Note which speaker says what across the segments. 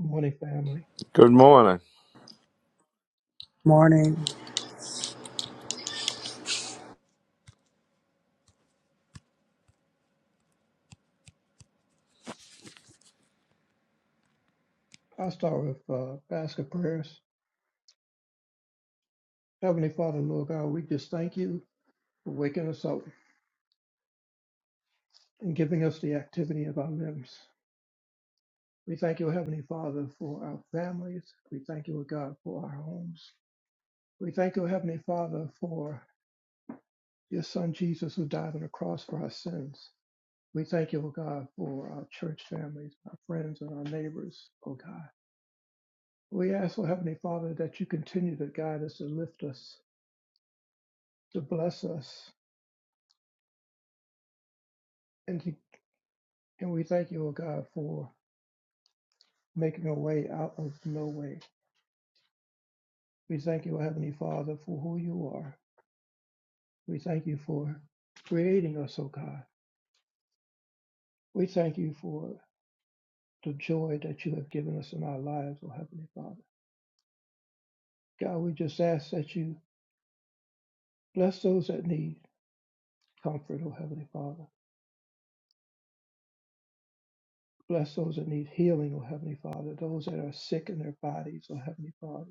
Speaker 1: Morning, family.
Speaker 2: Good morning.
Speaker 3: Morning,
Speaker 1: I'll start with uh, basket prayers. Heavenly Father, Lord God, we just thank you for waking us up and giving us the activity of our limbs. We thank you, Heavenly Father, for our families. We thank you, O God, for our homes. We thank you, Heavenly Father, for your Son Jesus who died on the cross for our sins. We thank you, O God, for our church families, our friends, and our neighbors, O God. We ask, O Heavenly Father, that you continue to guide us and lift us, to bless us, and to. And we thank you, O God, for making a way out of no way. We thank you, O Heavenly Father, for who you are. We thank you for creating us, O God. We thank you for the joy that you have given us in our lives, O Heavenly Father. God, we just ask that you bless those that need comfort, O Heavenly Father. Bless those that need healing, O Heavenly Father. Those that are sick in their bodies, O Heavenly Father.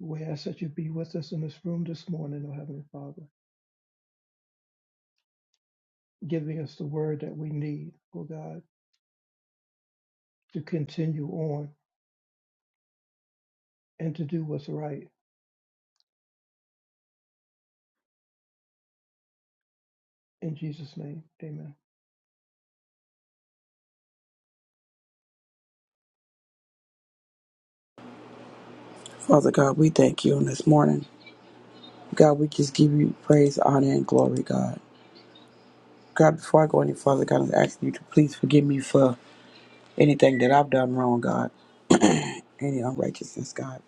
Speaker 1: We ask that you be with us in this room this morning, O Heavenly Father, giving us the word that we need, O God to continue on and to do what's right. In Jesus' name, amen.
Speaker 3: Father God, we thank you on this morning. God, we just give you praise, honor, and glory, God. God, before I go any further, God, I'm asking you to please forgive me for anything that I've done wrong, God, any unrighteousness, God,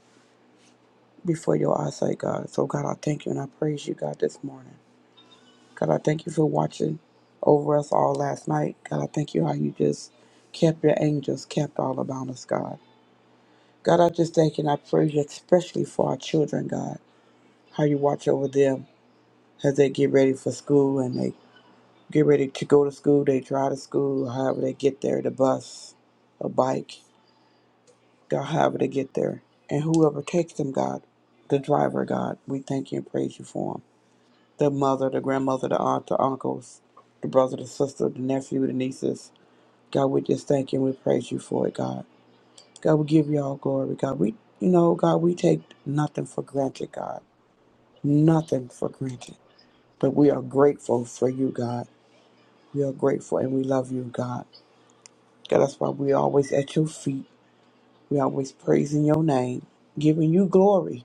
Speaker 3: before your eyesight, God. So, God, I thank you and I praise you, God, this morning. God, I thank you for watching over us all last night. God, I thank you how you just kept your angels, kept all about us, God. God, I just thank you and I praise you, especially for our children, God, how you watch over them as they get ready for school and they get ready to go to school, they drive to school, however they get there, the bus, a bike, God, however they get there. And whoever takes them, God, the driver, God, we thank you and praise you for them. The mother, the grandmother, the aunt, the uncles, the brother, the sister, the nephew, the nieces. God, we just thank you and we praise you for it, God. God, we give you all glory, God. We, you know, God, we take nothing for granted, God. Nothing for granted. But we are grateful for you, God. We are grateful and we love you, God. God, that's why we're always at your feet. We're always praising your name, giving you glory.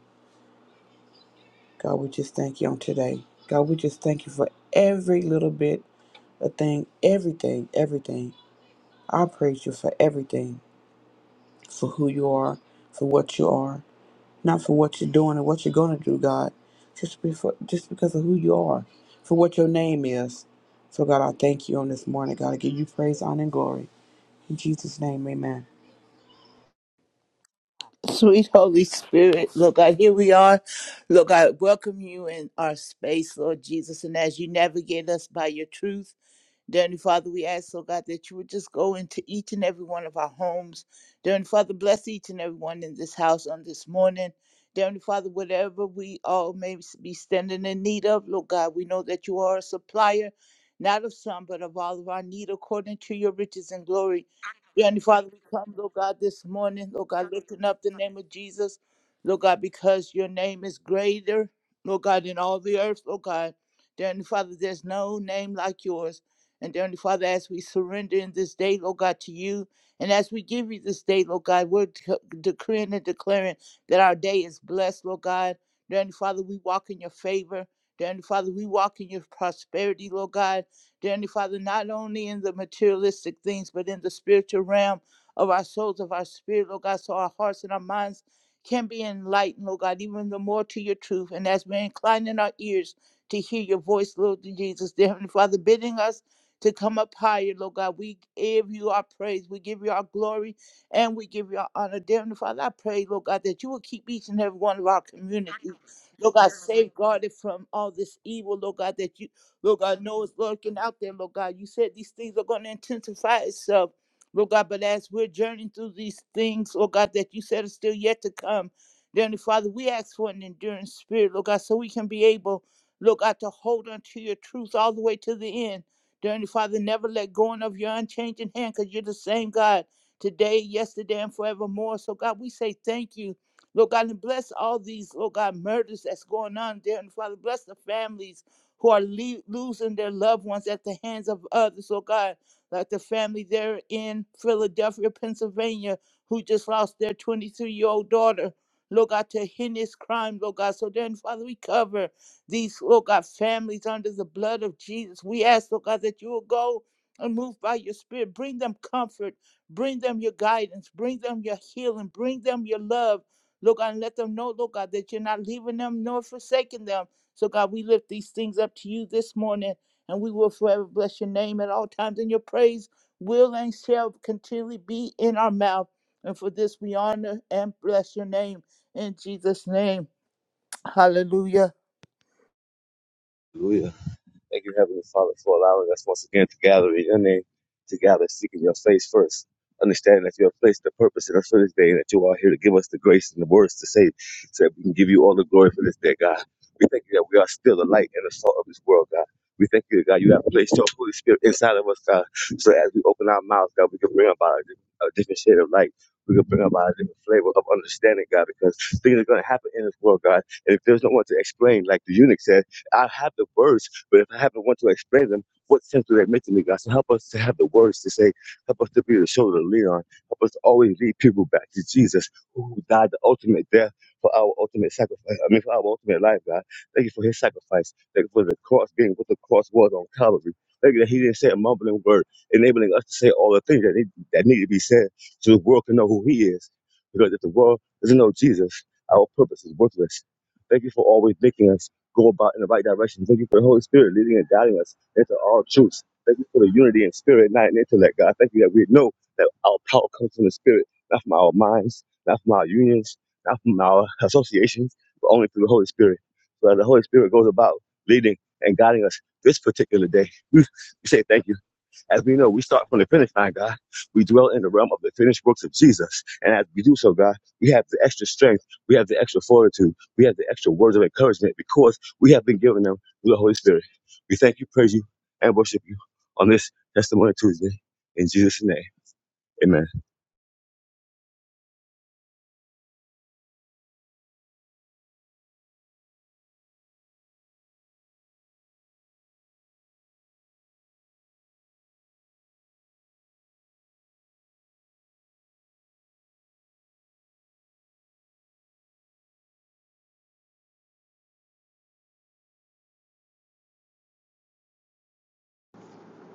Speaker 3: God, we just thank you on today. God, we just thank you for every little bit of thing, everything, everything. I praise you for everything, for who you are, for what you are, not for what you're doing and what you're going to do, God, just, before, just because of who you are, for what your name is. So, God, I thank you on this morning. God, I give you praise, honor, and glory. In Jesus' name, amen.
Speaker 4: Sweet Holy Spirit, Lord God, here we are. Lord God, welcome you in our space, Lord Jesus. And as you navigate us by your truth, Dear Heavenly Father, we ask, oh God, that you would just go into each and every one of our homes. Dear Heavenly Father, bless each and every one in this house on this morning. Dear Heavenly Father, whatever we all may be standing in need of, Lord God, we know that you are a supplier, not of some, but of all of our need according to your riches and glory. Dear Heavenly Father, we come, Lord God, this morning, Lord God, lifting up the name of Jesus, Lord God, because your name is greater, Lord God, in all the earth, Lord God. Dear Heavenly Father, there's no name like yours. And Heavenly Father, as we surrender in this day, Lord God, to you, and as we give you this day, Lord God, we're dec- decreeing and declaring that our day is blessed, Lord God. Heavenly Father, we walk in your favor. Heavenly Father, we walk in your prosperity, Lord God. Heavenly Father, not only in the materialistic things, but in the spiritual realm of our souls, of our spirit, Lord God, so our hearts and our minds can be enlightened, Lord God, even the more to your truth. And as we're inclining our ears to hear your voice, Lord Jesus, dear Heavenly Father, bidding us to come up higher, Lord God. We give you our praise. We give you our glory and we give you our honor. Dear Father, I pray, Lord God, that you will keep each and every one of our communities. Lord God, safeguarded from all this evil, Lord God, that you, Lord God, know is lurking out there, Lord God. You said these things are going to intensify itself, Lord God, but as we're journeying through these things, Lord God, that you said is still yet to come, dear Heavenly Father, we ask for an enduring spirit, Lord God, so we can be able, Lord God, to hold on to your truth all the way to the end. Dear Heavenly Father, never let go of your unchanging hand because you're the same God today, yesterday, and forevermore. So, God, we say thank you. Lord God, and bless all these, Lord God, murders that's going on, dear Heavenly Father. Bless the families who are le- losing their loved ones at the hands of others, Lord God, like the family there in Philadelphia, Pennsylvania, who just lost their 23 year old daughter, Lord God, to heinous crime, Lord God. So, dear Heavenly Father, we cover these, Lord God, families under the blood of Jesus. We ask, Lord God, that you will go and move by your spirit. Bring them comfort. Bring them your guidance. Bring them your healing. Bring them your love. Lord God, and let them know, Lord God, that you're not leaving them nor forsaking them. So, God, we lift these things up to you this morning, and we will forever bless your name at all times. And your praise will and shall continually be in our mouth. And for this, we honor and bless your name in Jesus' name. Hallelujah.
Speaker 5: Hallelujah. Thank you, Heavenly Father, for allowing us once again to gather in your name, to gather seeking your face first. Understanding that you have placed a purpose in us for this day and that you are here to give us the grace and the words to say so that we can give you all the glory for this day, God. We thank you that we are still the light and the salt of this world, God. We thank you, God, you have placed your Holy Spirit inside of us, God, so that as we open our mouths, God, we can bring about a di- a different shade of light. We can bring about a different flavor of understanding, God, because things are going to happen in this world, God. And if there's no one to explain, like the eunuch said, I have the words but if I haven't want to explain them, what sense do they make to me, God? So help us to have the words to say. Help us to be the shoulder to lean on. Help us to always lead people back to Jesus, who died the ultimate death for our ultimate sacrifice. I mean, for our ultimate life, God. Thank you for his sacrifice. Thank you for the cross being what the cross was on Calvary. Thank you that he didn't say a mumbling word, enabling us to say all the things that need, that need to be said so the world can know who he is. Because if the world doesn't know Jesus, our purpose is worthless. Thank you for always making us go about in the right direction. Thank you for the Holy Spirit leading and guiding us into all truths. Thank you for the unity in spirit, not in intellect, God. Thank you that we know that our power comes from the spirit, not from our minds, not from our unions, not from our associations, but only through the Holy Spirit. So as the Holy Spirit goes about leading and guiding us this particular day, we we say thank you. As we know, we start from the finish line, God. We dwell in the realm of the finished works of Jesus. And as we do so, God, we have the extra strength. We have the extra fortitude. We have the extra words of encouragement because we have been given them through the Holy Spirit. We thank you, praise you, and worship you on this Testimony Tuesday. In Jesus' name, amen.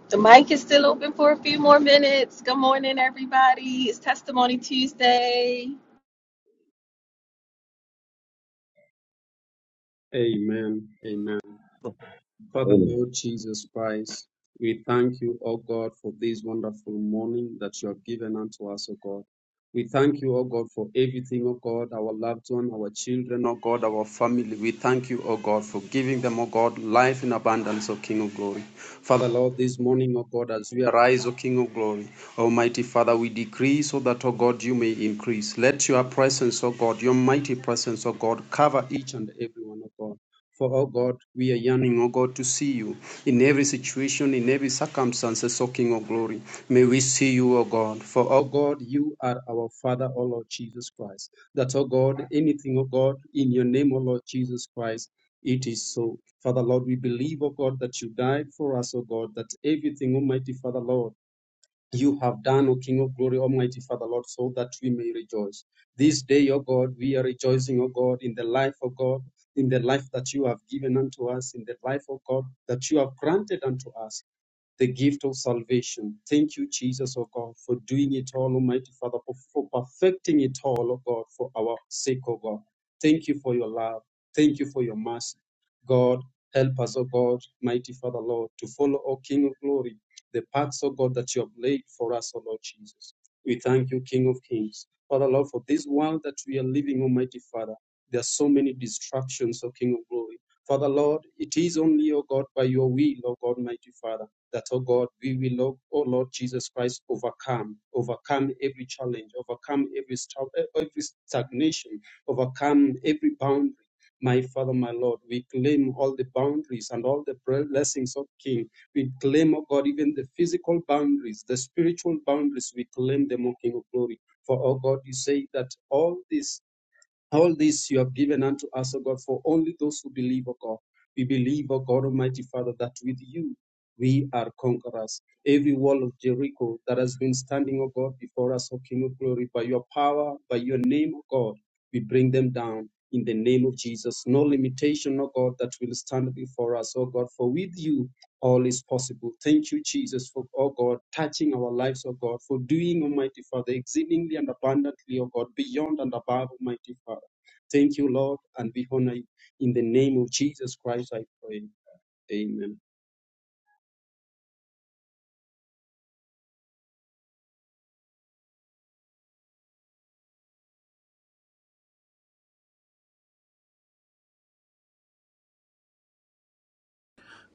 Speaker 6: The mic is still open for a few more minutes. Good morning, everybody. It's Testimony Tuesday.
Speaker 5: Amen.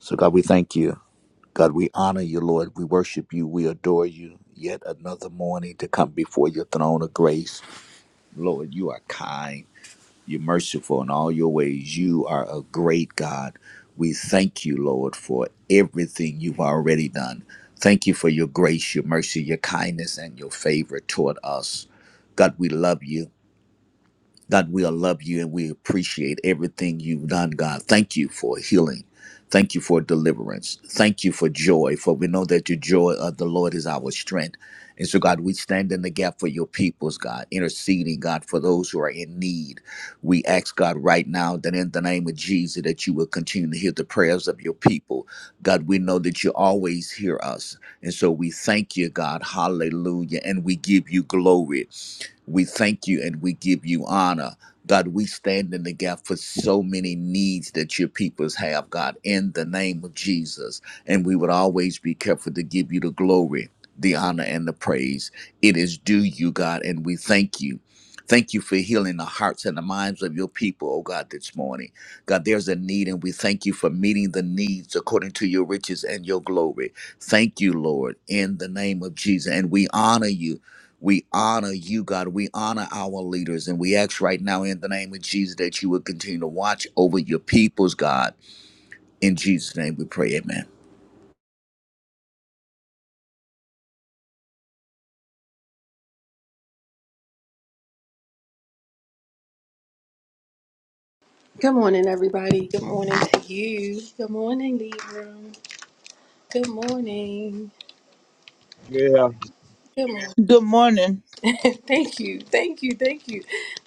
Speaker 7: So, God, we thank you. God, we honor you, Lord. We worship you. We adore you. Yet another morning to come before your throne of grace. Lord, you are kind. You're merciful in all your ways. You are a great God. We thank you, Lord, for everything you've already done. Thank you for your grace, your mercy, your kindness, and your favor toward us. God, we love you. God, we love you and we appreciate everything you've done, God. Thank you for healing. Thank you for deliverance. Thank you for joy, for we know that your joy of the Lord is our strength. And so, God, we stand in the gap for your peoples, God, interceding, God, for those who are in need. We ask, God, right now that in the name of Jesus, that you will continue to hear the prayers of your people. God, we know that you always hear us. And so we thank you, God. Hallelujah. And we give you glory. We thank you and we give you honor. God, we stand in the gap for so many needs that your peoples have, God, in the name of Jesus. And we would always be careful to give you the glory, the honor, and the praise. It is due you, God, and we thank you. Thank you for healing the hearts and the minds of your people, oh God, this morning. God, there's a need, and we thank you for meeting the needs according to your riches and your glory. Thank you, Lord, in the name of Jesus. And we honor you we honor you, God. We honor our leaders. And we ask right now in the name of Jesus that you would continue to watch over your peoples, God. In Jesus' name we pray. Amen.
Speaker 6: Good morning, everybody. Good morning to you. Good morning, Libra. Good morning.
Speaker 5: Yeah.
Speaker 6: Good morning.
Speaker 4: Good morning.
Speaker 6: thank you. Thank you. Thank you.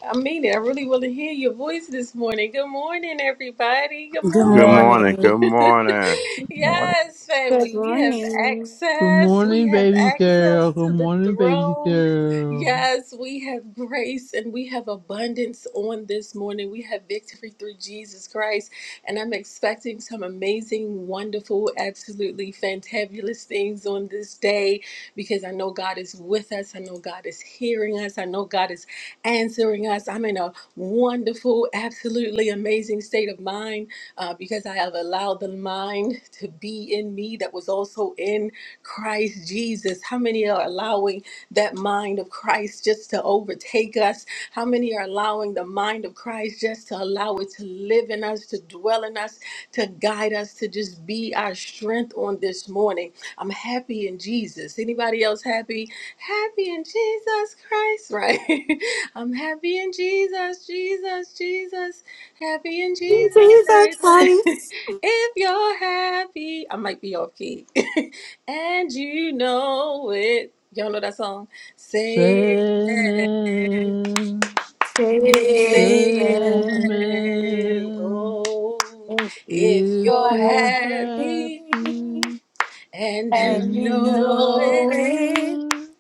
Speaker 6: I mean it. I really want to hear your voice this morning. Good morning, everybody. Good
Speaker 8: Good
Speaker 2: Good
Speaker 6: morning.
Speaker 2: morning. Good
Speaker 8: morning.
Speaker 2: morning.
Speaker 7: Morning.
Speaker 6: yes,
Speaker 9: Good
Speaker 6: family. We have
Speaker 9: morning.
Speaker 10: Good
Speaker 6: access. We
Speaker 10: morning,
Speaker 6: have
Speaker 10: baby girl.
Speaker 6: access
Speaker 10: Good
Speaker 6: to the
Speaker 10: morning, baby
Speaker 6: throne.
Speaker 10: girl.
Speaker 6: Yes, we have grace and we have abundance on this morning. We have victory through Jesus Christ. And I'm expecting some amazing, wonderful, absolutely fantabulous things on this day because I know God is with us. I know God is hearing us. I know God is answering us. I'm in a wonderful, absolutely amazing state of mind uh, because I have allowed the mind to be in me that was also in Christ Jesus. How many are allowing that mind of Christ just to overtake us? How many are allowing the mind of Christ just to allow it to live in us, to dwell in us, to guide us, to just be our strength on this morning? I'm happy in Jesus. Anybody else happy? Happy in Jesus Christ, right? I'm happy in Jesus, Jesus, Jesus. Happy in Jesus
Speaker 9: Jesus
Speaker 6: Christ.
Speaker 9: Christ,
Speaker 6: if you're happy, I might be off key. and you know it. Y'all know that song? Say amen.
Speaker 10: Sandman,
Speaker 9: Savior, if
Speaker 6: Say
Speaker 9: you're
Speaker 6: amen.
Speaker 10: Sandman,
Speaker 6: Oh, if
Speaker 10: if
Speaker 6: you're
Speaker 10: you're
Speaker 9: happy
Speaker 6: happy
Speaker 10: happy
Speaker 6: and you
Speaker 9: and
Speaker 10: and
Speaker 9: you
Speaker 10: you
Speaker 6: know
Speaker 9: know
Speaker 6: it,
Speaker 9: it,
Speaker 10: know it,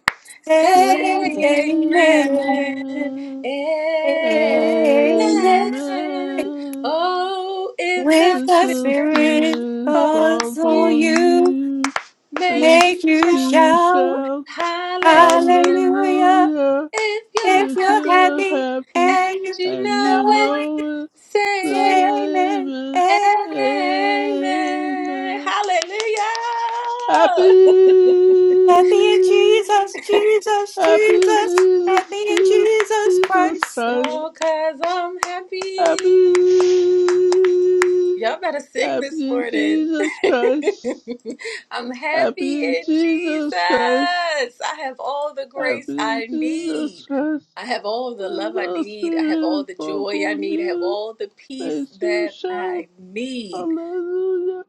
Speaker 6: say
Speaker 9: say amen.
Speaker 6: amen.
Speaker 10: Sandman,
Speaker 6: Amen.
Speaker 9: Amen.
Speaker 10: Amen.
Speaker 6: Oh, if
Speaker 9: With
Speaker 10: If
Speaker 9: the
Speaker 6: that's
Speaker 10: the
Speaker 9: Spirit,
Speaker 10: Spirit
Speaker 6: For
Speaker 10: falls
Speaker 9: also
Speaker 6: you
Speaker 10: on
Speaker 9: you
Speaker 10: you,
Speaker 6: make you
Speaker 10: makes
Speaker 9: make you
Speaker 6: shout
Speaker 10: you
Speaker 9: shout,
Speaker 10: shout.
Speaker 6: hallelujah.
Speaker 9: Hallelujah.
Speaker 10: Hallelujah.
Speaker 6: If you're
Speaker 9: If
Speaker 10: If
Speaker 9: you're
Speaker 6: happy
Speaker 10: you're
Speaker 9: happy
Speaker 10: happy
Speaker 6: and
Speaker 9: and you
Speaker 6: you
Speaker 10: and you
Speaker 6: know it,
Speaker 9: know it.
Speaker 10: know it,
Speaker 6: say amen.
Speaker 10: say
Speaker 9: Amen.
Speaker 10: amen.
Speaker 9: Amen.
Speaker 6: Amen.
Speaker 10: Amen.
Speaker 6: Hallelujah.
Speaker 9: Happy in
Speaker 10: Happy,
Speaker 9: Jesus, Jesus,
Speaker 10: happy
Speaker 9: Jesus. Happy
Speaker 10: Jesus,
Speaker 9: in
Speaker 10: Jesus,
Speaker 9: Jesus
Speaker 10: Jesus
Speaker 9: Christ.
Speaker 10: Christ.
Speaker 6: oh, cause I'm
Speaker 10: Happy,
Speaker 6: happy. Y'all better sing this
Speaker 10: happy
Speaker 6: morning.
Speaker 10: Jesus Christ.
Speaker 6: I'm happy
Speaker 10: Happy
Speaker 6: in Jesus.
Speaker 10: Jesus Christ.
Speaker 6: I have all the grace
Speaker 10: Happy
Speaker 6: I
Speaker 10: Jesus
Speaker 6: need.
Speaker 10: Christ.
Speaker 6: I have all the
Speaker 10: When
Speaker 6: love I
Speaker 10: the
Speaker 6: need. I have all
Speaker 10: Spirit
Speaker 6: the
Speaker 10: falls
Speaker 6: joy I
Speaker 10: on
Speaker 6: need. I have
Speaker 10: you,
Speaker 6: all the peace
Speaker 10: makes you
Speaker 6: that
Speaker 10: shout
Speaker 6: I need.
Speaker 10: hallelujah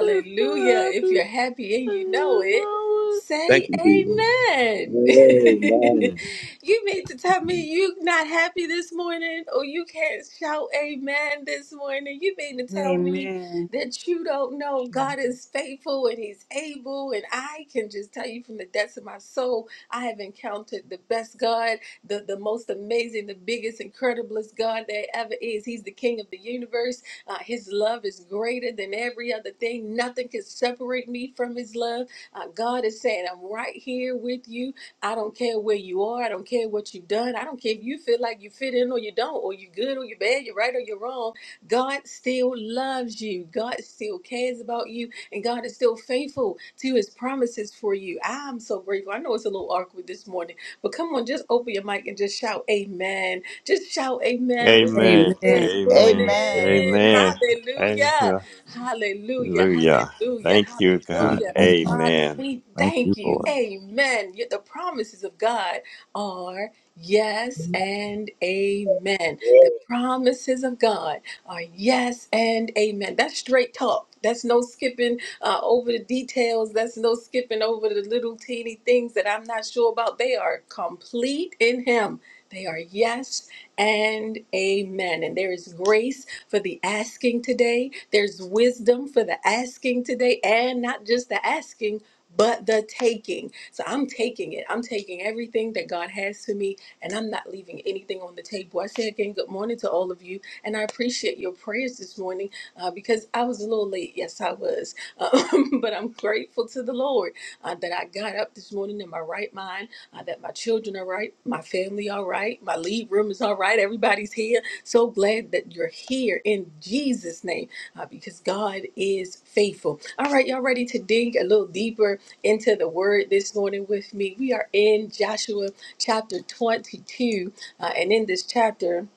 Speaker 10: if you're
Speaker 6: If
Speaker 10: happy
Speaker 6: you're happy and you
Speaker 10: and
Speaker 6: know
Speaker 10: you
Speaker 6: it,
Speaker 10: know
Speaker 5: Thank
Speaker 6: say
Speaker 5: you, Jesus.
Speaker 6: amen.
Speaker 5: Amen.
Speaker 6: you mean to tell me you not happy this morning or you can't shout amen this morning? You mean to tell me
Speaker 8: Amen.
Speaker 6: that you don't know
Speaker 1: Amen.
Speaker 6: God is faithful and he's able and I can just tell you from the depths of my soul, I have encountered the best God, the, the most amazing, the biggest, incrediblest God there ever is. He's the king of the universe. Uh, his love is greater than every other thing. Nothing can separate me from His love. Uh, God is saying, I'm right here with you. I don't care where you are. I don't care what you've done. I don't care if you feel like you fit in or you don't, or you're good or you're bad, you're right or you're wrong. God still loves you. God still cares about you. And God is still faithful to his promises for you. I'm so grateful. I know it's a little awkward this morning, but come on, just open your mic and just shout amen just shout amen with me
Speaker 2: Amen.
Speaker 8: Amen.
Speaker 6: this
Speaker 2: Amen.
Speaker 4: Amen.
Speaker 1: Amen.
Speaker 6: morning.
Speaker 2: Amen.
Speaker 6: Hallelujah.
Speaker 2: Hallelujah.
Speaker 6: Hallelujah. Hallelujah.
Speaker 2: Thank you,
Speaker 7: Amen.
Speaker 2: God.
Speaker 6: Hallelujah. Father,
Speaker 2: Amen.
Speaker 6: we
Speaker 7: Thank you,
Speaker 6: thank you.
Speaker 7: Lord.
Speaker 6: Amen. Yet the promises of God are yes
Speaker 5: Yeah.
Speaker 6: and amen. The promises of God are yes and amen. That's straight talk. That's no skipping uh, over the details. That's no skipping over the little teeny things that I'm not sure about. They are complete in Him. They are yes and amen. And there is grace for the asking today. There's wisdom for the asking today, and not just the asking, but the taking. So I'm taking it. I'm taking everything that God has for me, and I'm not leaving anything on the table. I say again, good morning to all of you, and I appreciate your prayers this morning uh, because I was a little late. Yes, I was, Um, but I'm grateful to the Lord uh, that I got up this morning in my right mind uh, that my children are right, my family all right, my lead room is all right, everybody's here. So glad that you're here in Jesus' name uh, because God is faithful. All right, y'all ready to dig a little deeper into the word this morning with me? We are in Joshua chapter 22, uh, and in this chapter,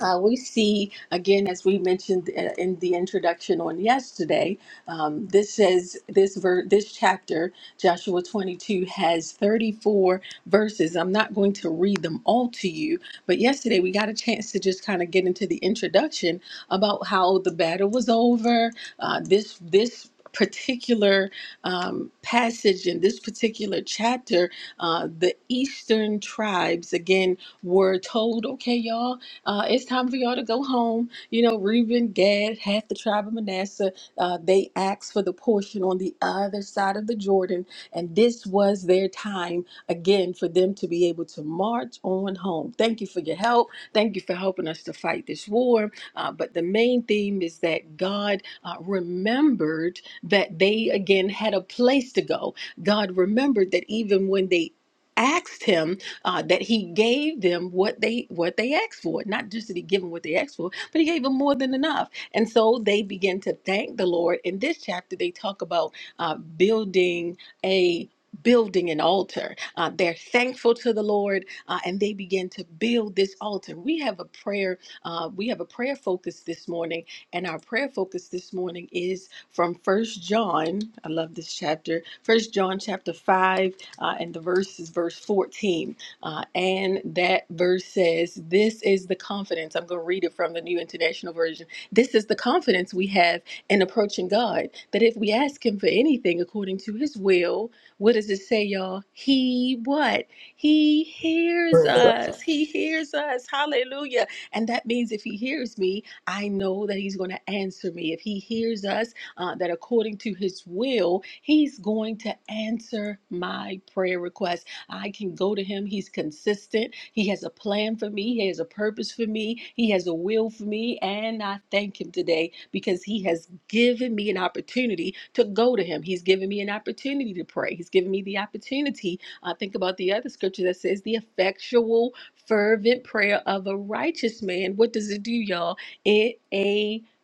Speaker 6: uh, we see again, as we mentioned uh, in the introduction on yesterday, um, this says this ver- this chapter, Joshua 22, has 34 verses. I'm not going to read them all to you, but yesterday we got a chance to just kind of get into the introduction about how the battle was over. Uh, this this particular um, passage in this particular chapter, uh, the eastern tribes again were told, okay, y'all uh, it's time for y'all to go home. You know, Reuben, Gad, half the tribe of Manasseh, uh, they asked for the portion on the other side of the Jordan. And this was their time again for them to be able to march on home. Thank you for your help. Thank you for helping us to fight this war. Uh, but the main theme is that God uh, remembered that they again had a place to go. God remembered that even when they asked him uh, that he gave them what they what they asked for. Not just that he gave them what they asked for, but he gave them more than enough. And so they begin to thank the Lord. In this chapter, they talk about uh, building a building an altar. Uh, they're thankful to the Lord, uh, and they begin to build this altar. We have a prayer. Uh, we have a prayer focus this morning, and our prayer focus this morning is from First John. I love this chapter. First John chapter five, uh, and the verse is verse fourteen. Uh, and that verse says, This is the confidence. I'm going to read it from the New International Version. This is the confidence we have in approaching God that if we ask Him for anything according to His will, what does it say, y'all? He what? He hears us. He hears us. Hallelujah. And that means if He hears me, I know that He's going to answer me. If He hears us, uh, that according to His will, He's going to answer my prayer request I can go to him. He's consistent. He has a plan for me. He has a purpose for me. He has a will for me. And I thank him today because he has given me an opportunity to go to him. He's given me an opportunity to pray. He's given me the opportunity. I think about the other scripture that says the effectual, fervent prayer of a righteous man. What does it do, y'all? It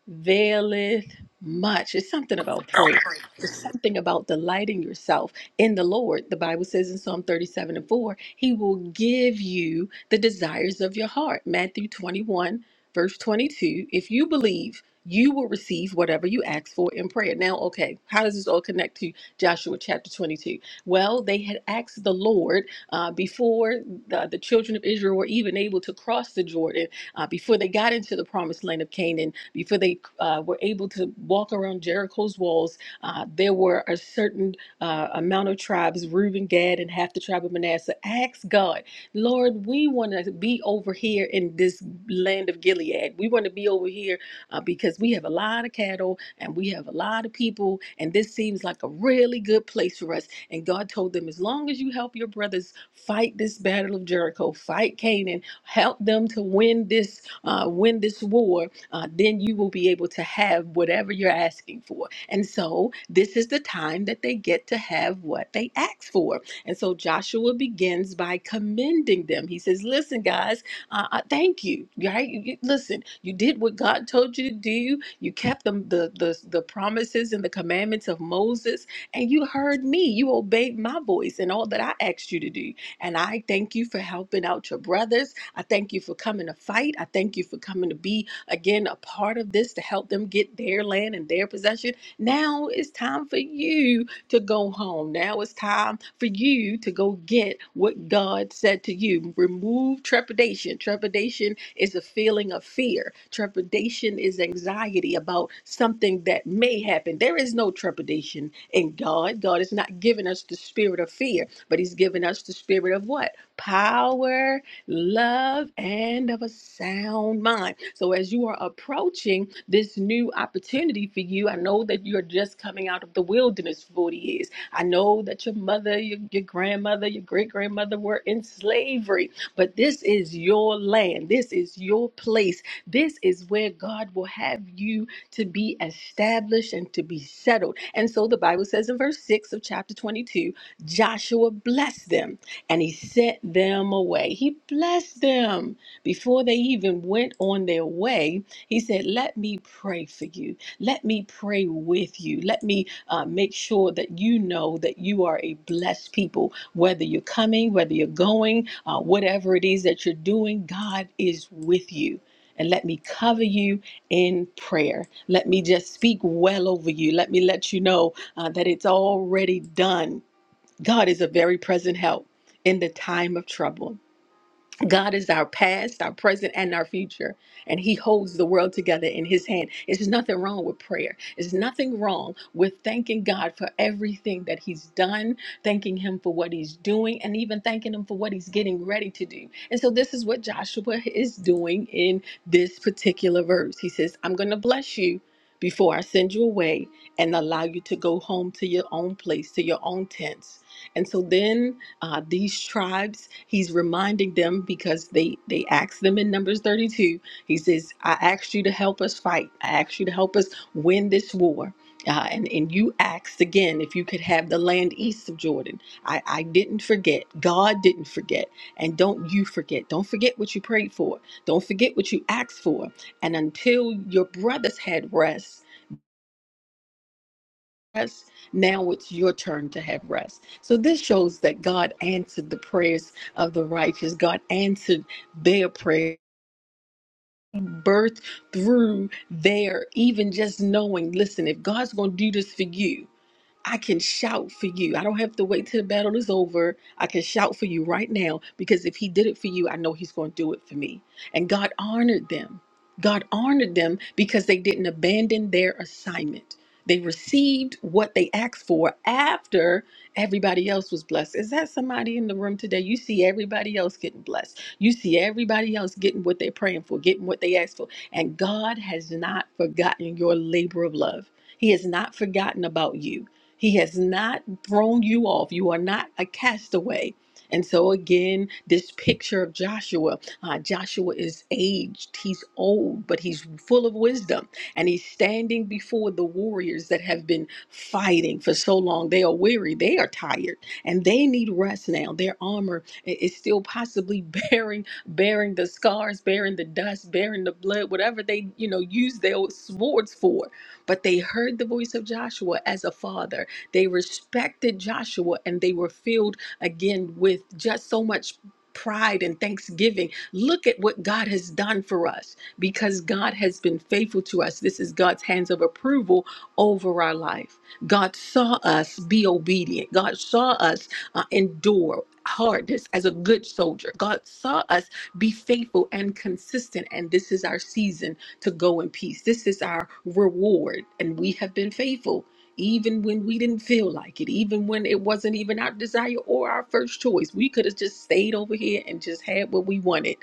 Speaker 6: availeth much. It's something about prayer. It's something about delighting yourself in the Lord, the Bible says in Psalm 37 and 4, He will give you the desires of your heart. Matthew 21, verse 22. If you believe, you will receive whatever you ask for in prayer. Now, okay, how does this all connect to Joshua chapter 22? Well, they had asked the Lord uh, before the, the children of Israel were even able to cross the Jordan, uh, before they got into the promised land of Canaan, before they uh, were able to walk around Jericho's walls, uh, there were a certain uh, a Mount of tribes, Reuben, Gad, and half the tribe of Manasseh. Ask God, Lord, we want to be over here in this land of Gilead. We want to be over here uh, because we have a lot of cattle and we have a lot of people, and this seems like a really good place for us. And God told them, as long as you help your brothers fight this battle of Jericho, fight Canaan, help them to win this uh, win this war, uh, then you will be able to have whatever you're asking for. And so this is the time that they get to have what they asked for. And so Joshua begins by commending them. He says, Listen, guys, uh, uh, thank you. Right? You, you- listen, you did what God told you to do. You kept the, the, the, the promises and the commandments of Moses, and you heard me. You obeyed my voice and all that I asked you to do. And I thank you for helping out your brothers. I thank you for coming to fight. I thank you for coming to be, again, a part of this to help them get their land and their possession. Now it's time for you to go home. Now it's time for you to go get what God said to you. Remove trepidation. Trepidation is a feeling of fear, trepidation is anxiety about something that may happen. There is no trepidation in God. God has not given us the spirit of fear, but He's given us the spirit of what? Power love and of a sound mind. So, as you are approaching this new opportunity for you, I know that you're just coming out of the wilderness for 40 years. I know that your mother, your, your grandmother, your great grandmother were in slavery, but this is your land. This is your place. This is where God will have you to be established and to be settled. And so the Bible says in verse 6 of chapter 22 Joshua blessed them and he sent them away. He blessed them before they even went on their way. He said, Let me pray for you. Let me pray with you. Let me uh, make sure that you know that you are a blessed people, whether you're coming, whether you're going, uh, whatever it is that you're doing, God is with you. And let me cover you in prayer. Let me just speak well over you. Let me let you know uh, that it's already done God is a very present help in the time of trouble. God is our past, our present, and our future, and He holds the world together in His hand. There's nothing wrong with prayer. There's nothing wrong with thanking God for everything that He's done, thanking Him for what He's doing, and even thanking Him for what He's getting ready to do. And so, this is what Joshua is doing in this particular verse. He says, I'm going to bless you before I send you away and allow you to go home to your own place, to your own tents. And so then uh, these tribes. He's reminding them because they they asked them in Numbers 32. He says, "I asked you to help us fight. I asked you to help us win this war." Uh, and, and you asked again if you could have the land east of Jordan. I, I didn't forget. God didn't forget. And don't you forget. Don't forget what you prayed for. Don't forget what you asked for. And until your brothers had rest, rest. Now it's your turn to have rest. So this shows that God answered the prayers of the righteous. God answered their prayer. Birth through their even just knowing, listen, if God's going to do this for you, I can shout for you. I don't have to wait till the battle is over. I can shout for you right now because if he did it for you, I know he's going to do it for me. And God honored them. God honored them because they didn't abandon their assignment. They received what they asked for after everybody else was blessed. Is that somebody in the room today? You see everybody else getting blessed. You see everybody else getting what they're praying for, getting what they asked for. And God has not forgotten your labor of love. He has not forgotten about you. He has not thrown you off. You are not a castaway. And so, again, this picture of Joshua uh, Joshua is aged, he's old, but he's full of wisdom. And he's standing before the warriors that have been fighting for so long. They are weary, they are tired, and they need rest now. Their armor i- is still possibly bearing bearing the scars, bearing the dust, bearing the blood, whatever they, you know, use their swords for. But they heard the voice of Joshua as a father they respected Joshua and they were filled again with just so much pride and thanksgiving. Look at what God has done for us because God has been faithful to us. This is God's hands of approval over our life. God saw us be obedient, God saw us uh, endure. Hardness as a good soldier. God saw us be faithful and consistent, and this is our season to go in peace. This is our reward, and we have been faithful even when we didn't feel like it, even when it wasn't even our desire or our first choice. We could have just stayed over here and just had what we wanted.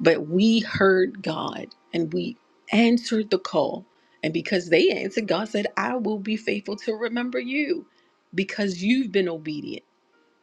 Speaker 6: But we heard God and we answered the call. And because they answered, God said, I will be faithful to remember you because you've been obedient.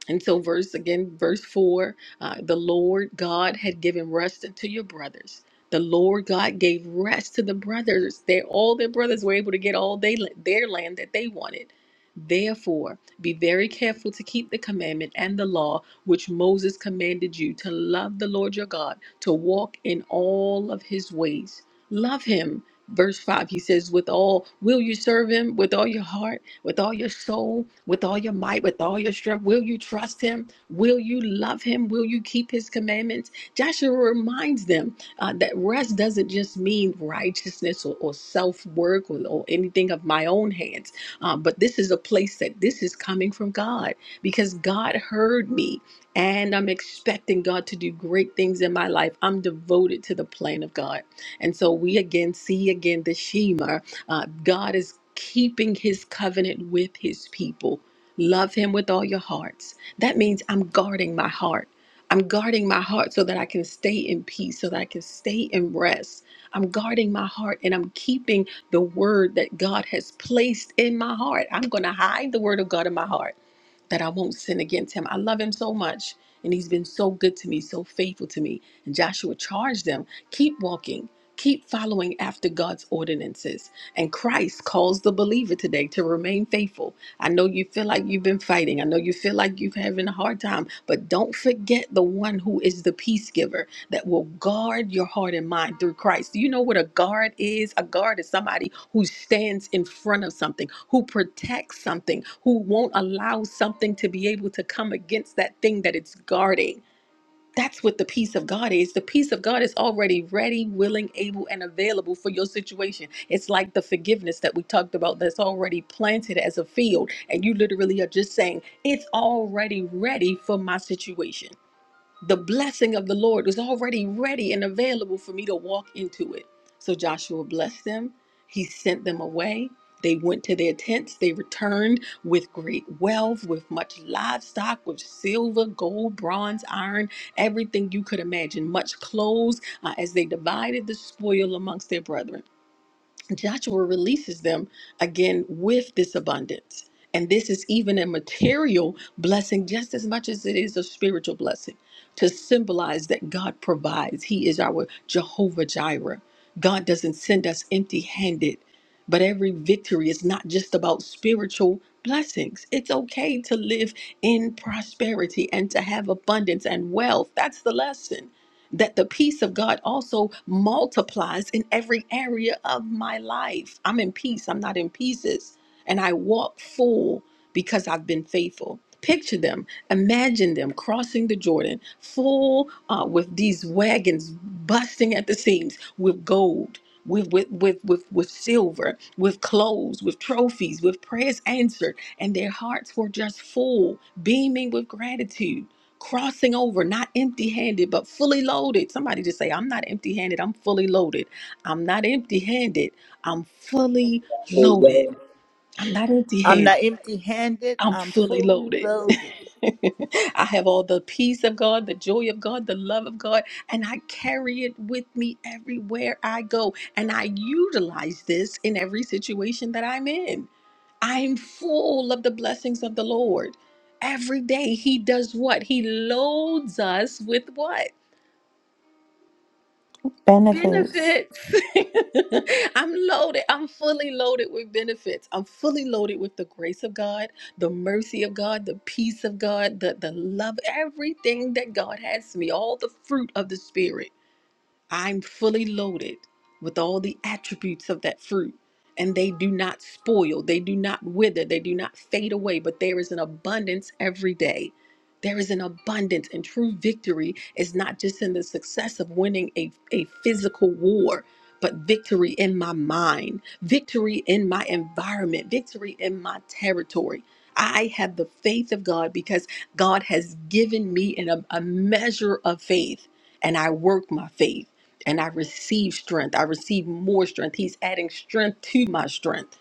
Speaker 6: And so, verse again, verse 4 uh, the Lord God had given rest unto your brothers. The Lord God gave rest to the brothers. They, all their brothers were able to get all they, their land that they wanted. Therefore, be very careful to keep the commandment and the law which Moses commanded you to love the Lord your God, to walk in all of his ways. Love him. Verse 5, he says, With all, will you serve him with all your heart? with all your soul, with all your might, with all your strength? Will you trust him? Will you love him? Will you keep his commandments? Joshua reminds them uh, that rest doesn't just mean righteousness or, or self work or, or anything of my own hands, uh, but this is a place that this is coming from God because God heard me and I'm expecting God to do great things in my life. I'm devoted to the plan of God. And so we again see again the Shema. Uh, God is keeping his covenant with his people. Love him with all your hearts. That means I'm guarding my heart. I'm guarding my heart so that I can stay in peace, so that I can stay in rest. I'm guarding my heart and I'm keeping the word that God has placed in my heart. I'm going to hide the word of God in my heart that I won't sin against him. I love him so much, and he's been so good to me, so faithful to me. And Joshua charged them keep walking, keep following after God's ordinances. And Christ calls the believer today to remain faithful. I know you feel like you've been fighting. I know you feel like you've having a hard time, but don't forget the one who is the peace giver that will guard your heart and mind through Christ. Do you know what a guard is? A guard is somebody who stands in front of something, who protects something, who won't allow something to be able to come against that thing that it's guarding. That's what the peace of God is. The peace of God is already ready, willing, able, and available for your situation. It's like the forgiveness that we talked about that's already planted as a field. And you literally are just saying, It's already ready for my situation the blessing of the Lord was already ready and available for me to walk into it. So Joshua blessed them. He sent them away. They went to their tents. They returned with great wealth, with much livestock, with silver, gold, bronze, iron, everything you could imagine, much clothes, uh, as they divided the spoil amongst their brethren. Joshua releases them again with this abundance. And this is even a material blessing just as much as it is a spiritual blessing to symbolize that God provides. He is our Jehovah Jireh. God doesn't send us empty handed, but every victory is not just about spiritual blessings. It's okay to live in prosperity and to have abundance and wealth. That's the lesson that the peace of God also multiplies in every area of my life. I'm in peace, I'm not in pieces. And I walk full because I've been faithful. Picture them, imagine them crossing the Jordan, full uh, with these wagons busting at the seams with gold. With, with, with, with, with silver, with clothes, with trophies, with prayers answered, and their hearts were just full, beaming with gratitude crossing over, not empty handed, but fully loaded. Somebody just say, I'm not empty handed, I'm fully loaded. I'm not empty handed, I'm fully
Speaker 5: Praise God.
Speaker 6: loaded. I'm not empty
Speaker 4: I'm
Speaker 6: handed,
Speaker 4: not empty handed,
Speaker 6: I'm
Speaker 4: I'm
Speaker 6: fully
Speaker 4: fully
Speaker 6: loaded.
Speaker 4: loaded.
Speaker 6: I have all the peace of God, the joy of God, the love of God, and I carry it with me everywhere I go. And I utilize this in every situation that I'm in. I'm full of the blessings of the Lord. Every day he does what? He loads us with what?
Speaker 9: Benefits
Speaker 6: Benefits. I'm loaded. I'm fully loaded with benefits. I'm fully loaded with the grace of God, the mercy of God, the peace of God, the, the love, everything that God has for me, all the fruit of the Spirit. I'm fully loaded with all the attributes of that fruit. And they do not spoil, they do not wither, they do not fade away, but there is an abundance every day. There is an abundance, and true victory is not just in the success of winning a, a physical war, but victory in my mind, victory in my environment, victory in my territory. I have the faith of God because God has given me an, a measure of faith, and I work my faith and I receive strength. I receive more strength. He's adding strength to my strength.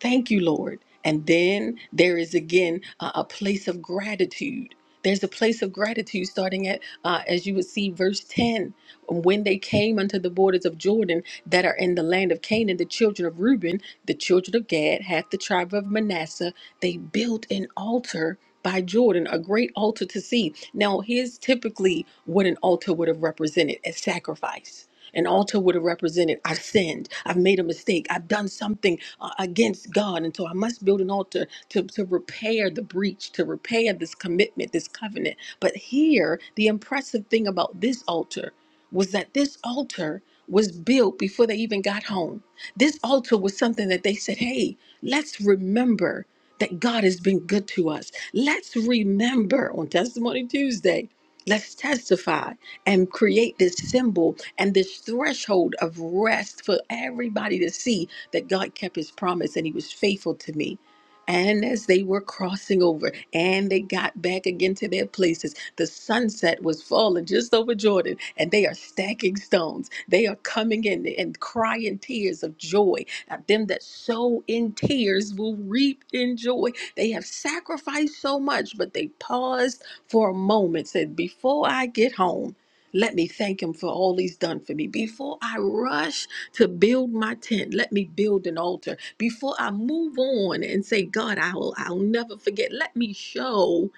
Speaker 6: Thank you, Lord. And then there is again a, a place of gratitude. There's a place of gratitude starting at, uh, as you would see, verse 10. When they came unto the borders of Jordan that are in the land of Canaan, the children of Reuben, the children of Gad, half the tribe of Manasseh, they built an altar by Jordan, a great altar to see. Now, here's typically what an altar would have represented a sacrifice an altar would have represented I've sinned, I've made a mistake, I've done something uh, against God. And so I must build an altar to, to repair the breach, to repair this commitment, this covenant. But here, the impressive thing about this altar was that this altar was built before they even got home. This altar was something that they said, hey, let's remember that God has been good to us. Let's remember on Testimony Tuesday, let's testify and create this symbol and this threshold of rest for everybody to see that God kept his promise and he was faithful to me. And as they were crossing over and they got back again to their places, the sunset was falling just over Jordan, and they are stacking stones. They are coming in and crying tears of joy. Now, them that sow in tears will reap in joy. They have sacrificed so much, but they paused for a moment, said, Before I get home, let me thank him for all he's done for me. Before I rush to build my tent, let me build an altar. Before I move on and say, God, I'll, I'll never forget, let me show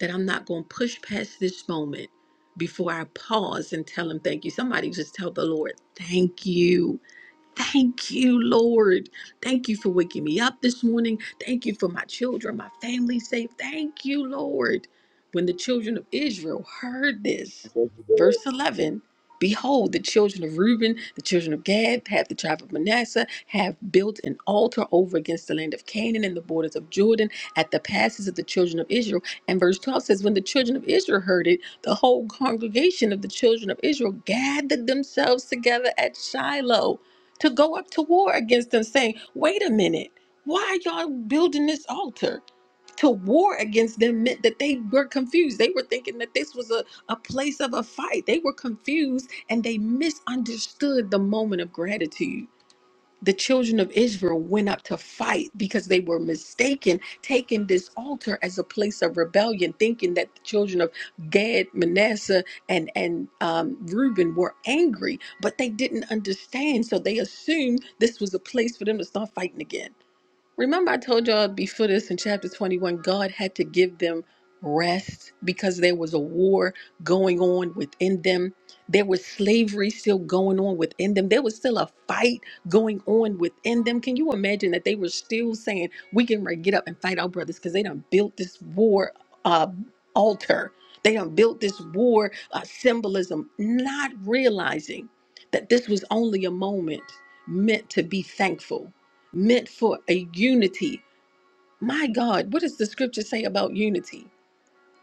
Speaker 6: that I'm not going to push past this moment before I pause and tell him thank you. Somebody just tell the Lord, thank you. Thank you, Lord. Thank you for waking me up this morning. Thank you for my children, my family safe. Thank you, Lord. When the children of Israel heard this,
Speaker 5: Thank you,
Speaker 6: verse 11 Behold, the children of Reuben, the children of Gad, half the tribe of Manasseh, have built an altar over against the land of Canaan and the borders of Jordan at the passes of the children of Israel. And verse 12 says, When the children of Israel heard it, the whole congregation of the children of Israel gathered themselves together at Shiloh to go up to war against them, saying, Wait a minute, why are y'all building this altar? To war against them meant that they were confused. They were thinking that this was a, a place of a fight. They were confused and they misunderstood the moment of gratitude the children of Israel went up to fight because they were mistaken, taking this altar as a place of rebellion, thinking that the children of Gad, Manasseh, and and um, Reuben were angry, but they didn't understand, so they assumed this was a place for them to start fighting again. Remember, I told y'all before this in chapter 21, God had to give them rest because there was a war going on within them. There was slavery still going on within them. There was still a fight going on within them. Can you imagine that they were still saying, We can re- get up and fight our brothers because they done built this war uh, altar? They done built this war uh, symbolism, not realizing that this was only a moment meant to be thankful meant for a unity. My God, what does the scripture say about unity?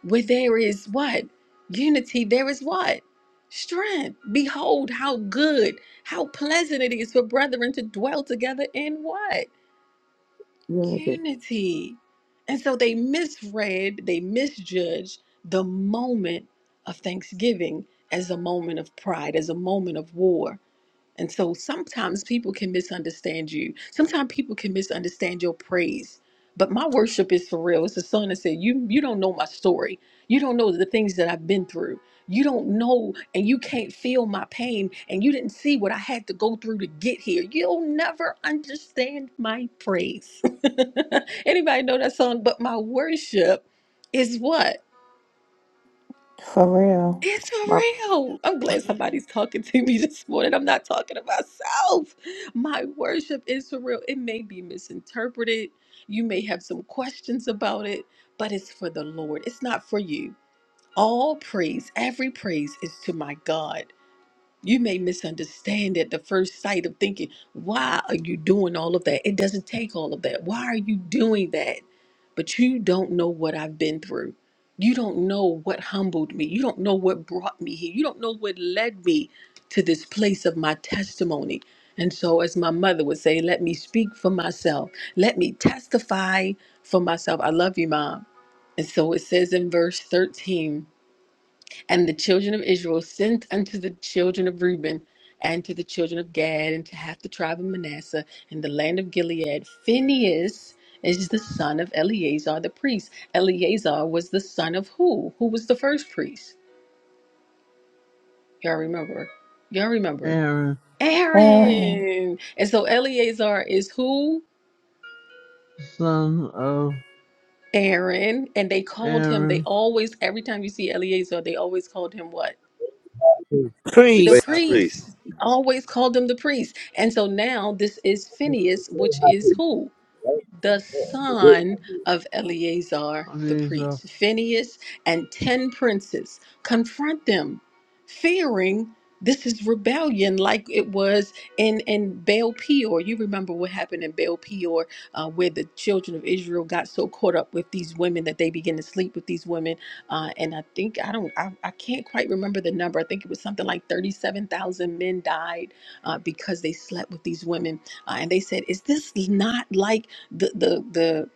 Speaker 6: Where there is what? Unity, there is what? Strength. Behold, how good, how pleasant it is for brethren to dwell together in what?
Speaker 3: unity.
Speaker 6: Unity. And so they misread, they misjudged the moment of thanksgiving as a moment of pride, as a moment of war. And so sometimes people can misunderstand you. Sometimes people can misunderstand your praise. But my worship is for real. It's a song that said, You you don't know my story. You don't know the things that I've been through. You don't know and you can't feel my pain and you didn't see what I had to go through to get here. You'll never understand my praise. Anybody know that song? But my worship is what?
Speaker 9: for real.
Speaker 6: It's
Speaker 3: My
Speaker 6: for real. I'm glad somebody's talking to me this morning. I'm not talking to myself. My worship is for real. It may be misinterpreted. You may have some questions about it, but it's for the Lord. It's not for you. All praise, every praise is to my God. You may misunderstand at the first sight of thinking, why are you doing all of that? It doesn't take all of that. Why are you doing that? But you don't know what I've been through. You don't know what humbled me. You don't know what brought me here. You don't know what led me to this place of my testimony. And so, as my mother would say, let me speak for myself. Let me testify for myself. I love you, Mom. And so it says in verse 13. And the children of Israel sent unto the children of Reuben and to the children of Gad and to half the tribe of Manasseh in the land of Gilead. Phinehas is the son of Eleazar the priest. Eleazar was the son of who? Who was the first priest? Y'all remember? Y'all
Speaker 10: it.
Speaker 6: remember?
Speaker 10: Aaron,
Speaker 9: Amen.
Speaker 6: Aaron. And so Eleazar is who?
Speaker 10: son of
Speaker 6: Aaron. And they called him, they
Speaker 10: Aaron,
Speaker 6: always, every time you see Eleazar, they always called him what?
Speaker 5: Lord. The
Speaker 6: the
Speaker 5: great high
Speaker 4: Priest,
Speaker 5: priest.
Speaker 6: priest. I always called him the priest. And so now this is
Speaker 5: The
Speaker 6: Phineas,
Speaker 5: great
Speaker 6: which
Speaker 5: high
Speaker 6: is
Speaker 5: priest.
Speaker 6: who?
Speaker 5: right?
Speaker 6: the
Speaker 5: Yeah. The great
Speaker 6: son of Eleazar the
Speaker 10: these are
Speaker 6: priest, Phineas, and ten princes. Confront them, fearing this is rebellion, like it was in in Baal Peor. You remember what happened in Baal Peor, uh, where the children of Israel got so caught up with these women that they began to sleep with these women, uh, and I think I don't, I, I can't quite remember the number. I think it was something like thirty-seven thousand men died uh, because they slept with these women uh, and they said, "Is this not like?" the the the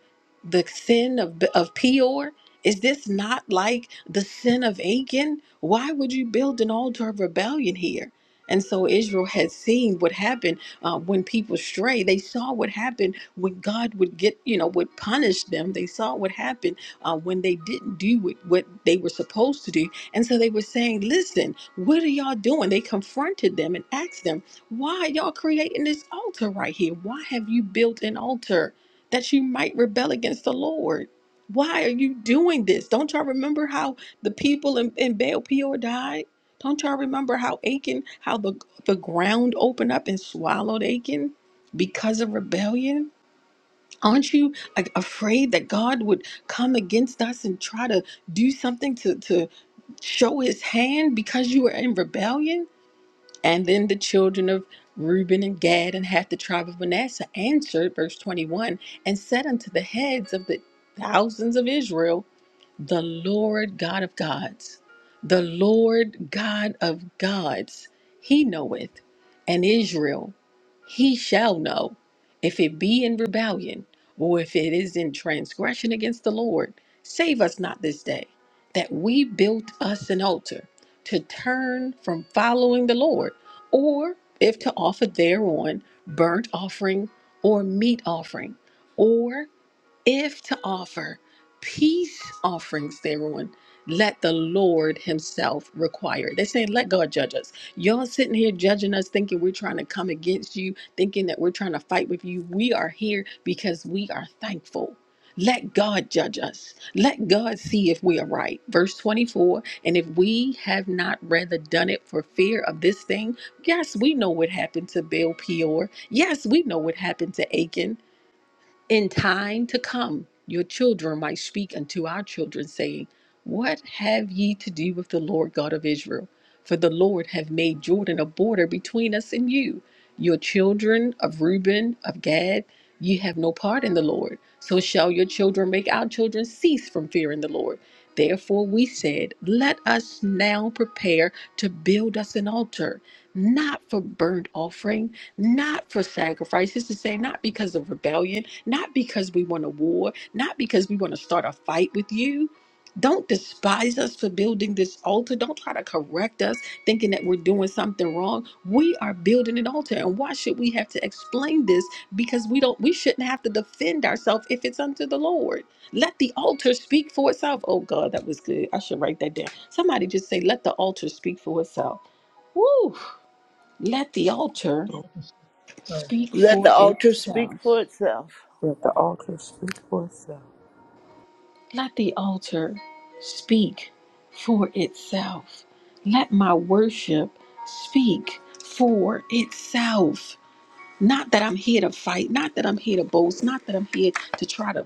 Speaker 6: the sin of of Peor? Is this not like the sin of Achan? Why would you build an altar of rebellion here? And so Israel had seen what happened uh, when people stray. They saw what happened when God would get, you know, would punish them. They saw what happened uh, when they didn't do what, what they were supposed to do. And so they were saying, listen, what are y'all doing? They confronted them and asked them, why y'all creating this altar right here? Why have you built an altar? that you might rebel against the Lord. Why are you doing this? Don't y'all remember how the people in, in Baal Peor died? Don't y'all remember how Achan, how the, the ground opened up and swallowed Achan because of rebellion? Aren't you like, afraid that God would come against us and try to do something to, to show his hand because you were in rebellion? And then the children of Reuben and Gad and half the tribe of Manasseh answered, verse 21, and said unto the heads of the thousands of Israel, the Lord God of gods, the Lord God of gods, he knoweth, and Israel he shall know, if it be in rebellion, or if it is in transgression against the Lord. Save us not this day, that we built us an altar to turn from following the Lord, or if to offer thereon burnt offering or meat offering, or if to offer peace offerings thereon, let the Lord Himself require. it. They're saying, let God judge us. Y'all sitting here judging us, thinking we're trying to come against you, thinking that we're trying to fight with you. We are here because we are thankful. Let God judge us. Let God see if we are right. Verse 24 And if we have not rather done it for fear of this thing, yes, we know what happened to Baal Peor. Yes, we know what happened to Achan. In time to come, your children might speak unto our children, saying, What have ye to do with the Lord God of Israel? For the Lord hath made Jordan a border between us and you. Your children of Reuben, of Gad, ye have no part in the Lord. So shall your children make our children cease from fearing the Lord. Therefore we said, Let us now prepare to build us an altar, not for burnt offering." not for sacrifices to say not because of rebellion not because we want a war not because we want to start a fight with you don't despise us for building this altar don't try to correct us thinking that we're doing something wrong we are building an altar and why should we have to explain this because we don't we shouldn't have to defend ourselves if it's unto the lord let the altar speak for itself oh god that was good i should write that down somebody just say let the altar speak for itself Woo! Let the altar
Speaker 1: Help us, uh,
Speaker 6: Speak
Speaker 4: let the
Speaker 6: for
Speaker 4: altar speak
Speaker 6: itself.
Speaker 4: for itself.
Speaker 3: prayer at the altar speak for itself.
Speaker 6: Let the altar speak for itself. Let my worship speak for itself. Not that I'm here to fight, not that I'm here to boast, not that I'm here to try to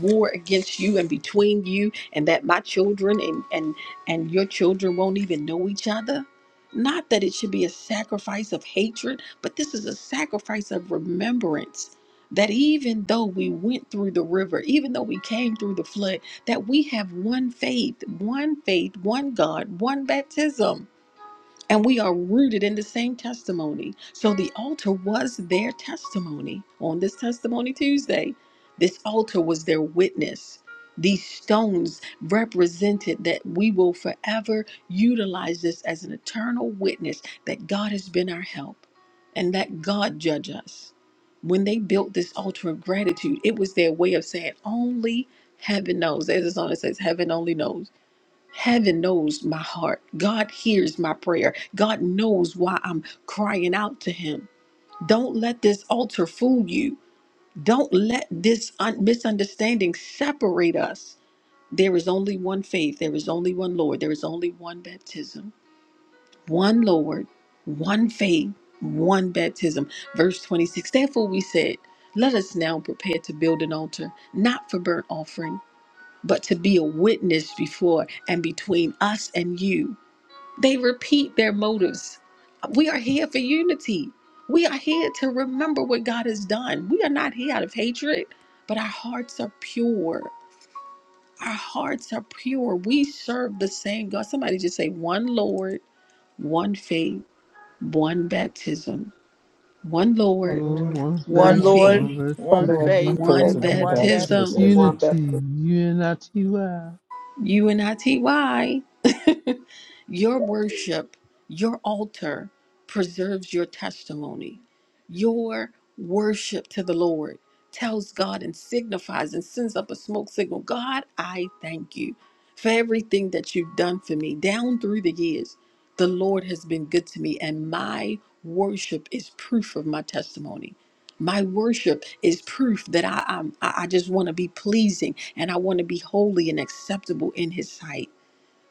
Speaker 6: war against you and between you and that my children and and and your children won't even know each other. Not that it should be a sacrifice of hatred, but this is a sacrifice of remembrance that even though we went through the river, even though we came through the flood, that we have one faith, one faith, one God, one baptism and we are rooted in the same testimony. So the altar was their testimony on this Testimony Tuesday. This altar was their witness. These stones represented that we will forever utilize this as an eternal witness that God has been our help and that God judge us. When they built this altar of gratitude, it was their way of saying, only heaven knows. There's a song that says, heaven only knows. Heaven knows my heart. God hears my prayer. God knows why I'm crying out to Him. Don't let this altar fool you. Don't let this un- misunderstanding separate us. There is only one faith. There is only one Lord. There is only one baptism. One Lord, one faith, one baptism. Verse 26 Therefore we said, Let us now prepare to build an altar, not for burnt offering, but to be a witness before and between us and you they repeat their motives. We are here for unity. We are here to remember what God has done. We are not here out of hatred, but our hearts are pure. Our hearts are pure. We serve the same God. Somebody just say, one Lord, one faith, one baptism. One Lord,
Speaker 1: One Lord,
Speaker 10: one
Speaker 3: One
Speaker 6: one
Speaker 4: One
Speaker 10: faith,
Speaker 1: one
Speaker 4: Lord,
Speaker 6: faith,
Speaker 10: one
Speaker 1: faith,
Speaker 11: Well,
Speaker 4: one
Speaker 11: Lord,
Speaker 10: baptism,
Speaker 11: my
Speaker 4: faith,
Speaker 11: praise
Speaker 6: one
Speaker 3: faith
Speaker 11: and
Speaker 4: and
Speaker 11: my
Speaker 1: one
Speaker 4: one
Speaker 11: God
Speaker 1: baptism.
Speaker 6: baptism.
Speaker 3: and
Speaker 11: chosen.
Speaker 3: one
Speaker 4: baptism.
Speaker 10: unity,
Speaker 3: baptism.
Speaker 10: U-N-I-T-Y. wow.
Speaker 6: U N I T Y. Your worship, your altar preserves your testimony. Your worship to the Lord tells God and signifies and sends up a smoke signal God, I thank you for everything that you've done for me down through the years. The Lord has been good to me, and my worship is proof of my testimony. My worship is proof that I, I'm- I, I just want to be pleasing and I want to be holy and acceptable in His sight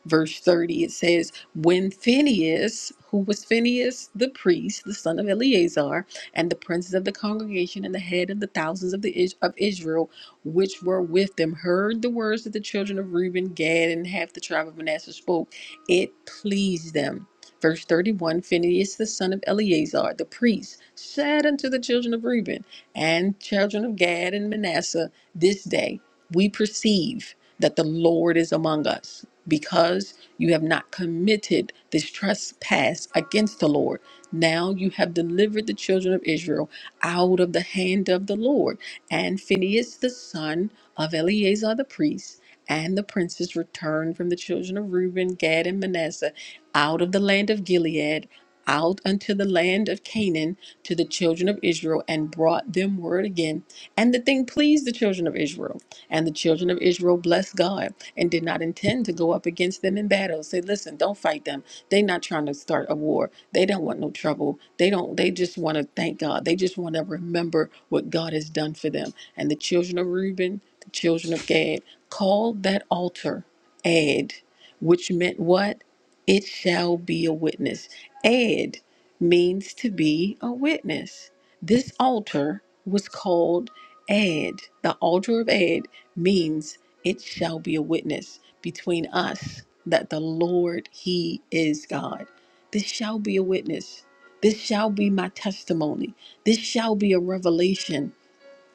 Speaker 6: verse 30, it says, When Phineas, who was Phineas the priest, the son of Eleazar, and the princes of the congregation and the head of the thousands of, the, Is- of Israel, which were with them, heard the words that the children of Reuben, Gad, and half the tribe of Manasseh spoke, it pleased them. Verse 31 Phineas, the son of Eleazar, the priest, said unto the children of Reuben and children of Gad and Manasseh, This day we perceive that the Lord is among us because you have not committed this trespass against the Lord. Now you have delivered the children of Israel out of the hand of the Lord. And Phinehas, the son of Eleazar the priest, and the princes returned from the children of Reuben, Gad, and Manasseh out of the land of Gilead, out unto the land of Canaan to the children of Israel, and brought them word again. And the thing pleased the children of Israel. And the children of Israel blessed God and did not intend to go up against them in battle. Say, listen, don't fight them. They not trying to start a war. They don't want no trouble. They don't they just want to thank God. They just want to remember what God has done for them. And the children of Reuben, the children of Gad, called that altar Ad, which meant what? It shall be a witness. Ad means to be a witness. This altar was called Ad. The altar of Ad means it shall be a witness between us that the Lord, He is God. This shall be a witness. This shall be my testimony. This shall be a revelation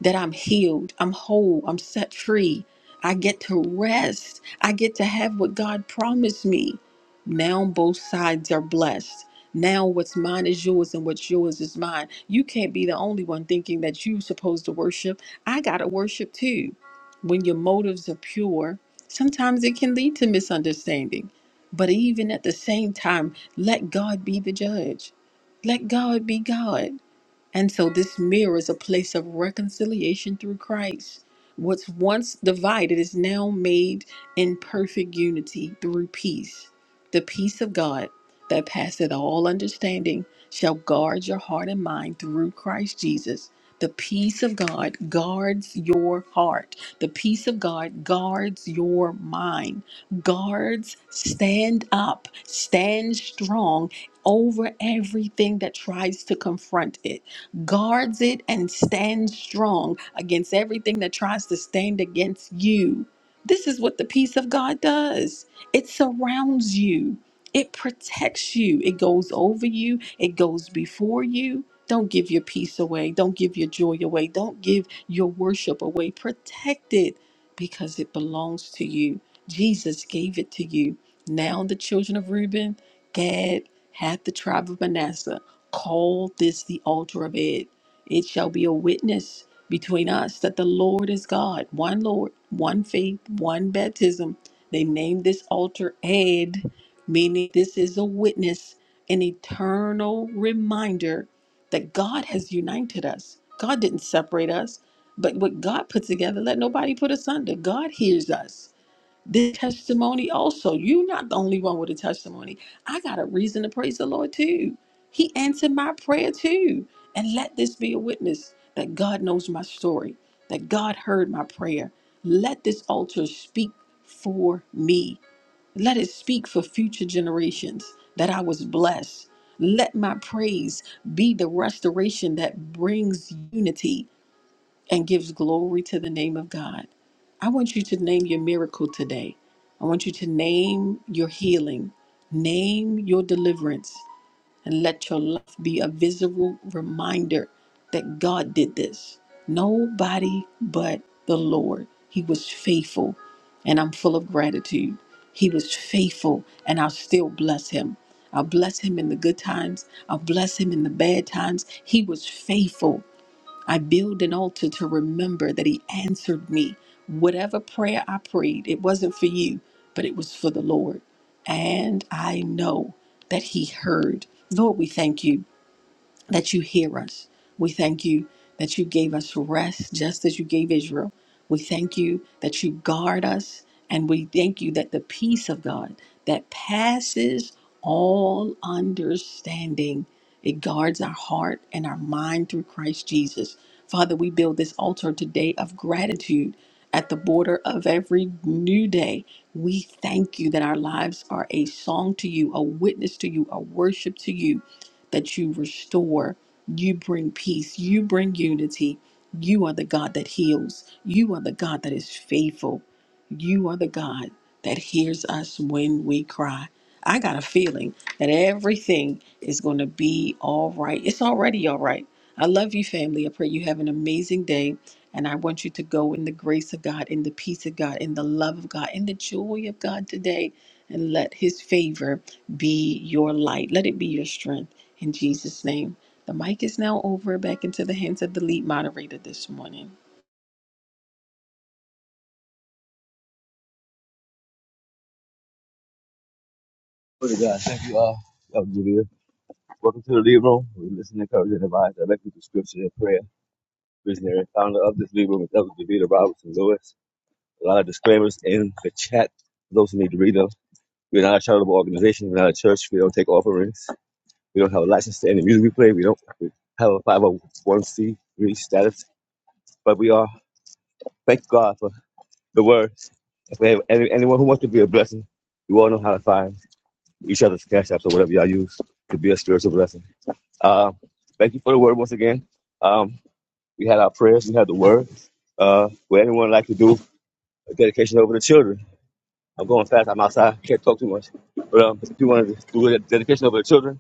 Speaker 6: that I'm healed, I'm whole, I'm set free. I get to rest. I get to have what God promised me. Now both sides are blessed. Now what's mine is yours and what's yours is mine. You can't be the only one thinking that you're supposed to worship. I got to worship too. When your motives are pure, sometimes it can lead to misunderstanding. But even at the same time, let God be the judge. Let God be God. And so this mirror is a place of reconciliation through Christ. What's once divided is now made in perfect unity through peace. The peace of God that passeth all understanding shall guard your heart and mind through Christ Jesus. The peace of God guards your heart. The peace of God guards your mind. Guards, stand up, stand strong over everything that tries to confront it guards it and stands strong against everything that tries to stand against you. This is what the peace of God does it surrounds you, it protects you, it goes over you, it goes before you. Don't give your peace away, don't give your joy away, don't give your worship away. Protect it because it belongs to you. Jesus gave it to you. Now, the children of Reuben, Gad, half the tribe of Manasseh. Call this the altar of it. It shall be a witness between us that the Lord is God, one Lord, one faith, one baptism. They named this altar Ed, meaning this is a witness, an eternal reminder that God has united us. God didn't separate us, but what God put together, let nobody put asunder. God hears us the testimony also. You're not the only one with a testimony. I got a reason to praise the Lord too. He answered my prayer too. And let this be a witness that God knows my story, that God heard my prayer. Let this altar speak for me. Let it speak for future generations that I was blessed. Let my praise be the restoration that brings unity and gives glory to the name of God. I want you to name your miracle today. I want you to name your healing, name your deliverance, and let your life be a visible reminder that God did this. Nobody but the Lord. He was faithful, and I'm full of gratitude. He was faithful, and I'll still bless him. I'll bless him in the good times. I'll bless him in the bad times. He was faithful I build an altar to remember that He answered me. Whatever prayer I prayed, it wasn't for you, but it was for the Lord. And I know that He heard. Lord, we thank you that you hear us. We thank you that you gave us rest just as you gave Israel. We thank you that you guard us. And we thank you that the peace of God that passes all understanding, it guards our heart and our mind through Christ Jesus. Father, we build this altar today of gratitude at the border of every new day. We thank you that our lives are a song to you, a witness to you, a worship to you that you restore, you bring peace, you bring unity. You are the God that heals, you are the God that is faithful, you are the God that hears us when we cry. I got a feeling that everything is going to be all right. It's already all right I love you, family. I pray you have an amazing day. And I want you to go in the grace of God, in the peace of God, in the love of God, in the joy of God today. And let his favor be your light. Let it be your strength in Jesus' name. The mic is now over back into the hands of the lead moderator this morning.
Speaker 5: Glory to God. Thank you all. That Welcome to the lead room. We listen, encourage, and advise directly through scripture and prayer. Visionary and founder of this lead room is Elder Davida Robinson Lewis. A lot of disclaimers in the chat for those who need to read them. We're not a charitable organization. We're not a church. We don't take offerings. We don't have a license to any music we play. We don't we have a 501c3 status. But we are, thank God for the words. If we have any, anyone who wants to be a blessing, we all know how to find each other's cash apps or whatever y'all use to be a spiritual blessing. Uh, thank you for the word once again. Um, we had our prayers, we had the word. Uh, would anyone like to do a dedication over the children? I'm going fast, I'm outside, can't talk too much. But um, if you want to do a dedication over the children,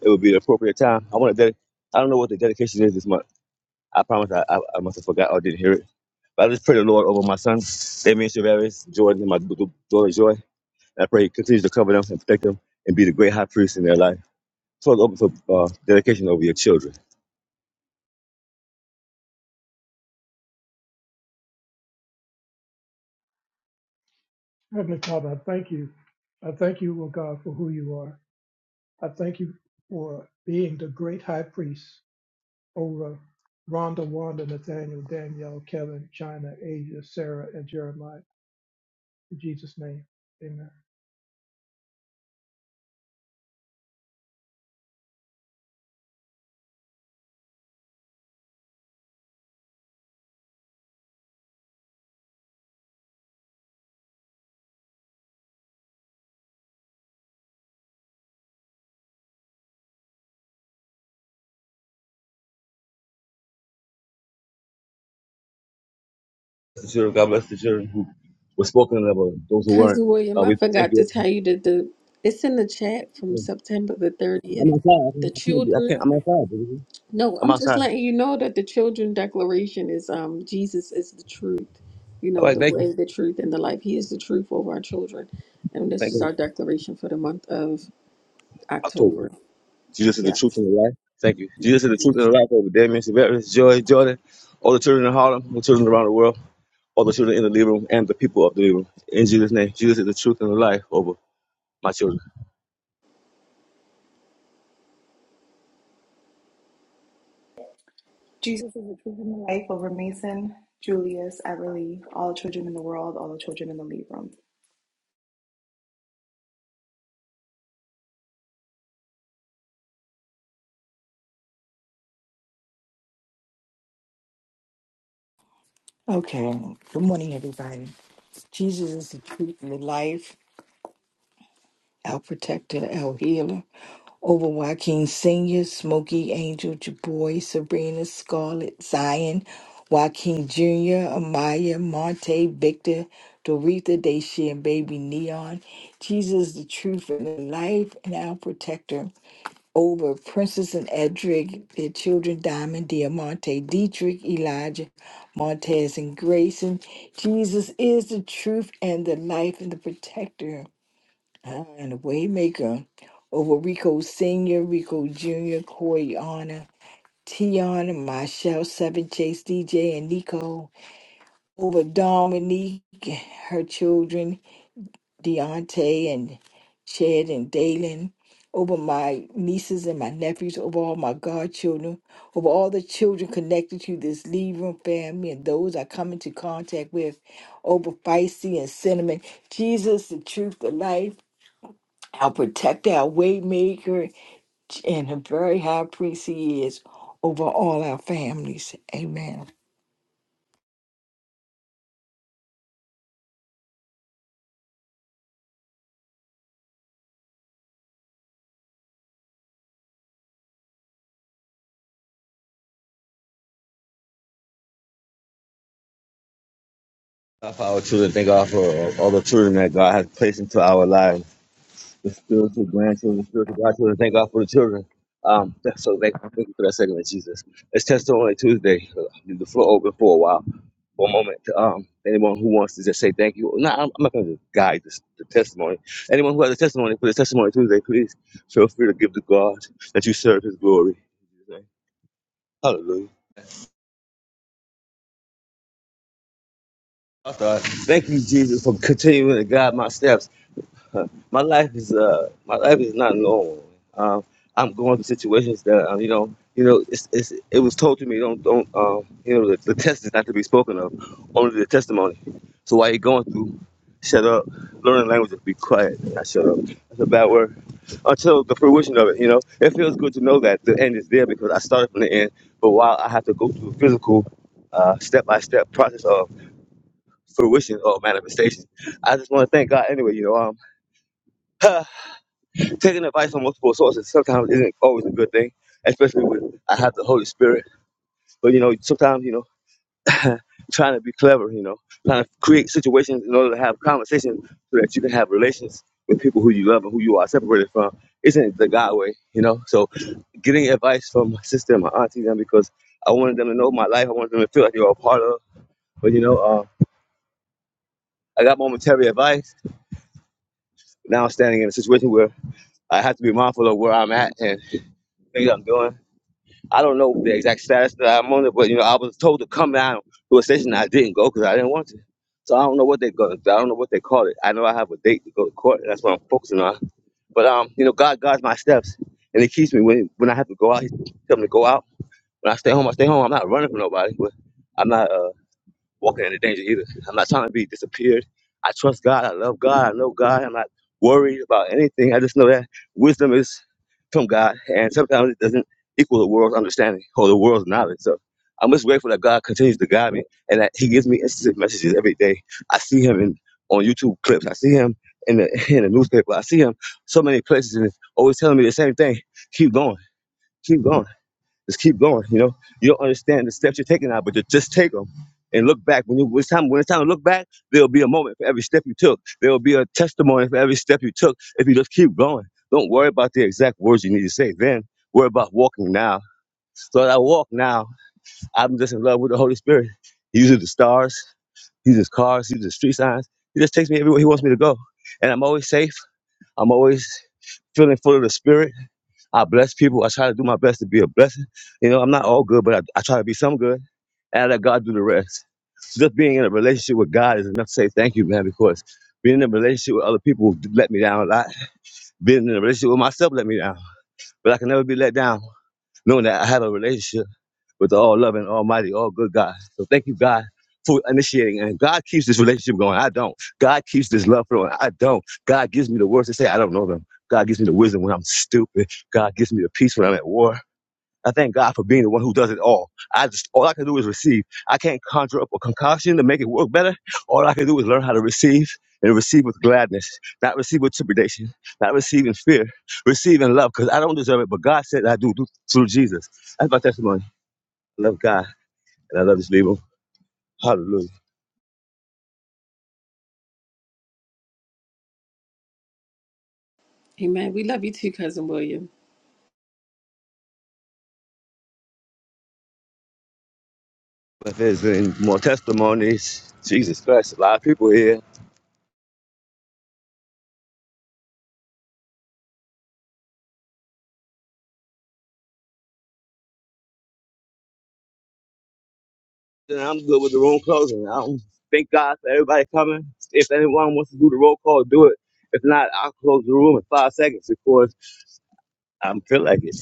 Speaker 5: it would be the appropriate time. I want to dedicate, I don't know what the dedication is this month. I promise I, I, I must have forgot or didn't hear it. But I just pray the Lord over my son, Damian Chavarez, Jordan, and my daughter Joy. And I pray he continues to cover them and protect them and be the great high priest in their life. So it's open for uh, dedication over your children.
Speaker 1: Heavenly Father, I thank you. I thank you, O God, for who you are. I thank you for being the great high priest over Rhonda, Wanda, Nathaniel, Danielle, Kevin, China, Asia, Sarah, and Jeremiah. In Jesus' name, amen.
Speaker 5: The children, God bless the children. who was spoken of. Uh, those who weren't,
Speaker 6: Cousin William,
Speaker 5: uh,
Speaker 6: I
Speaker 5: we thank
Speaker 6: forgot to
Speaker 5: you.
Speaker 6: tell you that the it's in the chat from September the
Speaker 5: I'm
Speaker 6: 30th.
Speaker 5: outside. I
Speaker 6: The
Speaker 5: can't. I can't. Be, I can't
Speaker 6: children
Speaker 5: I'm outside. Baby.
Speaker 6: No,
Speaker 5: I'm
Speaker 6: I'm just
Speaker 5: outside.
Speaker 6: letting you know that the children declaration is um Jesus is the truth. You
Speaker 5: All
Speaker 6: know,
Speaker 5: right.
Speaker 6: the
Speaker 5: Thank you.
Speaker 6: way, the truth, and the life. He is the truth over our children. And this
Speaker 5: Thank
Speaker 6: is
Speaker 5: you.
Speaker 6: our declaration for the month of
Speaker 5: October.
Speaker 6: October.
Speaker 5: Jesus is the truth
Speaker 6: Yes.
Speaker 5: and the life. Thank you. Jesus is the truth and
Speaker 6: Yes.
Speaker 5: the life over Damien, Severus, Joy, Jordan, all the children in Harlem, all the children around the world, all the children in the living room, and the people of the living room. In Jesus' name, Jesus is the truth and the life over my children.
Speaker 12: Jesus is the truth in the life over Mason, Julius, Everly, all the children in the world, all the children in the lead room.
Speaker 11: Okay. Good morning, everybody. Jesus is the truth and the life, our protector, our healer. Over Joaquin Sr., Smokey Angel, Jaboy, Sabrina, Scarlett, Zion, Joaquin Jr., Amaya, Monte, Victor, Doretha, Dacia, and baby Neon. Jesus is the truth and the life and our protector. over Princess and Edric, their children Diamond, Diamante, Dietrich, Elijah, Montez, and Grayson. Jesus is the truth and the life and the protector uh, and the waymaker over Rico Sr., Rico Jr., Corey Honor, Tiana, Michelle, Seven Chase, DJ, and Nico, over Dominique, her children, Deontay and Chad and Dalen, over my nieces and my nephews, over all my godchildren, over all the children connected to this Lead Room family and those I come into contact with, over Feisty and Cinnamon. Jesus, the truth, the life, our protector, our waymaker, and a very high priest he is over all our families. Amen.
Speaker 5: God for our children. Thank God for all the children that God has placed into our lives. the spiritual grandchildren, spiritual grandchildren. Thank God for the children. Um, th- so thank, thank you for that segment, Jesus. It's Testimony Tuesday. Uh, leave the floor open for a while, for a moment. to, Um, anyone who wants to just say thank you. No, I'm, I'm not going to guide this, the testimony. Anyone who has a testimony for this Testimony Tuesday, please feel free to give to God that you serve His glory. Hallelujah. I thought, Thank you, Jesus, for continuing to guide my steps. my life is uh my life is not normal. Um, I'm going through situations that um, you know you know it's, it's it was told to me don't don't um you know the, the test is not to be spoken of, only the testimony. So while you're going through, shut up, learn the language and be quiet. I shut up. That's a bad word until the fruition of it. You know it feels good to know that the end is there because I started from the end. But while I have to go through a physical uh, step-by-step process of fruition or manifestation, I just want to thank God anyway. You know um. taking advice from multiple sources sometimes isn't always a good thing, especially when I have the Holy Spirit. But you know, sometimes you know, trying to be clever, you know, trying to create situations in order to have conversations so that you can have relations with people who you love and who you are separated from isn't the God way, you know. So getting advice from my sister and my auntie them because I wanted them to know my life. I wanted them to feel like they were a part of. But you know, uh, I got momentary advice. Now I'm standing in a situation where I have to be mindful of where I'm at and things I'm doing I don't know the exact status that I'm on it, but you know, I was told to come down to a station. I didn't go because I didn't want to. So I don't know what they go. I don't know what they call it. I know I have a date to go to court. and That's what I'm focusing on. But um, you know, God guides my steps, and He keeps me when when I have to go out. He tells me to go out. When I stay home, I stay home. I'm not running from nobody, but I'm not. Uh, walking into danger either. I'm not trying to be disappeared. I trust God. I love God. I know God. I'm not worried about anything. I just know that wisdom is from God, and sometimes it doesn't equal the world's understanding or the world's knowledge. So I'm just grateful that God continues to guide me and that He gives me instant messages every day. I see Him in on YouTube clips. I see Him in the in the newspaper. I see Him so many places, and it's always telling me the same thing: keep going, keep going. Just keep going. You know, you don't understand the steps you're taking now, but ju- just take them and look back. When, you, when it's time, when it's time to look back, there'll be a moment for every step you took. There will be a testimony for every step you took. If you just keep going, don't worry about the exact words you need to say. Then worry about walking now. So as I walk now, I'm just in love with the Holy Spirit. He uses the stars, he uses cars, he uses street signs. He just takes me everywhere he wants me to go, and I'm always safe. I'm always feeling full of the Spirit I bless people. I try to do my best to be a blessing. You know, I'm not all good, but I, I try to be some good and I let God do the rest. So just being in a relationship with God is enough to say thank you, man, because being in a relationship with other people let me down a lot. Being in a relationship with myself let me down, but I can never be let down knowing that I have a relationship with the all loving, almighty, all good God. So thank you, God, for initiating. And God keeps this relationship going. I don't. God keeps this love flowing. I don't. God gives me the words to say. I don't know them. God gives me the wisdom when I'm stupid. God gives me the peace when I'm at war. I thank God for being the one who does it all. I just all I can do is receive. I can't conjure up a concoction to make it work better. All I can do is learn how to receive and receive with gladness, not receive with trepidation, not receive in fear, receive in love, because I don't deserve it, but God said I do, do through Jesus. That's my testimony. I love God and I love this people. Hallelujah.
Speaker 6: Amen. We love you too, cousin William.
Speaker 5: If there's any more testimonies, Jesus Christ, a lot of people here. Then I'm good with the room closing. I don't thank God for everybody coming. If anyone wants to do the roll call, do it. If not, I'll close the room in five seconds because I am feel like it.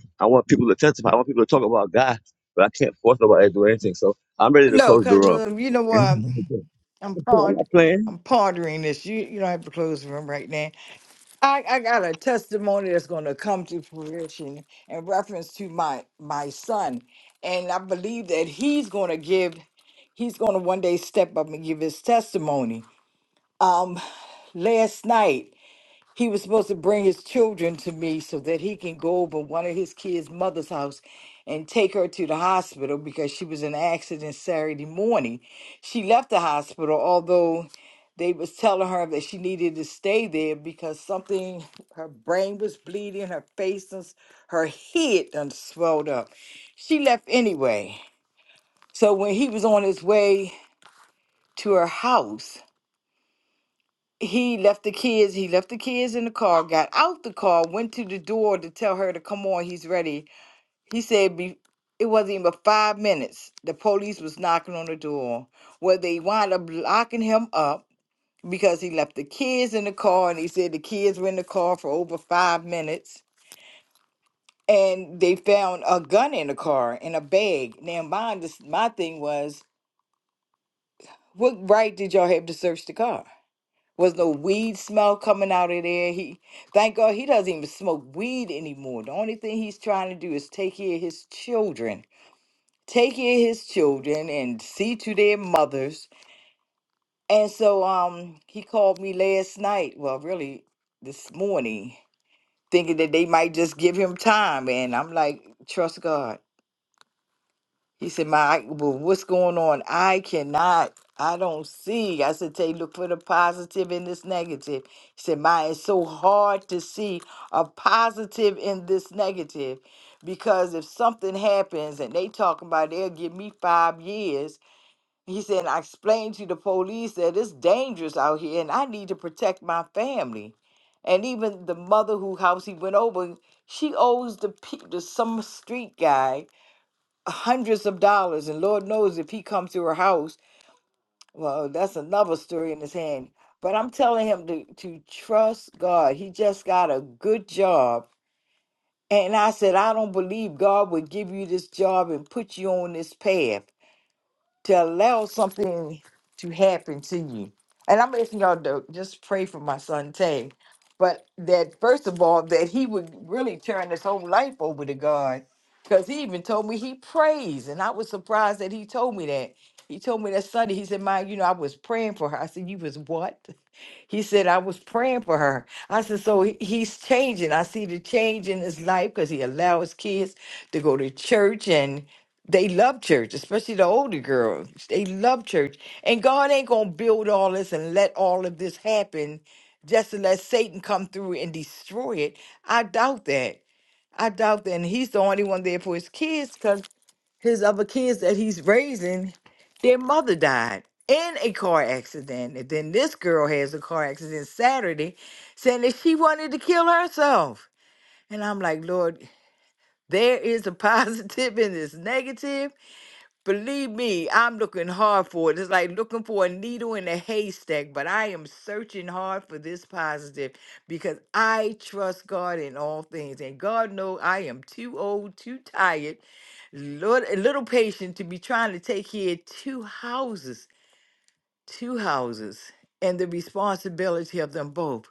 Speaker 5: I want people to testify. I want people to talk about God, but I can't force nobody to do anything. So I'm ready to
Speaker 11: No,
Speaker 5: close the
Speaker 11: because
Speaker 5: room.
Speaker 11: you know what? I'm
Speaker 5: I'm
Speaker 11: pond-
Speaker 5: not playing.
Speaker 11: I'm pondering this. You you don't have to close the room right now I, I got a testimony that's going to come to fruition in reference to my my son, and I believe that he's going to give, he's going to one day step up and give his testimony. Um, last night he was supposed to bring his children to me so that he can go over one of his kids' mother's house and take her to the hospital because she was in an accident Saturday morning. She left the hospital, although they was telling her that she needed to stay there because something her brain was bleeding, her face and s- her head done swelled up. She left anyway. So when he was on his way to her house, he left the kids he left the kids in the car got out the car went to the door to tell her to come on he's ready he said be, it wasn't even five minutes the police was knocking on the door where they wound up locking him up because he left the kids in the car and he said the kids were in the car for over five minutes and they found a gun in the car in a bag now my, my thing was what right did y'all have to search the car Was no weed smell coming out of there. He thank God he doesn't even smoke weed anymore. The only thing he's trying to do is take care of his children. Take care of his children and see to their mothers. And so um he called me last night, well really this morning, thinking that they might just give him time and I'm like, trust God. He said, My well, what's going on? I cannot, I don't see. I said, Tay, look for the positive in this negative. He said, My it's so hard to see a positive in this negative. Because if something happens and they talking about they'll give me five years, he said, "And I explained to the police that it's dangerous out here and I need to protect my family. And even the mother who house he went over, she owes the, pe- the some street guy hundreds of dollars, and Lord knows if he comes to her house, well, that's another story in his hand. But I'm telling him to to trust God. He just got a good job, and I said, I don't believe God would give you this job and put you on this path to allow something to happen to you. And I'm asking y'all to just pray for my son Tay. But that first of all, that he would really turn his whole life over to God. Because he even told me he prays. And I was surprised that he told me that. He told me that Sunday, he said, Ma, you know, I was praying for her. I said, You was what? He said, I was praying for her. I said, so he- he's changing. I see the change in his life because he allowed his kids to go to church and they love church, especially the older girls. They love church. And God ain't going to build all this and let all of this happen just to let Satan come through and destroy it. I doubt that. I doubt that. And he's the only one there for his kids cause." his other kids that he's raising, their mother died in a car accident. And then this girl has a car accident Saturday saying that she wanted to kill herself. And I'm like, Lord, there is a positive in this negative. Believe me, I'm looking hard for it. It's like looking for a needle in a haystack, but I am searching hard for this positive because I trust God in all things. And God knows I am too old, too tired, lit- a little patient to be trying to take care of two houses, two houses, and the responsibility of them both.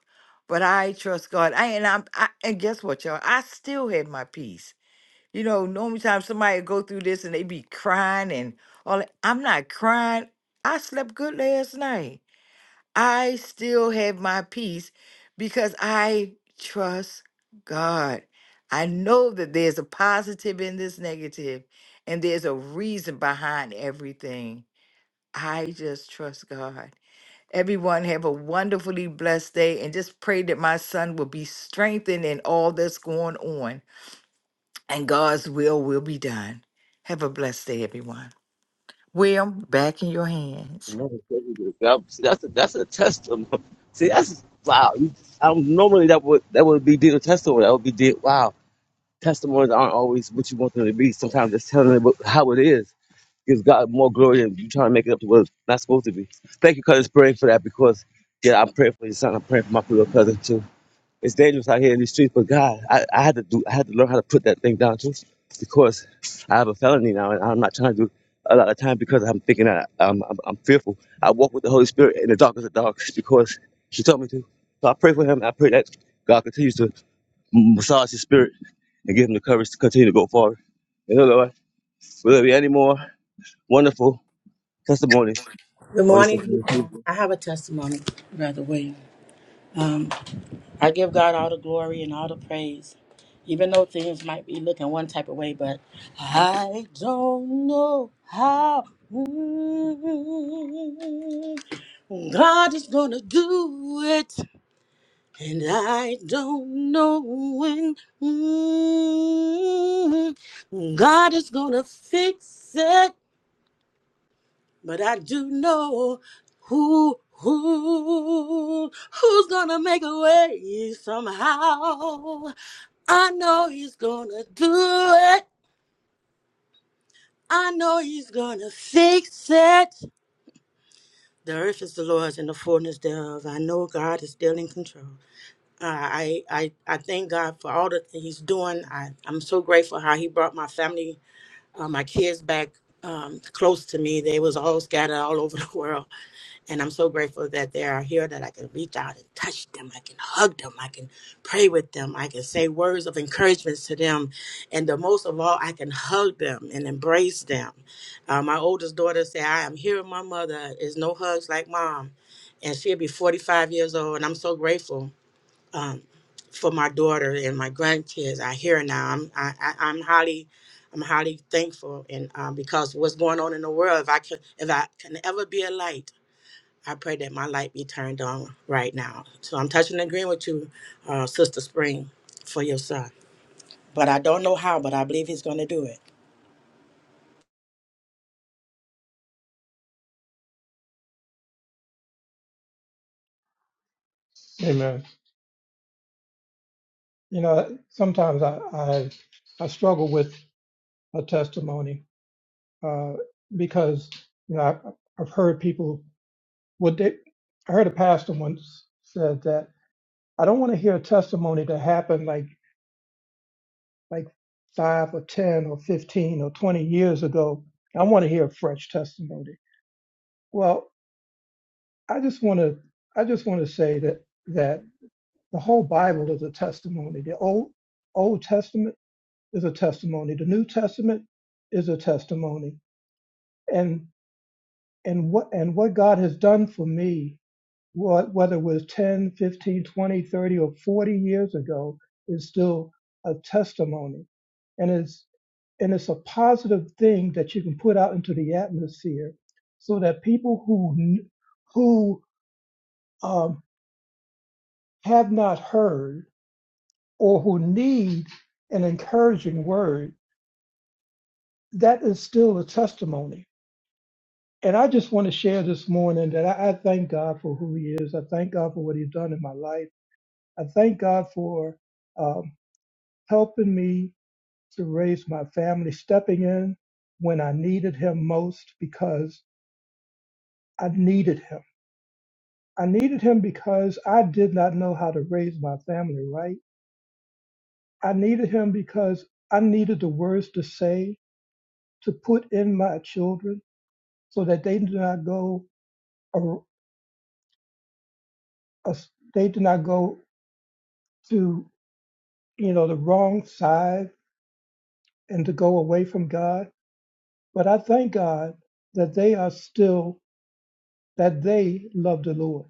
Speaker 11: But I trust God. I and I'm I, and guess what, y'all? I still had my peace. You know, normally time somebody go through this and they be crying and all that. I'm not crying. I slept good last night. I still have my peace because I trust God. I know that there's a positive in this negative and there's a reason behind everything. I just trust God. Everyone have a wonderfully blessed day and just pray that my son will be strengthened in all that's going on and God's will will be done. Have a blessed day, everyone. William, back in your hands.
Speaker 5: That's that's a, that's a testimony. See, that's wow. You- I don't, normally that would that would be deemed a testimony. That would be deemed wow. Testimonies aren't always what you want them to be. Sometimes just telling it what- how it is gives God more glory than you trying to make it up to what it's not supposed to be. Thank you, cousin, praying for that because, yeah, I'm praying for your son. I'm praying for my little cousin too. It's dangerous out here in these streets, but God, I, I had to do, I had to learn how to put that thing down too because I have a felony now and I'm not trying to do a lot of time because I'm thinking that I'm, I'm, I'm fearful. I walk with the Holy Spirit in the dark as a dark because she told me to. So I pray for him. I pray that God continues to m- massage his spirit and give him the courage to continue to go forward. And so, Lord, will there be any more wonderful testimonies
Speaker 13: Good
Speaker 5: on this
Speaker 13: morning,
Speaker 5: upcoming
Speaker 13: people.
Speaker 5: Tuesday?
Speaker 13: I have a testimony, Brother William. Um, I give God all the glory and all the praise, even though things might be looking one type of way, but I don't know how mm, God is going to do it, and I don't know when mm, God is going to fix it. But I do know who who who's gonna make a way somehow. I know he's gonna do it. I know he's gonna fix it. The earth is the Lord's and the fullness thereof. I know God is still in control. I I I thank God for all that He's doing. I I'm so grateful how He brought my family, uh, my kids back um, close to me. They was all scattered all over the world And I'm so grateful that they are here, that I can reach out and touch them. I can hug them. I can pray with them. I can say words of encouragement to them. And the most of all, I can hug them and embrace them. Uh, my oldest daughter said, I am here with my mother. There's no hugs like mom. And she'll be 45 years old. And I'm so grateful for my daughter and my grandkids. I hear now. I'm, I, I, I'm highly. I'm highly thankful, and um, because what's going on in the world, if I can, if I can ever be a light, I pray that my light be turned on right now. So I'm touching and agreeing with you, uh, Sister Spring, for your son. But I don't know how, but I believe he's going to do it.
Speaker 1: Amen. You know, sometimes I, I, I struggle with a testimony uh, because you know I've, I've heard people what they I heard a pastor once said that I don't want to hear a testimony that happened like like five or ten or fifteen or twenty years ago. I want to hear a fresh testimony. Well, I just want to I just want to say that that the whole Bible is a testimony. The old Old Testament is a testimony. The New Testament is a testimony. And and what and what God has done for me wha- whether it was 10, 15, 20, 30, or 40 years ago, is still a testimony. And it's, and it's a positive thing that you can put out into the atmosphere so that people who, who um, have not heard or who need an encouraging word, that is still a testimony. And I just want to share this morning that I, I thank God for who He is. I thank God for what He's done in my life. I thank God for. um, helping me to raise my family, stepping in when I needed him most because I needed him. I needed him because I did not know how to raise my family right. I needed him because I needed the words to say, to put in my children so that they do not go, or, or they do not go to, you know, the wrong side and to go away from God. But I thank God that they are still, that they love the Lord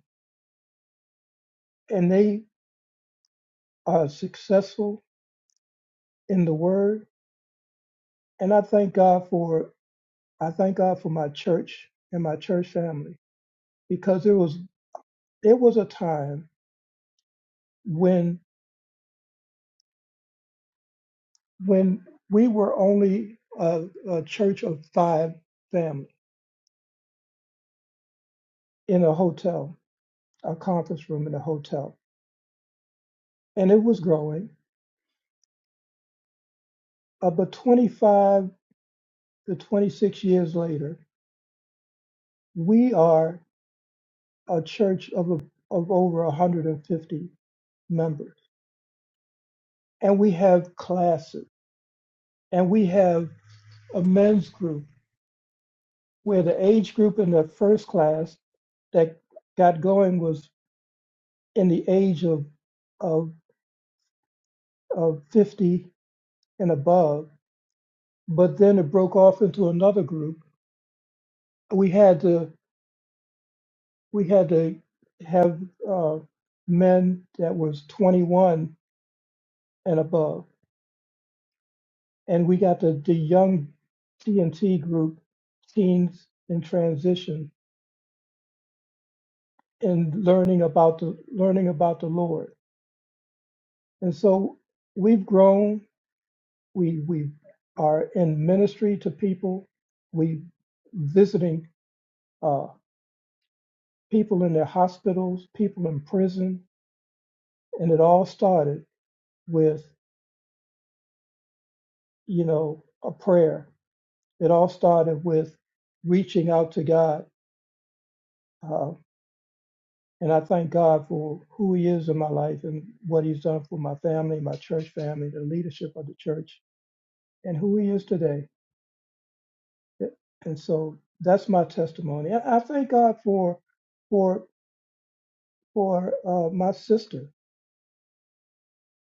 Speaker 1: and they are successful in the word. And I thank God for I thank God for my church and my church family because it was it was a time when when we were only a, a church of five families in a hotel, a conference room in a hotel, and it was growing. Uh, but 25 to 26 years later, we are a church of a, of over 150 members and we have classes and we have a men's group where the age group in the first class that got going was in the age of of of 50 and above but then it broke off into another group we had to we had to have uh, men that was 21 and above and we got the, the young TNT group teens in transition and learning about the learning about the Lord. And so we've grown. We we are in ministry to people. We visiting uh, people in their hospitals, people in prison, and it all started with you know a prayer. It all started with reaching out to God. Uh, and I thank God for who He is in my life and what He's done for my family, my church family, the leadership of the church, and who He is today. and so that's my testimony. I, I thank God for for for uh, my sister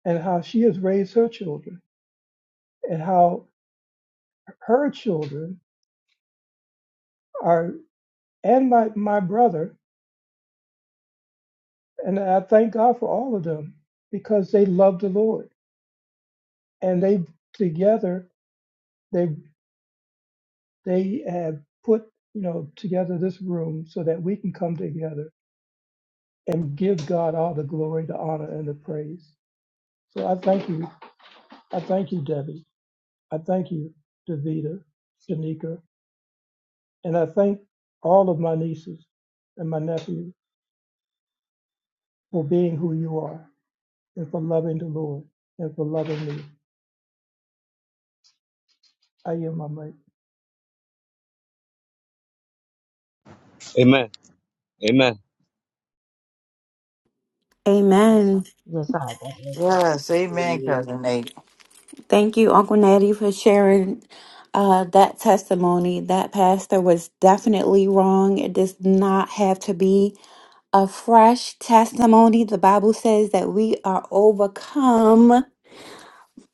Speaker 1: and how she has raised her children and how her children are and my my brother and I thank God for all of them because they love the Lord and they together they they have put you know together this room so that we can come together and give God all the glory, the honor, and the praise. So I thank you. I thank you, Debbie. I thank you, Davita, Shanika, and I thank all of my nieces and my nephews for being who you are and for loving the Lord and for loving me. I am my mate.
Speaker 5: Amen. Amen.
Speaker 9: Amen.
Speaker 14: Yes, I God bless you.
Speaker 11: Yes, amen, cousin Nate.
Speaker 9: Thank you, Uncle Natty, for sharing uh, that testimony. That pastor was definitely wrong. It does not have to be a fresh testimony. The Bible says that we are overcome.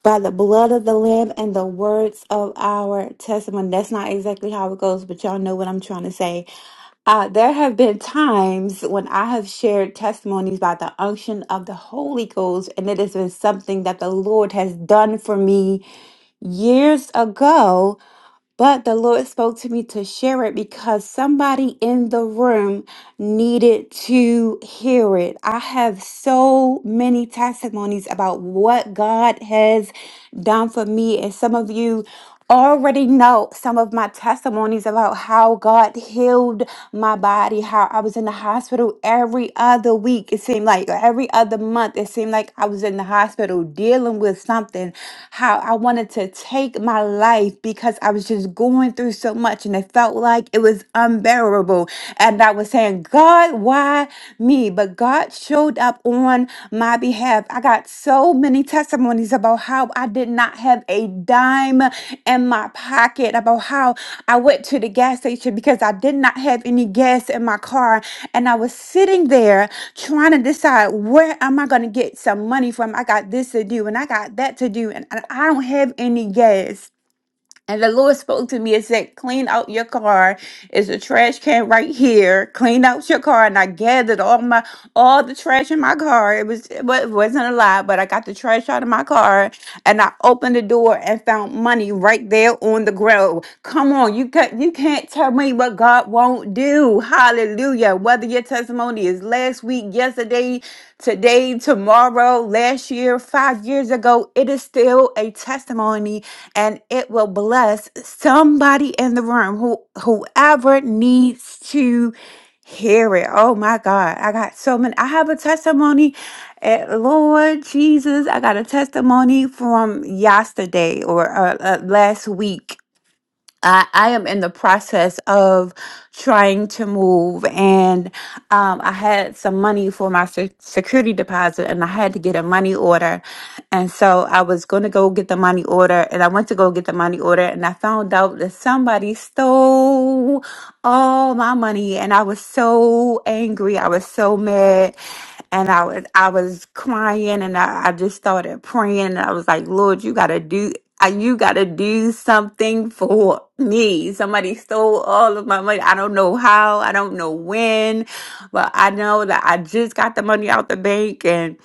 Speaker 9: by the blood of the Lamb and the words of our testimony. That's not exactly how it goes, but y'all know what I'm trying to say. Uh, there have been times when I have shared testimonies by the unction of the Holy Ghost, and it has been something that the Lord has done for me years ago but the Lord spoke to me to share it because somebody in the room needed to hear it. I have so many testimonies about what God has done for me. And some of you already know some of my testimonies about how God healed my body, how I was in the hospital every other week, it seemed like, or every other month, it seemed like I was in the hospital dealing with something, how I wanted to take my life because I was just going through so much and it felt like it was unbearable. And I was saying, God, why me? But God showed up on my my behalf. I got so many testimonies about how I did not have a dime in my pocket, about how I went to the gas station because I did not have any gas in my car. And I was sitting there trying to decide where am I going to get some money from? I got this to do and I got that to do, and I I don't have any gas. And the Lord spoke to me and said, Clean out your car. It's a trash can right here. Clean out your car. And I gathered all my all the trash in my car. It was well, it wasn't a lot, but I got the trash out of my car and I opened the door and found money right there on the ground. Come on, you can you can't tell me what God won't do. Hallelujah. Whether your testimony is last week, yesterday, today, tomorrow, last year, five years ago, it is still a testimony and it will bless somebody in the room who whoever needs to hear it. Oh my God. I got so many. I have a testimony. eh, Lord Jesus, I got a testimony from yesterday or uh, uh, last week I, I am in the process of trying to move, and um, I had some money for my se- security deposit, and I had to get a money order. And so I was going to go get the money order, and I went to go get the money order, and I found out that somebody stole all my money, and I was so angry. I was so mad. And I was I was crying and I, I just started praying and I was like, Lord, you gotta do uh, you got to do something for me. Somebody stole all of my money. I don't know how, I don't know when, but I know that I just got the money out the bank and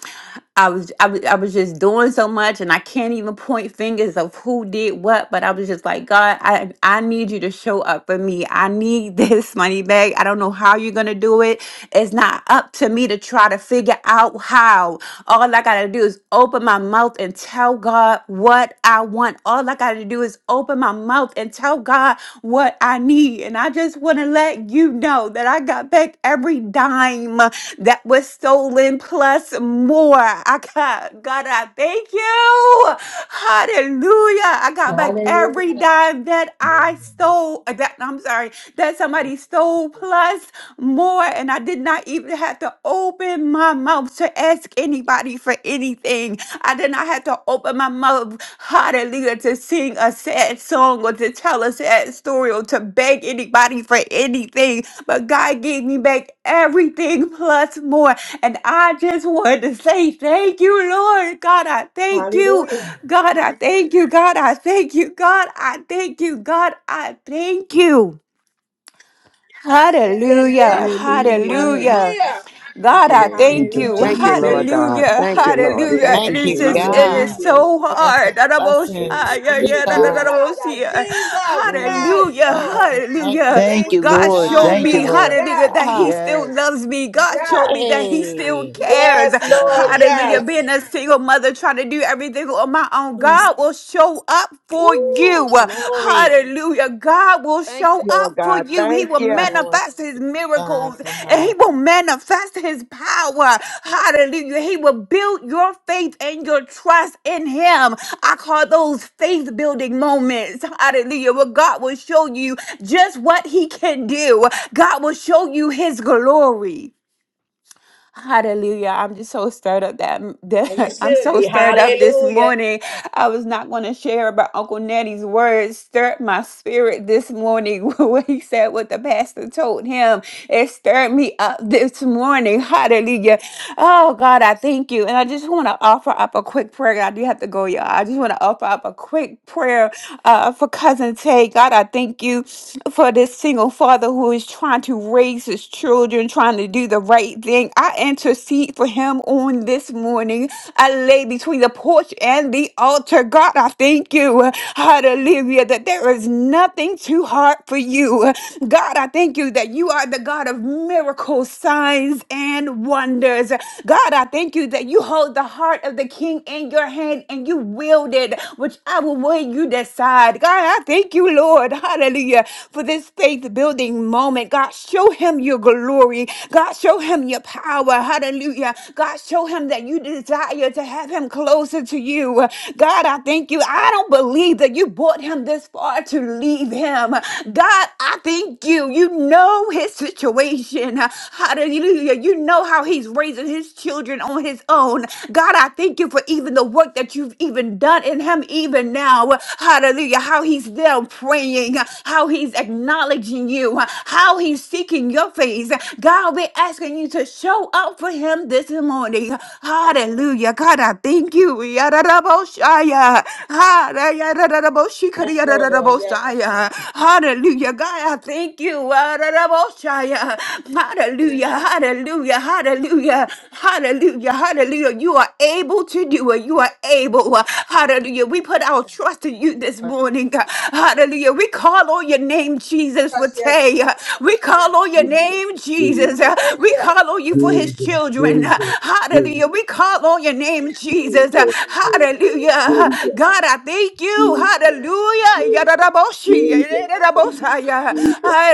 Speaker 9: I was I was I was just doing so much and I can't even point fingers of who did what, but I was just like, God, I I need you to show up for me. I need this money back. I don't know how you're gonna do it. It's not up to me to try to figure out how. All I gotta do is open my mouth and tell God what I want all I got to do is open my mouth and tell God what I need. And I just want to let you know that I got back every dime that was stolen plus more. I got, God, I thank you. Hallelujah. I got back every dime that I stole, uh, that I'm sorry, that somebody stole plus more, and I did not even have to open my mouth to ask anybody for anything. I did not have to open my mouth, hallelujah, to sing a sad song or to tell a sad story or to beg anybody for anything. But God gave me back everything plus more. And I just wanted to say thank you, Lord. God, I thank you.
Speaker 13: Hallelujah.
Speaker 9: God, I thank you. God, I thank you. God, I thank you. God, I thank you.
Speaker 13: Yes,
Speaker 9: Hallelujah.
Speaker 13: yes.
Speaker 6: Hallelujah.
Speaker 9: Hallelujah.
Speaker 13: Hallelujah.
Speaker 15: Thank
Speaker 9: God,
Speaker 15: you,
Speaker 5: Uh,
Speaker 15: Lord
Speaker 9: I thank
Speaker 6: Thank
Speaker 15: Jesus.
Speaker 6: you,
Speaker 9: you.
Speaker 13: Hallelujah.
Speaker 5: thank-
Speaker 15: Thank you, Lord
Speaker 6: Jesus.
Speaker 15: God.
Speaker 9: Hallelujah.
Speaker 15: Thank
Speaker 5: thank
Speaker 15: you,
Speaker 5: you,
Speaker 15: Lord.
Speaker 5: Jesus.
Speaker 9: Hallelujah.
Speaker 15: Thank
Speaker 9: It
Speaker 16: Thank
Speaker 15: you,
Speaker 9: is
Speaker 16: you,
Speaker 9: just, it
Speaker 15: Jesus.
Speaker 9: is
Speaker 16: God.
Speaker 6: Hallelujah.
Speaker 9: so
Speaker 16: Oh, that's a
Speaker 9: hard. Hallelujah.
Speaker 16: blessing. Jesus.
Speaker 13: Side of Jesus.
Speaker 16: Oh,
Speaker 13: Yes,
Speaker 16: Jesus.
Speaker 13: Lord.
Speaker 16: Thank
Speaker 9: Hallelujah.
Speaker 16: you for
Speaker 4: Thank
Speaker 16: what
Speaker 13: Thank
Speaker 4: you,
Speaker 16: you've
Speaker 13: you,
Speaker 9: God
Speaker 4: Lord.
Speaker 9: showed
Speaker 16: done.
Speaker 4: Thank
Speaker 9: me,
Speaker 4: you,
Speaker 16: Thank
Speaker 13: Jesus.
Speaker 4: Lord.
Speaker 9: hallelujah,
Speaker 13: Yes.
Speaker 9: that He
Speaker 16: God.
Speaker 9: still
Speaker 4: Yes.
Speaker 9: loves me. God showed me that He
Speaker 13: Yes.
Speaker 9: still
Speaker 16: Yay.
Speaker 9: cares.
Speaker 13: Yes, Lord.
Speaker 16: Yes.
Speaker 9: Hallelujah.
Speaker 13: Yes.
Speaker 9: Being a single mother trying to do everything on my own,
Speaker 16: Yes.
Speaker 9: God will show up for for
Speaker 16: Ooh,
Speaker 9: you.
Speaker 16: glory.
Speaker 9: Hallelujah. God will
Speaker 15: Thank
Speaker 9: show
Speaker 15: you, Lord
Speaker 9: up for
Speaker 15: God.
Speaker 9: you. He
Speaker 15: Thank
Speaker 9: will
Speaker 16: The
Speaker 15: you.
Speaker 16: Lord
Speaker 9: manifest his
Speaker 16: God
Speaker 9: miracles
Speaker 16: for
Speaker 9: and
Speaker 16: her.
Speaker 9: he will manifest his power. Hallelujah. He will build your faith and your trust in him. I call those faith building moments. Hallelujah. Where God will show you just what he can do. God will show you his glory. Hallelujah. I'm just so stirred up that,
Speaker 13: And you
Speaker 9: that I'm
Speaker 13: should
Speaker 9: so
Speaker 13: be.
Speaker 9: stirred up this
Speaker 13: Hallelujah.
Speaker 9: morning. I was not going to share about Uncle Nettie's words stirred my spirit this morning. What he said, what the pastor told him, it stirred me up this morning. Hallelujah. Oh, God, I thank you. And I just want to offer up a quick prayer. I do have to go, y'all. I just want to offer up a quick prayer uh, for Cousin Tay. God, I thank you for this single father who is trying to raise raise his children, trying to do the right thing. I intercede for him on this morning. I lay between the porch and the altar. God, I thank you, hallelujah, that there is nothing too hard for you. God, I thank you that you are the God of miracles, signs, and wonders. God, I thank you that you hold the heart of the king in your hand and you wield it, whichever way you decide. God, I thank you, Lord, hallelujah, for this faith building moment. God, show him your glory. God, show him your power. Hallelujah. God, show him that you desire to have him closer to you. God, I thank you. I don't believe that you brought him this far to leave him. God, I thank you. You know his situation. Hallelujah. You know how he's raising his children on his own. God, I thank you for even the work that you've even done in him even now. Hallelujah. How he's there praying, how he's acknowledging you, how he's seeking your face. God, we're asking you to show up for him this morning. Hallelujah. God, I thank you. Yadadaboshaya. Hada- yadadadaboshikari-
Speaker 13: Yes, Lord. Lord. Yes.
Speaker 9: yadadadabosaya. Hallelujah. God, I thank you. Yadadadaboshaya. Hallelujah. Hallelujah. Hallelujah. Hallelujah. Hallelujah. You are able to do it. You are able. Uh, Hallelujah. We put our trust in you this morning. Uh, Hallelujah. We call on your name, Jesus, for
Speaker 13: Yes, yes.
Speaker 9: Tay. Uh, We call on your name,
Speaker 5: Jesus,
Speaker 9: Jesus. Uh,
Speaker 13: Thank
Speaker 9: We
Speaker 13: you.
Speaker 9: call on you for his
Speaker 5: Jesus, Jesus,
Speaker 9: children.
Speaker 5: Jesus,
Speaker 9: Uh,
Speaker 5: Jesus,
Speaker 9: Hallelujah. We call on your name, Jesus. Uh,
Speaker 5: Jesus,
Speaker 9: Hallelujah.
Speaker 5: Jesus,
Speaker 9: God, I thank you.
Speaker 5: Hallelujah.
Speaker 9: Hallelujah. Yadadaboshi, yadadabosaya.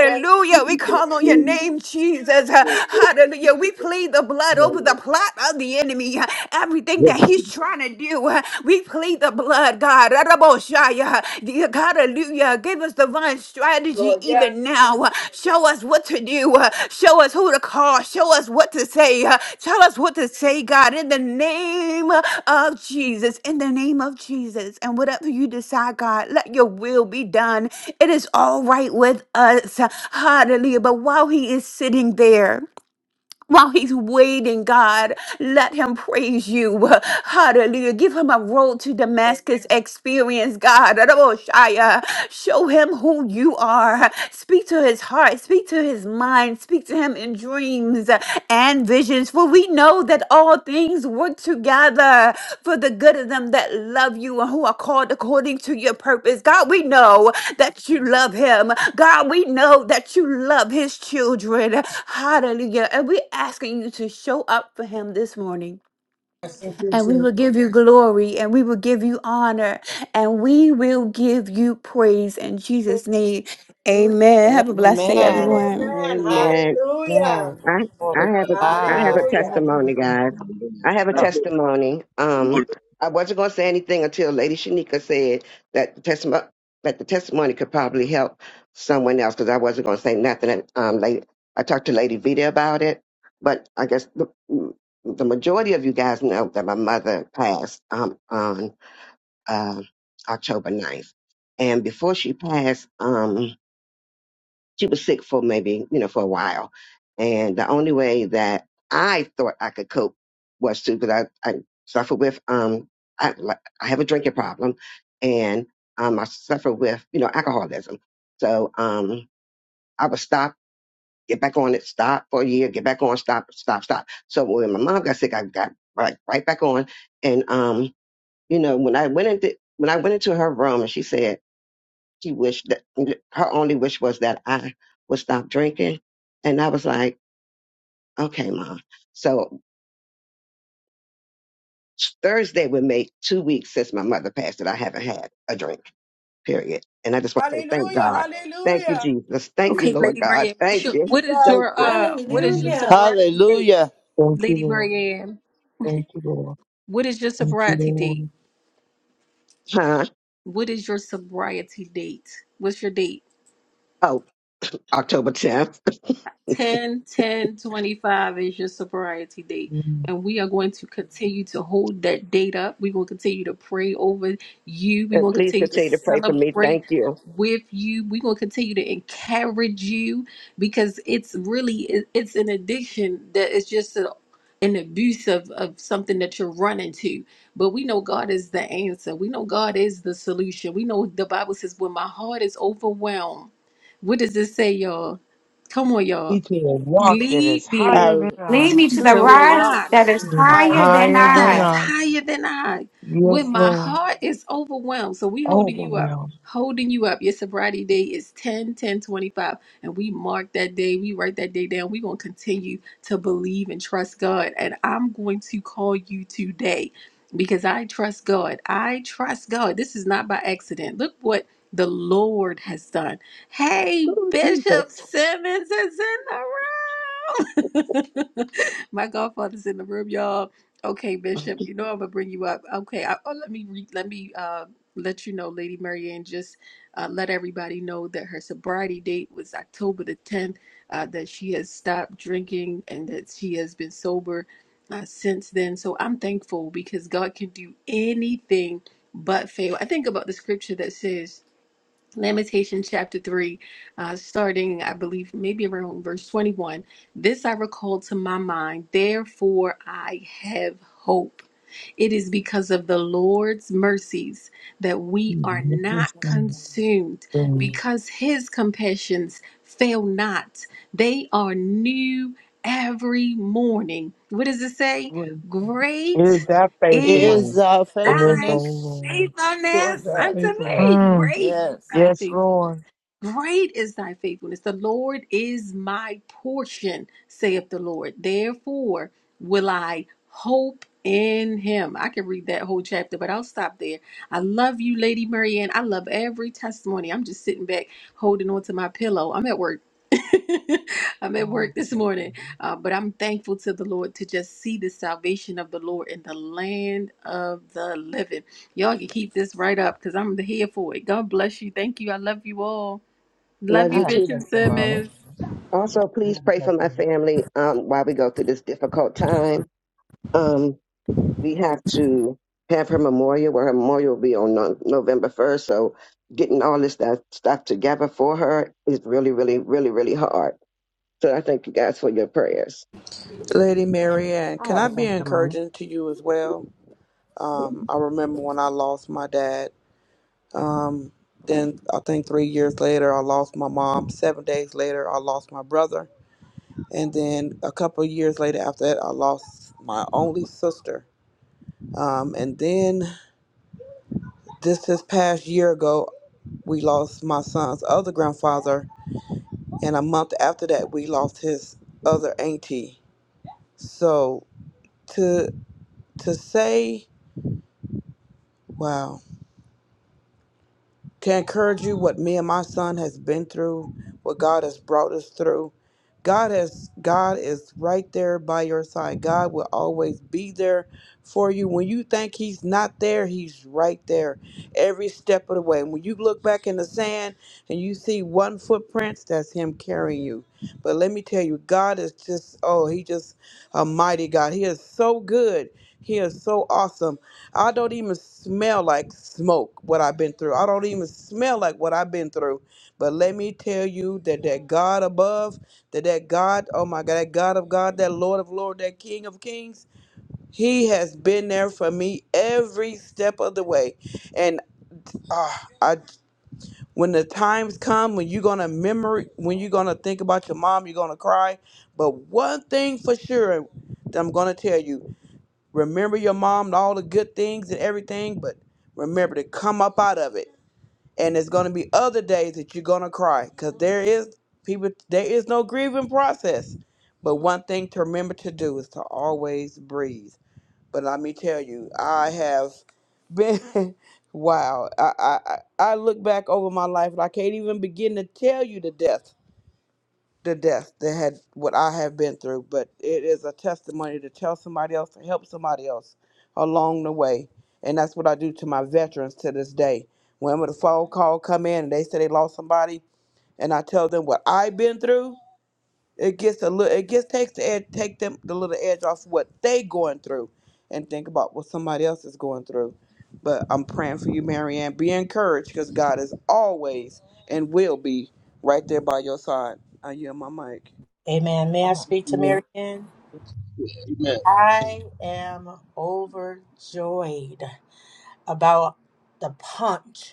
Speaker 13: Yes,
Speaker 9: We
Speaker 5: Jesus, Jesus,
Speaker 9: call on your
Speaker 5: Jesus.
Speaker 9: name, Jesus. Uh, Hallelujah. We plead the blood over the plot of the enemy, uh, everything
Speaker 5: Yes,
Speaker 9: that he's trying to do. uh, We plead the blood, God. Raboshaya. Dear God, hallelujah. Give us divine strategy
Speaker 13: Lord.
Speaker 9: even now. uh, Show us what to do. uh, Show us who to call. Show us what to say. uh, Tell us what to say, God, in the name of Jesus. In the name of Jesus. And whatever you decide, God, let your will be done. It is all right with us. Hallelujah. But while he is sitting there, while he's waiting, God, let him praise you. Hallelujah. Give him a road to Damascus experience, God. Raboshaya. Show him who you are. Speak to his heart. Speak to his mind. Speak to him in dreams and visions. For we we know that all things work together for the good of them that love you and who are called according to your purpose. God, we know that you love him. God, we know that you love his children. Hallelujah. And we're asking you to show up for him this morning.
Speaker 13: Thank you,
Speaker 9: And we
Speaker 13: Jesus.
Speaker 9: will give you glory and we will give you honor and we will give you praise in Jesus' name. Amen. Have a blessed
Speaker 16: Amen.
Speaker 9: day,
Speaker 13: Amen,
Speaker 9: everyone.
Speaker 13: amen.
Speaker 16: Amen.
Speaker 15: Amen.
Speaker 13: Hallelujah.
Speaker 16: Amen.
Speaker 15: I
Speaker 16: Glory
Speaker 15: I
Speaker 16: to
Speaker 15: have a I have a
Speaker 16: God.
Speaker 14: I
Speaker 13: Hallelujah.
Speaker 14: have a
Speaker 15: testimony, guys.
Speaker 14: testimony.
Speaker 5: Amen.
Speaker 15: I have a
Speaker 14: Oh,
Speaker 5: Amen.
Speaker 15: testimony. Um, I wasn't going to say anything until Lady Shanika said that the testimony that the testimony could probably help someone else because I wasn't going to say nothing. And, um, lady, I talked to Lady Vita about it, but I guess the, the majority of you guys know that my mother passed um, on uh, October ninth, And before she passed, um, she was sick for maybe, you know, for a while. And the only way that I thought I could cope was to, because I, I suffer with, um, I, like, I have a drinking problem and um, I suffer with, you know, alcoholism. So um, I would stop, get back on it, stop for a year, get back on, stop, stop, stop. So when my mom got sick, I got right, right back on. And, um, you know, when I went into, when I went into her room and she said, she wished that her only wish was that I would stop drinking. And I was like, okay, mom. So Thursday would make two weeks since my mother passed that I haven't had a drink, period. And I just want to say thank
Speaker 13: Hallelujah.
Speaker 15: God. Thank you,
Speaker 13: Hallelujah.
Speaker 15: Jesus. Thank you,
Speaker 6: Okay,
Speaker 15: Lord
Speaker 6: Lady
Speaker 15: God.
Speaker 6: Marianne, what's
Speaker 15: Thank
Speaker 6: your,
Speaker 15: you.
Speaker 6: what is
Speaker 13: Jesus.
Speaker 15: Thank
Speaker 6: your
Speaker 15: you.
Speaker 6: uh what is your
Speaker 17: Mm.
Speaker 9: Hallelujah.
Speaker 6: sobriety date,
Speaker 4: Hallelujah.
Speaker 17: Thank you,
Speaker 6: Lady
Speaker 17: Lord.
Speaker 6: Marianne?
Speaker 17: Thank you, Lord.
Speaker 6: What is your
Speaker 17: Thank you,
Speaker 6: sobriety date?
Speaker 17: Lord.
Speaker 15: Huh?
Speaker 6: What is your sobriety date? What's your date?
Speaker 15: Oh, October 10th.
Speaker 6: 10 10 25 is your sobriety date
Speaker 17: Mm.
Speaker 6: and we are going to continue to hold that date up we're going to continue to pray over you we're
Speaker 15: And
Speaker 6: going to
Speaker 15: please
Speaker 6: continue to
Speaker 15: continue to pray for me.
Speaker 6: celebrate
Speaker 15: Thank you.
Speaker 6: with you we're going to continue to encourage you because it's really it- it's an addiction that is just a, an abuse of, of something that you're running to but we know god is the answer we know god is the solution we know the bible says when my heart is overwhelmed what does it say y'all come on y'all
Speaker 17: Teach her a walk that is
Speaker 6: Lead
Speaker 4: I,
Speaker 6: me
Speaker 17: higher than I,
Speaker 9: Lead me
Speaker 4: to
Speaker 9: to
Speaker 6: to
Speaker 9: the
Speaker 6: the
Speaker 4: the
Speaker 9: rock
Speaker 4: rock
Speaker 6: rock
Speaker 9: that
Speaker 4: that
Speaker 9: is
Speaker 4: is
Speaker 17: that is
Speaker 9: higher
Speaker 4: higher
Speaker 9: than
Speaker 17: higher
Speaker 4: than
Speaker 6: that
Speaker 17: than
Speaker 6: is
Speaker 4: I
Speaker 9: I.
Speaker 17: I.
Speaker 6: higher than I.
Speaker 17: Yes,
Speaker 6: When my
Speaker 17: Lord.
Speaker 6: heart is overwhelmed, so we holding you up,
Speaker 17: Overwhelmed.
Speaker 6: holding you up. Your sobriety day is 10 10 25, And we mark that day, we write that day down. We're going to continue to believe and trust God. And I'm going to call you today because I trust God. I trust God. This is not by accident. Look what the Lord has done. Hey,
Speaker 15: Oh,
Speaker 6: Bishop
Speaker 15: Jesus.
Speaker 6: Simmons is in the room. My godfather's in the room, y'all. Okay, Bishop, you know I'm gonna bring you up. Okay, I, oh, let me re, let me uh, let you know, Lady Marianne. Just uh, let everybody know that her sobriety date was October the 10th. Uh, that she has stopped drinking and that she has been sober uh, since then. So I'm thankful because God can do anything but fail. I think about the scripture that says Lamentation chapter 3, uh, starting, I believe, maybe around verse 21. This I recall to my mind, therefore I have hope. It is because of the Lord's mercies that we are
Speaker 17: Mm. Yes,
Speaker 6: not
Speaker 17: Lord.
Speaker 6: consumed,
Speaker 17: Mm.
Speaker 6: because his compassions fail not. They are new every morning. What does it say?
Speaker 17: Great Is
Speaker 6: Great
Speaker 17: that
Speaker 6: is
Speaker 4: is
Speaker 17: faithfulness
Speaker 4: our
Speaker 17: when there's no
Speaker 6: thy
Speaker 4: faithfulness
Speaker 17: Lord?
Speaker 4: towards
Speaker 1: It's
Speaker 6: faithfulness
Speaker 1: our
Speaker 4: us.
Speaker 6: unto me.
Speaker 1: faithfulness
Speaker 17: Mm.
Speaker 6: Great is
Speaker 4: Yes.
Speaker 6: thy
Speaker 17: Yes,
Speaker 6: faithfulness.
Speaker 17: Lord.
Speaker 6: Great is thy faithfulness. The Lord is my portion, saith the Lord. Therefore will I hope in him. I could read that whole chapter, but I'll stop there. I love you, Lady Marianne. I love every testimony. I'm just sitting back holding on to my pillow. I'm at work. I'm at
Speaker 14: no,
Speaker 6: work this morning, uh, but I'm thankful to the Lord to just see the salvation of the Lord in the land of the living. Y'all can keep this right up because I'm here for it. God bless you. Thank you. I love you all. Love
Speaker 15: Love
Speaker 14: I
Speaker 6: you,
Speaker 15: you
Speaker 14: have a
Speaker 15: too.
Speaker 6: Bishop
Speaker 14: testimony.
Speaker 6: Simmons.
Speaker 15: Also,
Speaker 14: I
Speaker 15: please
Speaker 14: have a
Speaker 15: pray for my
Speaker 14: testimony.
Speaker 15: family um, while we go through this difficult time. Um, we have to have her memorial, where her memorial will be on no- November 1st. So, getting all this stuff, stuff together for her is really, really, really, really hard. So, I thank you guys for your prayers.
Speaker 3: Lady Mary Ann,
Speaker 14: I
Speaker 3: can
Speaker 14: have
Speaker 3: I
Speaker 14: a
Speaker 3: be
Speaker 14: testimony.
Speaker 3: encouraging to you as well?
Speaker 14: I have a
Speaker 3: Um,
Speaker 14: testimony.
Speaker 3: I remember when I lost my dad. Um, then I think three years later, I lost my mom. Seven days later, I lost my brother. And then a couple of years later after that, I lost my only sister. Um, and then this this past year ago, we lost my son's other grandfather and a month after that we lost his other auntie so to to say wow to encourage you what me and my son has been through, what God has brought us through. God has God is right there by your side. God will always be there for you. When you think he's not there, he's right there every step of the way. And when you look back in the sand and you see one footprints, that's him carrying you. But let me tell you, God is just oh, he just a mighty God. He is so good. He is so awesome. I don't even smell like smoke what I've been through. I don't even smell like what I've been through. But let me tell you that that God above, that that God, oh my God, that God of God, that Lord of Lord, that King of Kings, He has been there for me every step of the way. And ah, I, when the times come when you're gonna memory, when you're gonna think about your mom, you're gonna cry. But one thing for sure that I'm gonna tell you remember your mom and all the good things and everything, but remember to come up out of it. And there's gonna be other days that you're gonna cry, cause there is people. There is no grieving process. But one thing to remember to do is to always breathe. But let me tell you, I have been wow. I I I I look back over my life and I can't even begin to tell you the death the death that had what I have been through, but it is a testimony to tell somebody else, to help somebody else along the way. And that's what I do to my veterans to this day. When a phone call come in and they say they lost somebody, and I tell them what I've been through, it gets a little, it gets takes the edge, take them the little edge off what they going through, and think about what somebody else is going through. But I'm praying for you, Marianne. Be encouraged, because God is always and will be right there by your side. I yield my mic.
Speaker 13: Amen.
Speaker 14: I
Speaker 13: May I
Speaker 14: have,
Speaker 13: speak to Mary
Speaker 15: Amen.
Speaker 13: Ann? I am overjoyed about the punch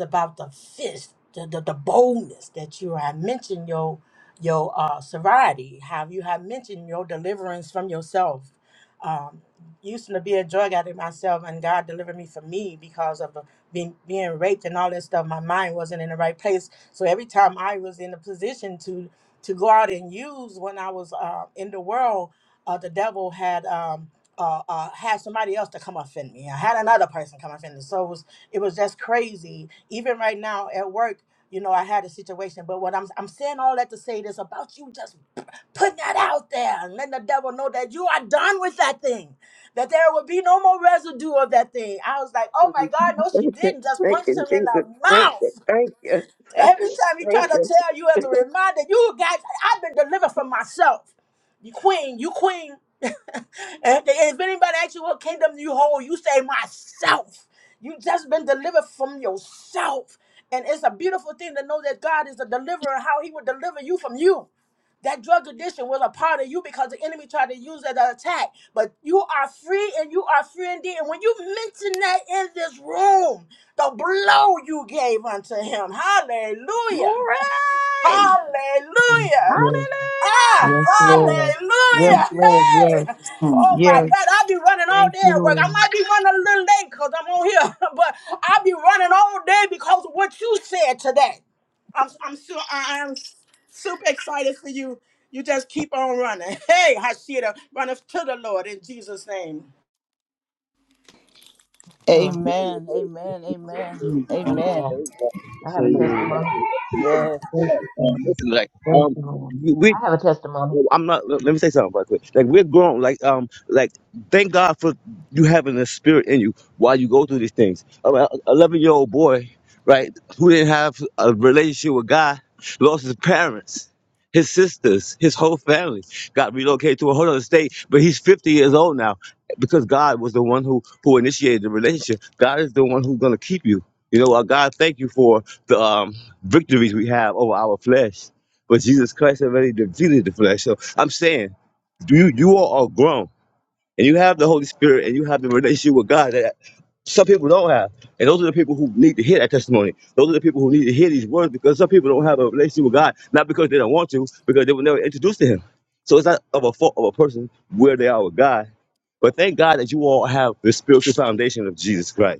Speaker 13: about the fist, the, the, the boldness that you have mentioned your your uh, sobriety, how you have mentioned your deliverance from yourself. Um, used to be a drug addict myself, and God delivered me from me because of the, being being raped and all that stuff. My mind wasn't in the right place, so every time I was in a position to to go out and use when I was uh, in the world, uh, the devil had um, uh, uh, had somebody else to come offend me. I had another person come offend me. So it was. It was just crazy. Even right now at work, you know, I had a situation. But what I'm I'm saying all that to say this about you just p- putting that out there and letting the devil know that you are done with that thing. That there will be no more residue of that thing. I was like, oh my God, no, she didn't. Just
Speaker 15: Thank
Speaker 13: punched
Speaker 15: you,
Speaker 13: him in
Speaker 15: Jesus.
Speaker 13: the
Speaker 15: Thank you.
Speaker 13: mouth.
Speaker 15: Thank you.
Speaker 13: Every time you try
Speaker 15: thank
Speaker 13: to
Speaker 15: you.
Speaker 13: tell you as a reminder, you guys, I've been delivered from myself. You queen, you queen. and if they- if anybody asks you what kingdom you hold, you say myself. You just been delivered from yourself. And it's a beautiful thing to know that God is a deliverer, how he would deliver you from you. That drug addiction was a part of you because the enemy tried to use it to attack. But you are free and you are free indeed. And when you mention that in this room, the blow you gave unto him.
Speaker 6: Glory!
Speaker 13: Hallelujah.
Speaker 17: Mm.
Speaker 13: Hallelujah.
Speaker 17: Yes,
Speaker 13: Ah,
Speaker 17: yes,
Speaker 6: Hallelujah!
Speaker 17: Lord. Yes,
Speaker 13: hallelujah.
Speaker 17: Lord. Yes,
Speaker 13: Hey. Oh my
Speaker 17: yes.
Speaker 13: God. I'll be running all
Speaker 17: Thank
Speaker 13: day
Speaker 17: you,
Speaker 13: at work. I
Speaker 17: Lord.
Speaker 13: might be running a little late because I'm on here, but I'll be running all day because of what you said today. I'm I'm sure I am super excited for you. You just keep on running. Hey, Hashira, run us to the Lord in Jesus' name.
Speaker 14: hello.
Speaker 4: Amen.
Speaker 5: Amen.
Speaker 4: Amen. Amen. Amen.
Speaker 14: Amen.
Speaker 5: Amen.
Speaker 14: I have a testimony.
Speaker 17: Oh,
Speaker 5: Amen.
Speaker 4: Yes.
Speaker 17: Thank you,
Speaker 5: Um,
Speaker 17: Father.
Speaker 5: listen, like,
Speaker 17: Thank
Speaker 5: um,
Speaker 17: you, Lord.
Speaker 5: we
Speaker 14: I have a testimony.
Speaker 5: Oh, I'm not. Let let me say something real quick. Like we're grown. Like um, like thank God for you having the spirit in you while you go through these things. Eleven year old boy, right, who didn't have a relationship with God, lost his parents, his sisters, his whole family, got relocated to a whole other state. But he's fifty years old now because God was the one who who initiated the relationship. God is the one who's gonna keep you. You know, uh, God, thank you for the um, victories we have over our flesh. But Jesus Christ already defeated the flesh. So I'm saying, do you you all are grown and you have the Holy Spirit and you have the relationship with God that some people don't have. And those are the people who need to hear that testimony. Those are the people who need to hear these words because some people don't have a relationship with God, not because they don't want to, because they were never introduced to Him. So it's not of a fault of a person where they are with God. But thank God that you all have the spiritual foundation of Jesus Christ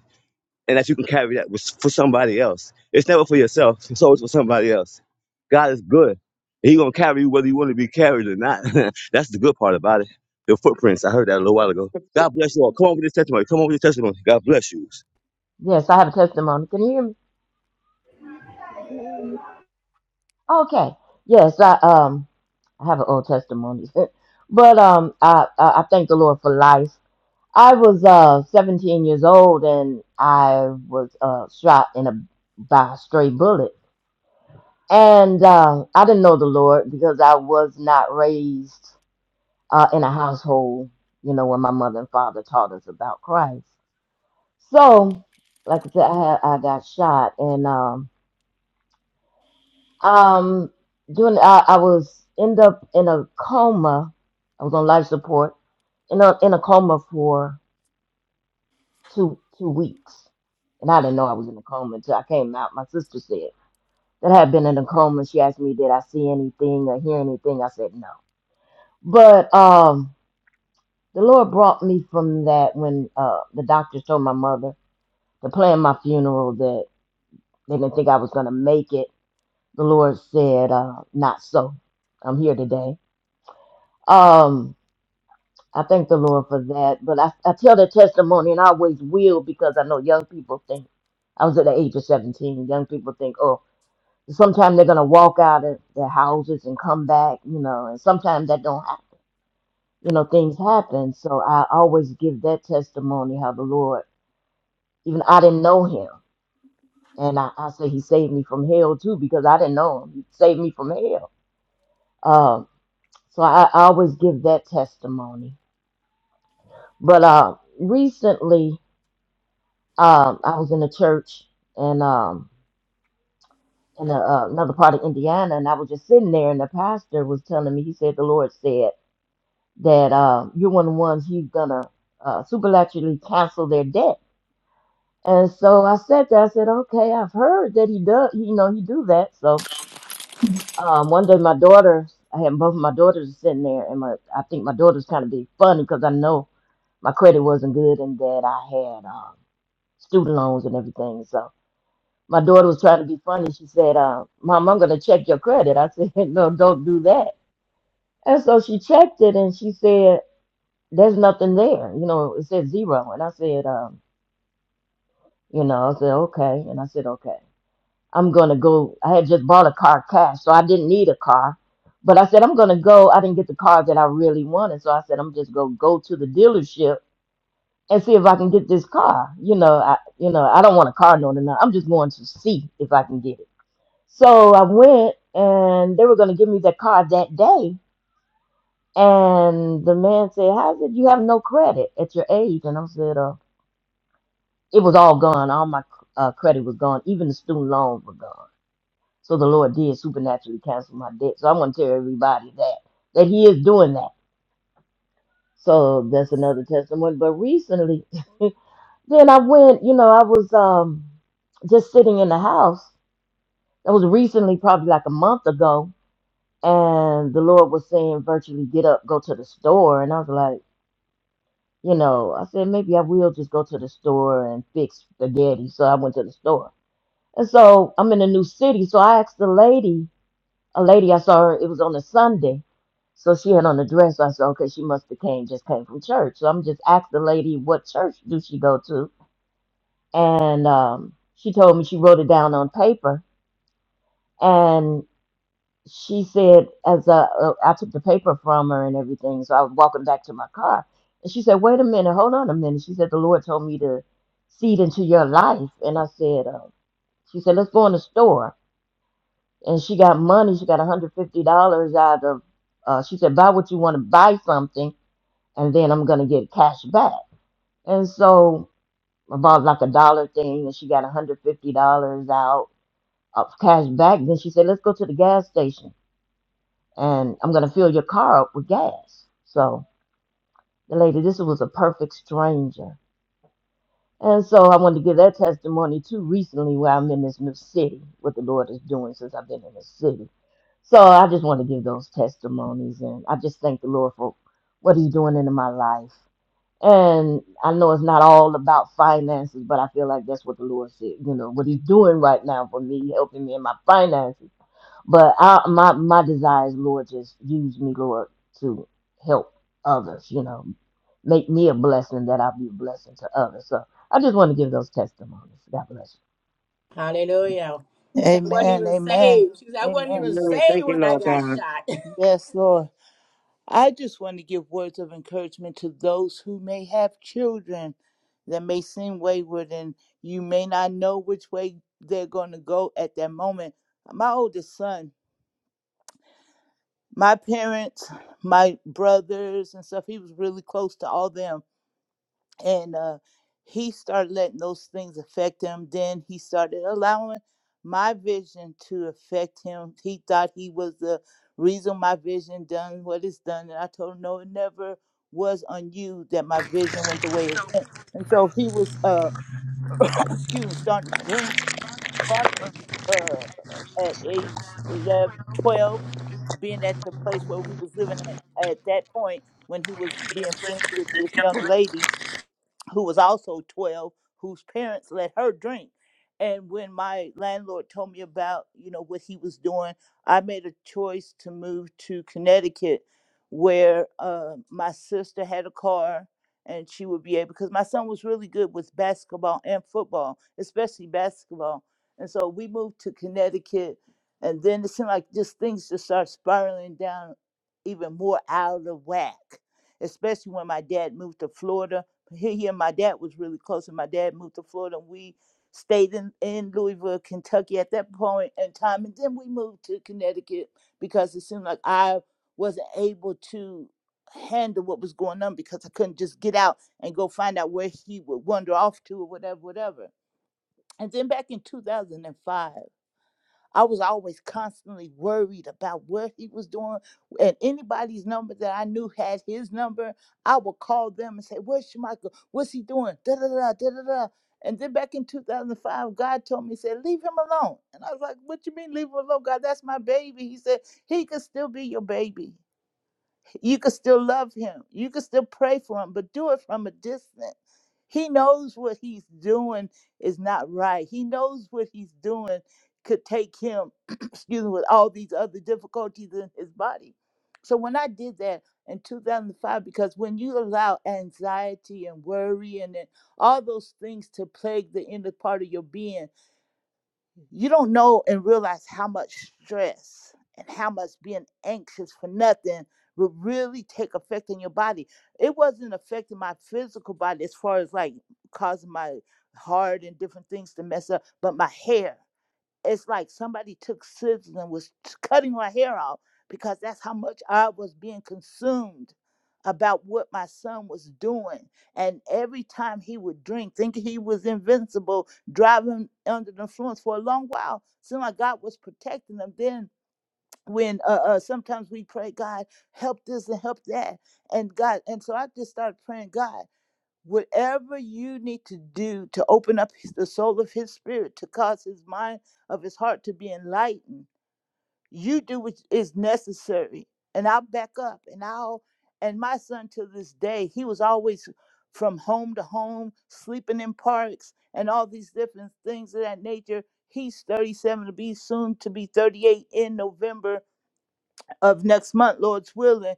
Speaker 5: and that you can carry that was for somebody else. It's never for yourself. It's always for somebody else. God is good. and He gonna carry you whether you want to be carried or not. That's the good part about it. The footprints. I heard that a little while ago. God bless you all. Come on with your testimony. Come on with your testimony. God bless you.
Speaker 14: Yes, I have a testimony. Can you hear me? Okay. Yes, I um I have an old testimony. but um I, I I thank the Lord for life. I was uh 17 years old and I was uh shot in a by a stray bullet And uh, I didn't know the Lord because I was not raised uh, in a household, you know, where my mother and father taught us about Christ. So, like I said, I had, I got shot, and um, um, during I, I was end up in a coma. I was on life support in a in a coma for two two weeks, and I didn't know I was in a coma until I came out. My sister said that I had been in a coma. She asked me, "Did I see anything or hear anything?" I said, "No." But um, the Lord brought me from that when uh, the doctors told my mother to plan my funeral that they didn't think I was going to make it. The Lord said, uh, "Not so. I'm here today." Um, I thank the Lord for that. But I, I tell the testimony, and I always will because I know young people think. I was at the age of 17. Young people think, "Oh, sometimes they're going to walk out of their houses and come back," you know, and sometimes that don't happen you know, things happen. So I always give that testimony how the Lord, even I didn't know him. And I, I say he saved me from hell too, because I didn't know him. He saved me from hell. Um, so I, I always give that testimony. But uh, recently, um, I was in a church and um, in a, uh, another part of Indiana, and I was just sitting there, and the pastor was telling me, he said, the Lord said that uh, you're one of the ones he's going to uh, supernaturally cancel their debt And so I sat there. I said, "Okay, I've heard that he does. You know, he do that." So um, one day, my daughter, I had both of my daughters sitting there, and my, I think my daughter's kind of being funny because I know my credit wasn't good and that I had um, student loans and everything. So my daughter was trying to be funny. She said, uh, "Mom, I'm going to check your credit." I said, "No, don't do that." And so she checked it, and she said, "There's nothing there. You know, it said zero. And I said, um, "You know," I said, "Okay," and I said, "Okay." I'm gonna go. I had just bought a car cash, so I didn't need a car. But I said I'm gonna go. I didn't get the car that I really wanted, so I said I'm just gonna go to the dealership and see if I can get this car. You know, I you know I don't want a car no no. I'm just going to see if I can get it. So I went, and they were gonna give me that car that day. And the man said, "How is it you have no credit at your age?" And I said, "Uh, it was all gone. All my uh, credit was gone. Even the student loan was gone." So the Lord did supernaturally cancel my debt. So I'm going to tell everybody that that He is doing that. So that's another testimony. But recently, then I went. You know, I was um just sitting in the house. That was recently, probably like a month ago, and the Lord was saying, virtually, get up, go to the store. And I was like, you know, I said maybe I will just go to the store and fix spaghetti. So I went to the store. And so I'm in a new city. So I asked the lady a lady I saw her, it was on a Sunday. So she had on a dress. So I said, okay, she must have came, just came from church. So I'm just asked the lady, what church do she go to? And um, she told me she wrote it down on paper. And she said, as uh, uh, I took the paper from her and everything, so I was walking back to my car. And she said, wait a minute, hold on a minute. She said, the Lord told me to seed into your life. And I said, uh, she said, let's go in the store. and she got money. She got $150 out of, uh, she said, buy what you want to buy something, and then I'm going to get cash back. And so I bought like a dollar thing, and she got $150 out of cash back. Then she said, let's go to the gas station, and I'm going to fill your car up with gas. So the lady, this was a perfect stranger And so I wanted to give that testimony too recently where I'm in this new city, what the Lord is doing since I've been in this city. So I just want to give those testimonies and I just thank the Lord for what he's doing into my life. And I know it's not all about finances, but I feel like that's what the Lord said, you know, what he's doing right now for me, helping me in my finances but I, my my desire is, Lord, just use me, Lord, to help others. You know, make me a blessing that I'll be a blessing to others. So I just want to give those testimonies. God bless
Speaker 13: Hallelujah. She said I wasn't
Speaker 4: Amen.
Speaker 13: even
Speaker 4: Amen.
Speaker 13: saved. She said I wasn't
Speaker 4: Amen.
Speaker 13: even
Speaker 15: Amen.
Speaker 13: saved
Speaker 15: Thank you,
Speaker 13: when I
Speaker 15: Lord
Speaker 13: got
Speaker 15: God.
Speaker 13: shot.
Speaker 4: Yes, Lord. I just want to give words of encouragement to those who may have children that may seem wayward and you may not know which way they're going to go at that moment. My oldest son, my parents, my brothers and stuff, he was really close to all them. and uh, he started letting those things affect him. Then he started allowing my vision to affect him. He thought he was the reason my vision done what it's done, and I told him no, it never was on you that my vision went the way it went. And so he was, uh, excuse me, starting to drink probably uh, at age 11, 12, being at the place where we was living at at that point when he was being friends with this young lady who was also 12, whose parents let her drink. And when my landlord told me about, you know, what he was doing, I made a choice to move to Connecticut where uh, my sister had a car and she would be able, because my son was really good with basketball and football, especially basketball. And so we moved to Connecticut. And then it seemed like just things just start spiraling down even more out of whack, especially when my dad moved to Florida he, he and my dad was really close, and my dad moved to Florida, and we stayed in, in Louisville, Kentucky at that point in time, and then we moved to Connecticut because it seemed like I wasn't able to handle what was going on because I couldn't just get out and go find out where he would wander off to or whatever, whatever. And then back in 2005, I was always constantly worried about what he was doing. And anybody's number that I knew had his number, I would call them and say, Where's Michael? What's he doing? Da da da da da da. And then back in 2005, God told me, He said, Leave him alone. And I was like, What you mean, leave him alone? God, that's my baby. He said, He could still be your baby. You can still love him. You can still pray for him, but do it from a distance. He knows what he's doing is not right. He knows what he's doing could take him, excuse me, with all these other difficulties in his body. So when I did that in 2005, because when you allow anxiety and worry and then all those things to plague the inner part of your being, you don't know and realize how much stress and how much being anxious for nothing will really take effect on your body. It wasn't affecting my physical body as far as like causing my heart and different things to mess up, but my hair it's like somebody took scissors and was t- cutting my hair off because that's how much I was being consumed about what my son was doing. And every time he would drink, thinking he was invincible, driving under the influence for a long while, seemed like God was protecting them. Then when uh, uh, sometimes we pray, God, help this and help that. And God, and so I just started praying, God whatever you need to do to open up his- the soul of his spirit to cause his mind of his heart to be enlightened you do what is necessary and i'll back up and i'll and my son to this day he was always from home to home sleeping in parks and all these different things of that nature he's 37 to be soon to be 38 in november of next month, Lord's willing.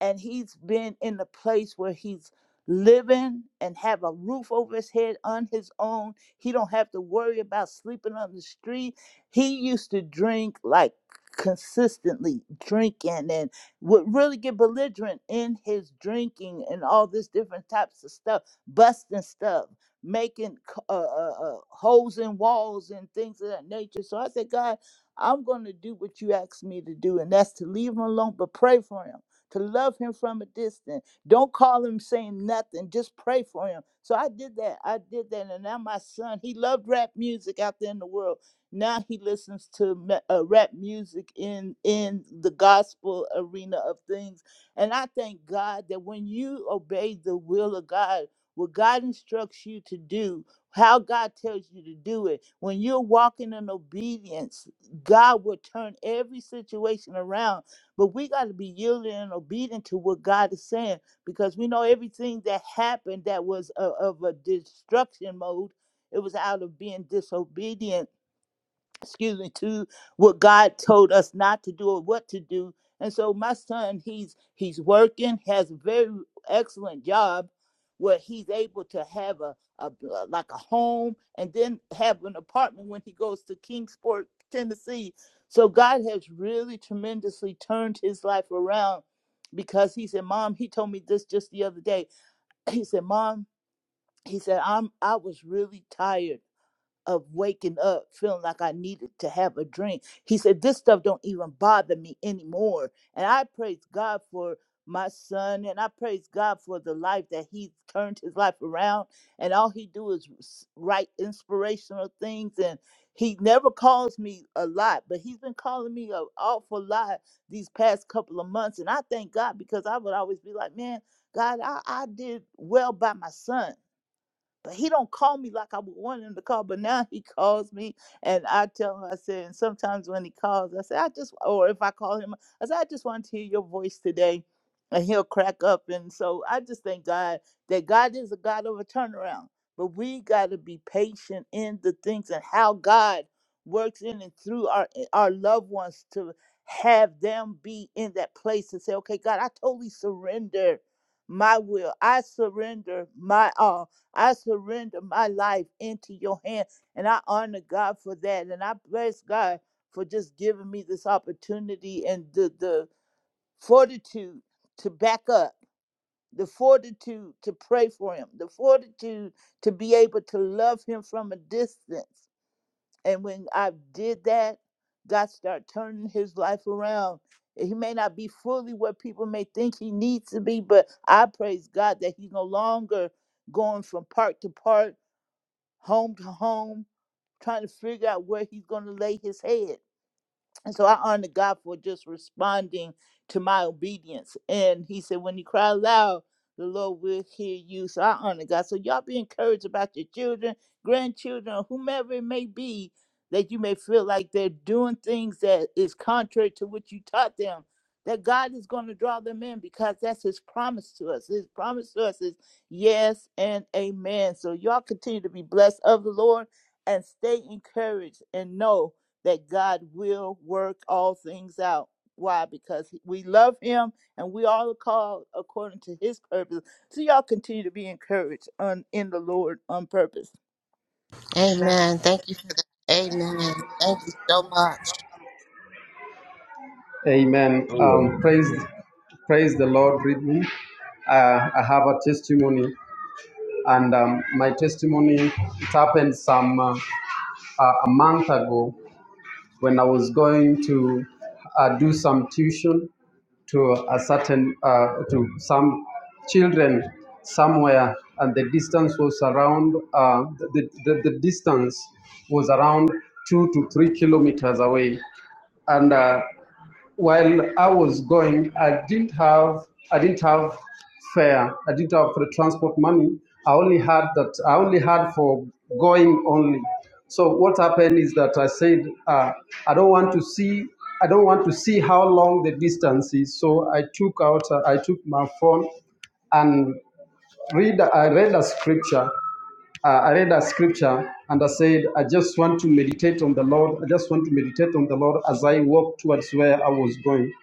Speaker 4: And he's been in a place where he's living and have a roof over his head on his own. He don't have to worry about sleeping on the street. He used to drink like consistently drinking and would really get belligerent in his drinking and all this different types of stuff, busting stuff, making uh, uh, uh, holes in walls and things of that nature. So I said, God I'm going to do what you asked me to do, and that's to leave him alone, but pray for him, to love him from a distance. Don't call him saying nothing, just pray for him. So I did that. I did that. And now my son, he loved rap music out there in the world. Now he listens to ma- uh, rap music in in the gospel arena of things. And I thank God that when you obey the will of God, what God instructs you to do, how God tells you to do it, when you're walking in obedience, God will turn every situation around. But we got to be yielding and obedient to what God is saying because we know everything that happened that was o- of a destruction mode. It was out of being disobedient excuse me, to what God told us not to do or what to do. And so my son, he's he's working, has a very excellent job where he's able to have a, a like a home and then have an apartment when he goes to Kingsport, Tennessee. So God has really tremendously turned his life around because he said, Mom, he told me this just the other day. He said, Mom, he said, I'm I was really tired of waking up feeling like I needed to have a drink. He said, This stuff don't even bother me anymore. And I praise God for my son and I praise God for the life that he's turned his life around. And all he do is s- write inspirational things. And he never calls me a lot, but he's been calling me an awful lot these past couple of months. And I thank God because I would always be like, Man, God, I, I did well by my son but he don't call me like I would want him to call. But now he calls me, and I tell him, I said, and sometimes when he calls, I say, I just, or if I call him, I say, I just wanted to hear your voice today, and he'll crack up. And so I just thank God that God is a God of a turnaround. But we got to be patient in the things and how God works in and through our eh, our loved ones to have them be in that place and say, okay, God, I totally surrender my will. I surrender my all. I surrender my life into your hand. And I honor God for that. And I bless God for just giving me this opportunity and the, the fortitude to back up, the fortitude to pray for him, the fortitude to be able to love him from a distance. And when I did that, God started turning his life around. He may not be fully what people may think he needs to be, but I praise God that he's no longer going from part to part home to home, trying to figure out where he's going to lay his head. And so I honor God for just responding to my obedience. And he said, when you cry aloud, the Lord will hear you. So I honor God. So y'all be encouraged about your children, grandchildren, or whomever it may be, that you may feel like they're doing things that is contrary to what you taught them. That God is going to draw them in because that's his promise to us. His promise to us is yes and amen. So y'all continue to be blessed of the Lord and stay encouraged and know that God will work all things out. Why? Because we love Him and we all are called according to His purpose. So y'all continue to be encouraged on, in the Lord on purpose.
Speaker 16: Amen. Thank you for that. Amen. Thank you so much.
Speaker 18: Amen.
Speaker 5: Oh yeah.
Speaker 18: Um, praise, praise the Lord. Read me. Uh, I have a testimony, and um, my testimony it happened some uh, uh, a month ago when I was going to uh, do some tuition to a certain uh, to some children somewhere, and the distance was around uh, the, the the distance was around two to three kilometers away and uh, while I was going, I didn't have I didn't have fare. I didn't have the transport money. I only had that. I only had for going only. So what happened is that I said uh, I don't want to see. I don't want to see how long the distance is. So I took out. Uh, I took my phone and read I read a scripture. Uh, I read a scripture and I said, I just want to meditate on the Lord. I just want to meditate on the Lord as I walk towards where I was going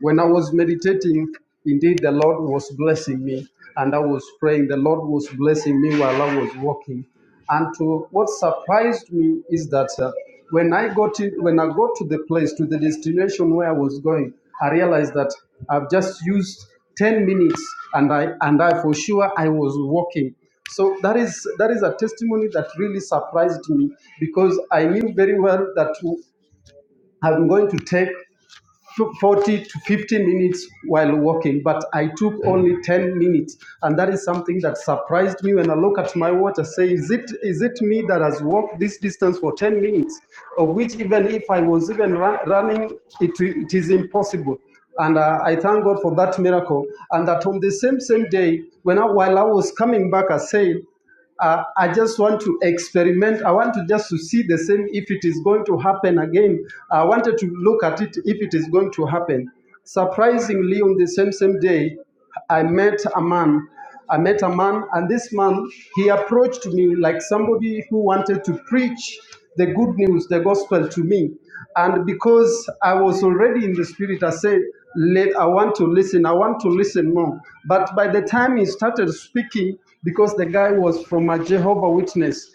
Speaker 18: when I was meditating, indeed the Lord was blessing me, and I was praying. The Lord was blessing me while I was walking. And to, what surprised me is that uh, when I got in, when I got to the place to the destination where I was going, I realized that I've just used ten minutes, and I and I for sure I was walking. So that is that is a testimony that really surprised me because I knew very well that I'm going to take 40 to 50 minutes while walking, but I took only 10 minutes. And that is something that surprised me when I look at my watch. I say, is it, is it me that has walked this distance for 10 minutes? Of which, even if I was even run, running, it, it is impossible. And uh, I thank God for that miracle. And that on the same, same day, when I, while I was coming back, I said, uh, I just want to experiment. I want to just to see the same if it is going to happen again. I wanted to look at it if it is going to happen. Surprisingly, on the same same day, I met a man. I met a man, and this man he approached me like somebody who wanted to preach the good news, the gospel to me. And because I was already in the spirit, I said, Let I want to listen, I want to listen more. But by the time he started speaking, because the guy was from a Jehovah Witness,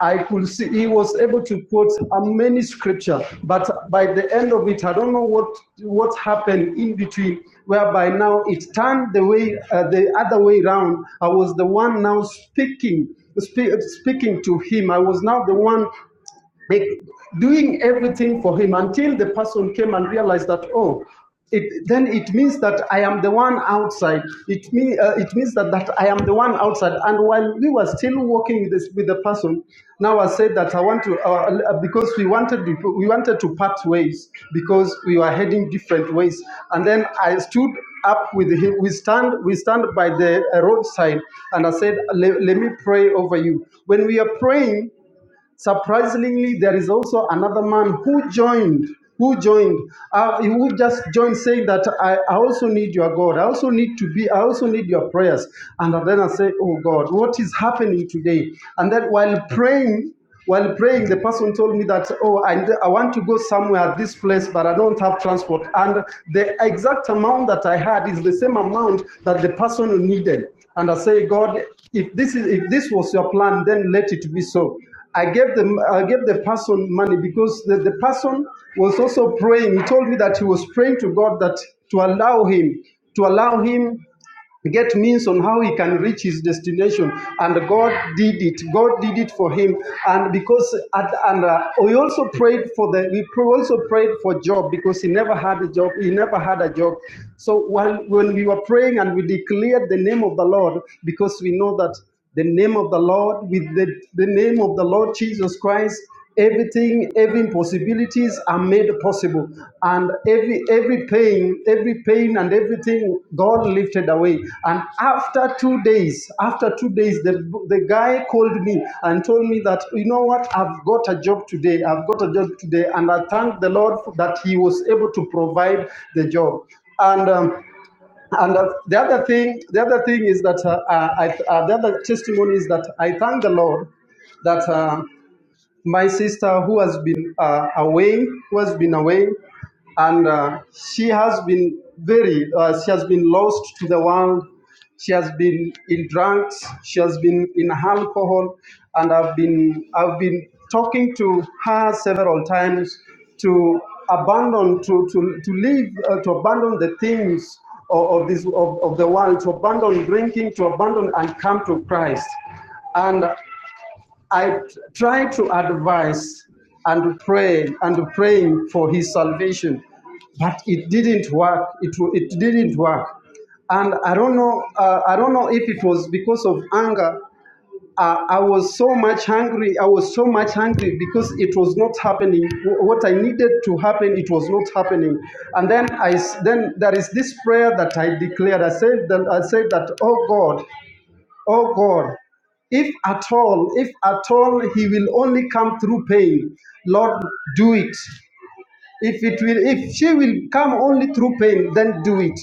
Speaker 18: I could see he was able to quote a many scripture, but by the end of it, I don't know what what happened in between. Whereby now it turned the way uh, the other way round. I was the one now speaking spe- speaking to him. I was now the one make, doing everything for him until the person came and realized that oh it, then it means that I am the one outside. It, mean, uh, it means that, that I am the one outside. And while we were still working with, this, with the person, now I said that I want to, uh, uh, because we wanted, we wanted to part ways because we were heading different ways. And then I stood up with him. We stand, we stand by the uh, roadside and I said, let, let me pray over you. When we are praying, Surprisingly, there is also another man who joined, who joined, uh, who just joined saying that I, I also need your God. I also need to be, I also need your prayers. And then I say, Oh God, what is happening today? And then while praying, while praying, the person told me that, oh, I, I want to go somewhere, this place, but I don't have transport. And the exact amount that I had is the same amount that the person needed. And I say, God, if this is if this was your plan, then let it be so. I gave them I gave the person money because the, the person was also praying. He told me that he was praying to God that to allow him, to allow him get means on how he can reach his destination and god did it god did it for him and because at, and uh, we also prayed for the we pr- also prayed for job because he never had a job he never had a job so when, when we were praying and we declared the name of the lord because we know that the name of the Lord, with the, the name of the Lord Jesus Christ, everything, every possibilities are made possible. And every every pain, every pain and everything God lifted away. And after two days, after two days, the, the guy called me and told me that, you know what, I've got a job today. I've got a job today. And I thank the Lord that he was able to provide the job. And um, and uh, the other thing, the other thing is that uh, uh, I, uh, the other testimony is that I thank the Lord that. Uh, my sister who has been uh, away, who has been away, and uh, she has been very, uh, she has been lost to the world. She has been in drugs. She has been in alcohol, and I've been, I've been talking to her several times to abandon, to to to leave, uh, to abandon the things of, of this of, of the world, to abandon drinking, to abandon and come to Christ, and. I try to advise and pray and praying for his salvation, but it didn't work. It it didn't work, and I don't know. Uh, I don't know if it was because of anger. Uh, I was so much hungry. I was so much hungry because it was not happening. What I needed to happen, it was not happening. And then I s- then there I then theres this prayer that I declared. I said that I said that, oh God, Oh God, if at all, if at all he will only come through pain, Lord, do it. If it will, if she will come only through pain, then do it.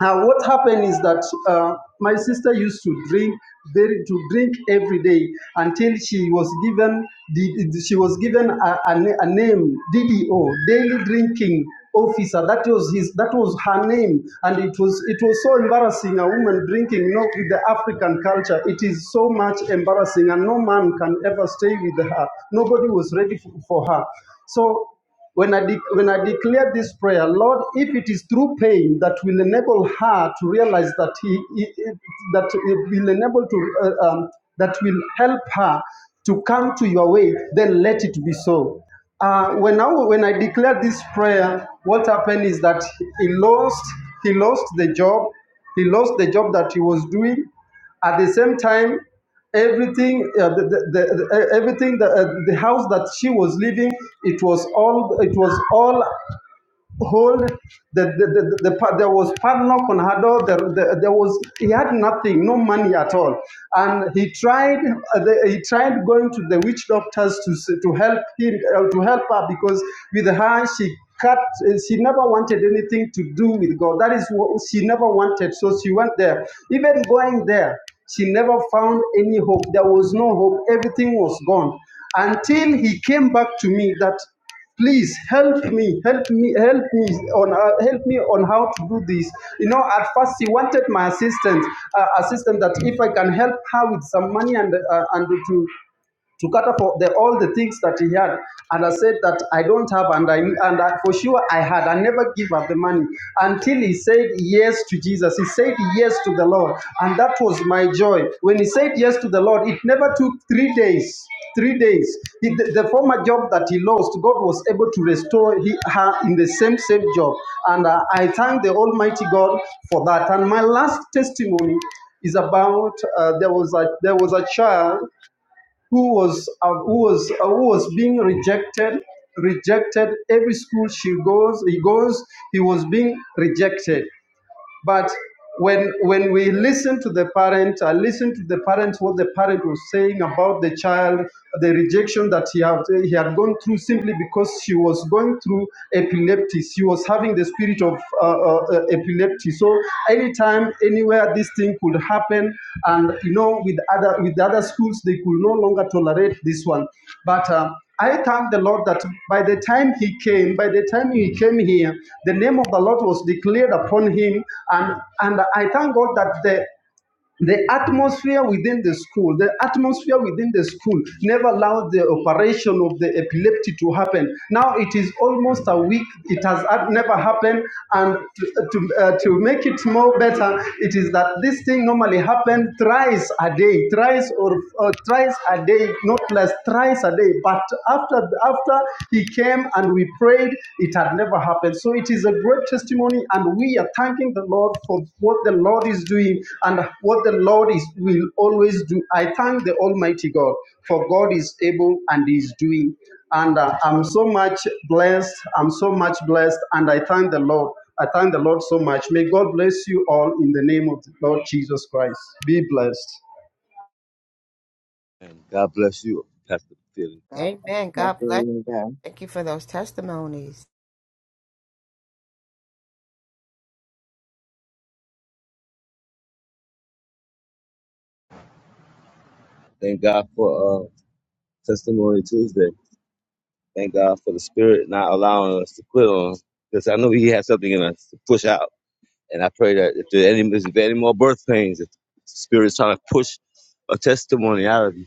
Speaker 18: And what happened is that uh, my sister used to drink very to drink every day until she was given the, she was given a, a, na- a name DDO daily drinking officer that was his that was her name and it was it was so embarrassing a woman drinking you with the african culture it is so much embarrassing and no man can ever stay with her nobody was ready f- for her so when I, de- when I declare this prayer, Lord, if it is through pain that will enable her to realize that he, he- that it will enable to uh, um, that will help her to come to your way, then let it be so. Uh, when I when I declare this prayer, what happened is that he lost he lost the job, he lost the job that he was doing. At the same time, everything uh, the, the, the, uh, everything the, uh, the house that she was living it was all it was all hold the the, the, the, the there was padlock on her door there, there, there was he had nothing no money at all and he tried uh, the, he tried going to the witch doctors to to help him uh, to help her because with her she cut uh, she never wanted anything to do with god that is what she never wanted so she went there even going there she never found any hope there was no hope everything was gone until he came back to me that please help me help me help me on uh, help me on how to do this you know at first he wanted my assistant uh, assistant that if i can help her with some money and uh, and to to cater for the, all the things that he had. And I said that I don't have, and I and I, for sure I had. I never give up the money until he said yes to Jesus. He said yes to the Lord, and that was my joy. When he said yes to the Lord, it never took three days. Three days. He- the, the former job that he lost, God was able to restore he, her in the same same job, and uh, I thank the Almighty God for that. And my last testimony is about uh, there was a there was a child who was uh, who was uh, who was being rejected rejected every school she goes he goes he was being rejected but when when we listen to the parent, I listen to the parents what the parent was saying about the child, the rejection that he had he had gone through simply because she was going through epilepsy. She was having the spirit of uh, uh, uh, epilepsy. So anytime, anywhere, this thing could happen, and you know, with other with other schools, they could no longer tolerate this one. But uh, I thank the Lord that by the time he came, by the time he came here, the name of the Lord was declared upon him. And, and I thank God that the the atmosphere within the school, the atmosphere within the school never allowed the operation of the epilepsy to happen. Now it is almost a week, it has hap- never happened. And to, to, uh, to make it more better, it is that this thing normally happened thrice a day, thrice or uh, thrice a day, not less, thrice a day. But after, after he came and we prayed, prayed, it had never happened. So it is a great testimony, and we are thanking the Lord for what the Lord is doing and what the Lord is will always do. I thank the Almighty God for God is able and is doing. And uh, I'm so much blessed. I'm so much blessed, and I thank the Lord. I thank the Lord so much. May God bless you all in the name of the Lord Jesus Christ. Be blessed.
Speaker 5: And God bless you, Pastor Philly.
Speaker 15: God
Speaker 16: Amen.
Speaker 15: bless
Speaker 16: God bless. you.
Speaker 15: you, Pastor Rita.
Speaker 16: Thank you for those testimonies.
Speaker 5: Thank God for uh, Testimony Tuesday. Thank God for the Spirit not allowing us to quit on, because I know He has something in us to push out. And I pray that if there any if there any more birth pains, if the spirit's trying to push a testimony out of you,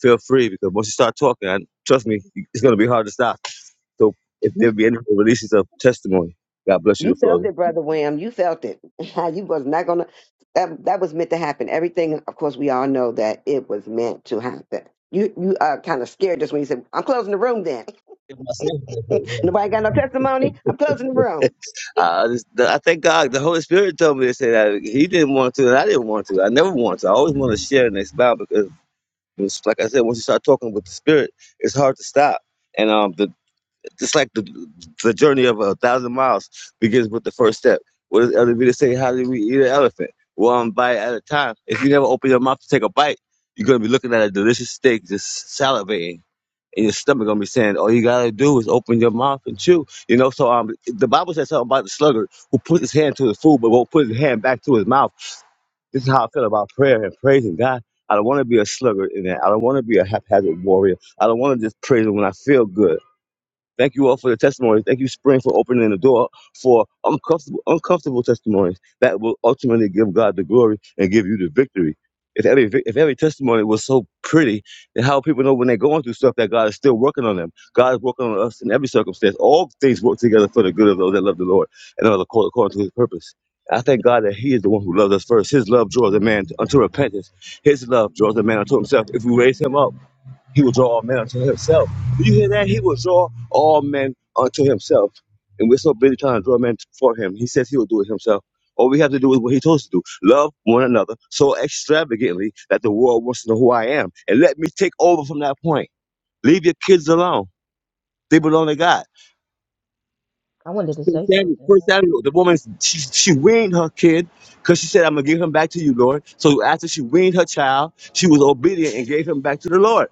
Speaker 5: feel free because once you start talking, I, trust me, it's gonna be hard to stop. So if there be any releases of testimony, God bless you
Speaker 15: You
Speaker 5: to
Speaker 15: felt
Speaker 5: flow.
Speaker 15: it, brother Wham. You felt it. you was not gonna. That that was meant to happen. Everything, of course, we all know that it was meant to happen. You you uh, kind of scared us when you said, "I'm closing the room." Then nobody got no testimony. I'm closing the room.
Speaker 5: I, just, I thank God. The Holy Spirit told me to say that He didn't want to, and I didn't want to. I never want to. I always want to share and expound because, it's, like I said, once you start talking with the Spirit, it's hard to stop. And um, the, Just like the the journey of a thousand miles begins with the first step. What does Elder Vita say? How do we eat an elephant? One bite at a time. If you never open your mouth to take a bite, you're gonna be looking at a delicious steak, just salivating, and your stomach gonna be saying, "All you gotta do is open your mouth and chew." You know. So um, the Bible says something about the sluggard who puts his hand to his food but won't put his hand back to his mouth. This is how I feel about prayer and praising God. I don't want to be a sluggard in that. I don't want to be a haphazard warrior. I don't want to just praise him when I feel good. Thank you all for the testimonies. Thank you, Spring, for opening the door for uncomfortable, uncomfortable testimonies that will ultimately give God the glory and give you the victory. If every vic- if every testimony was so pretty, then how people know when they're going through stuff that God is still working on them. God is working on us in every circumstance. All things work together for the good of those that love the Lord and are called according to His purpose. I thank God that He is the one who loves us first. His love draws a man unto repentance. His love draws a man unto Himself if we raise Him up. He will draw all men unto himself. Do you hear that? He will draw all men unto himself. And we're so busy trying to draw men for him. He says he will do it himself. All we have to do is what he told us to do. Love one another so extravagantly that the world wants to know who I am. And let me take over from that point. Leave your kids alone. They belong to God.
Speaker 14: I wanted to
Speaker 5: First
Speaker 14: say
Speaker 5: Samuel,
Speaker 14: something.
Speaker 5: First
Speaker 14: else.
Speaker 5: Samuel, the woman, she, she weaned her kid because she said, I'm going to give him back to you, Lord. So after she weaned her child, she was obedient and gave him back to the Lord.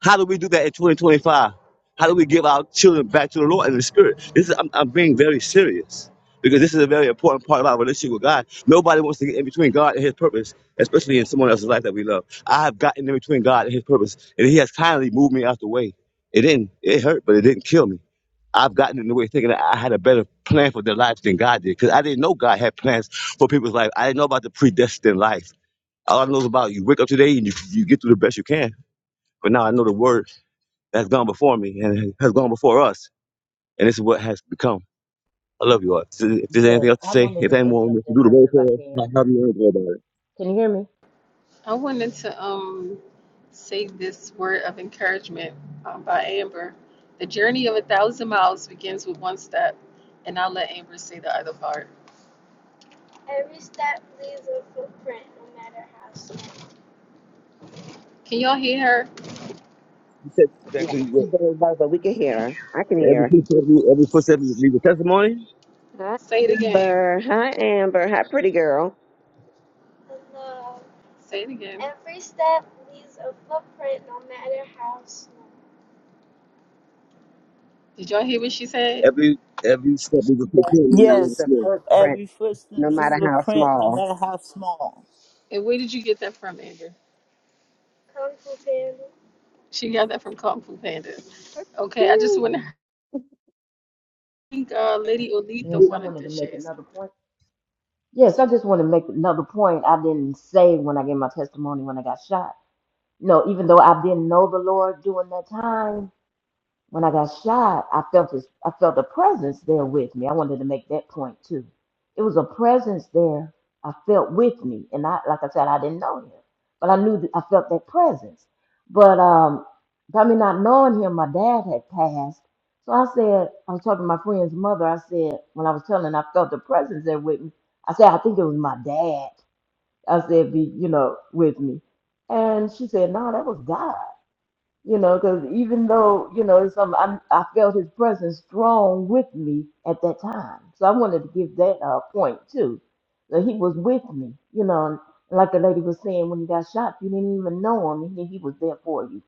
Speaker 5: How do we do that in 2025? How do we give our children back to the Lord in the Spirit? This is, I'm, I'm being very serious because this is a very important part of our relationship with God. Nobody wants to get in between God and His purpose, especially in someone else's life that we love. I have gotten in between God and His purpose, and He has kindly moved me out the way. It didn't, it hurt, but it didn't kill me. I've gotten in the way thinking that I had a better plan for their lives than God did because I didn't know God had plans for people's life. I didn't know about the predestined life. All I know is about you wake up today and you, you get through the best you can. But now I know the word that's gone before me and has gone before us, and this is what has become. I love you all. So If there's
Speaker 14: Yes,
Speaker 5: anything else to
Speaker 14: I
Speaker 5: say,
Speaker 14: wanted
Speaker 5: if
Speaker 14: to say
Speaker 5: anyone wants to do
Speaker 14: something
Speaker 5: the
Speaker 14: else
Speaker 5: roll
Speaker 14: if I
Speaker 5: call, I
Speaker 14: can.
Speaker 5: have you worry about it.
Speaker 14: Can you hear me?
Speaker 6: I wanted to um say this word of encouragement um, by Amber. The journey of a thousand miles begins with one step, and I'll let Amber say the other part. Can y'all hear her?
Speaker 5: He said
Speaker 15: Yeah,
Speaker 5: exactly what
Speaker 15: you very low, but we can hear her. I can
Speaker 5: every
Speaker 15: hear
Speaker 5: footstep, every footstep needs a testimony.
Speaker 15: her. Hi,
Speaker 6: Say it again, Amber.
Speaker 15: Amber. Hi, Amber. Hi, pretty girl.
Speaker 6: Say it again. Did y'all hear what she said?
Speaker 5: Every every step
Speaker 15: She
Speaker 5: is a
Speaker 15: that
Speaker 5: fulfillment. Now
Speaker 15: leaves
Speaker 4: Yes,
Speaker 5: it's
Speaker 15: a
Speaker 5: me.
Speaker 15: footprint,
Speaker 4: every footstep
Speaker 15: no
Speaker 4: is
Speaker 15: matter
Speaker 4: a
Speaker 15: how
Speaker 4: print, no
Speaker 15: small.
Speaker 4: matter how small.
Speaker 6: And where did you get that from, Amber? She got that from Kung Fu Panda. Okay, I just
Speaker 15: Phew.
Speaker 6: want to think uh, Lady Olita
Speaker 14: Yes, I
Speaker 6: wanted
Speaker 14: wanted
Speaker 6: to
Speaker 14: to make
Speaker 6: share something.
Speaker 14: another point. Yes, I just want to make another point. I didn't say when I gave my testimony when I got shot. No, even though I didn't know the Lord during that time, When I got shot, I felt his, I felt a presence there with me. I wanted to make that point too. It was a presence there I felt with me, and I, like I said, I didn't know him, but I knew that I felt that presence. But um, by me not knowing him, my dad had passed. So I said, I was talking to my friend's mother. I said, when I was telling, her I felt the presence there with me. I said, I think it was my dad. I said, be you know, with me, and she said, no, that was God you know, because even though, you know, it's some, I'm, I felt his presence strong with me at that time. So I wanted to give that uh, point too. That he was with me, you know, and like the lady was saying, when he got shot, you didn't even know him, and he, he was there for you,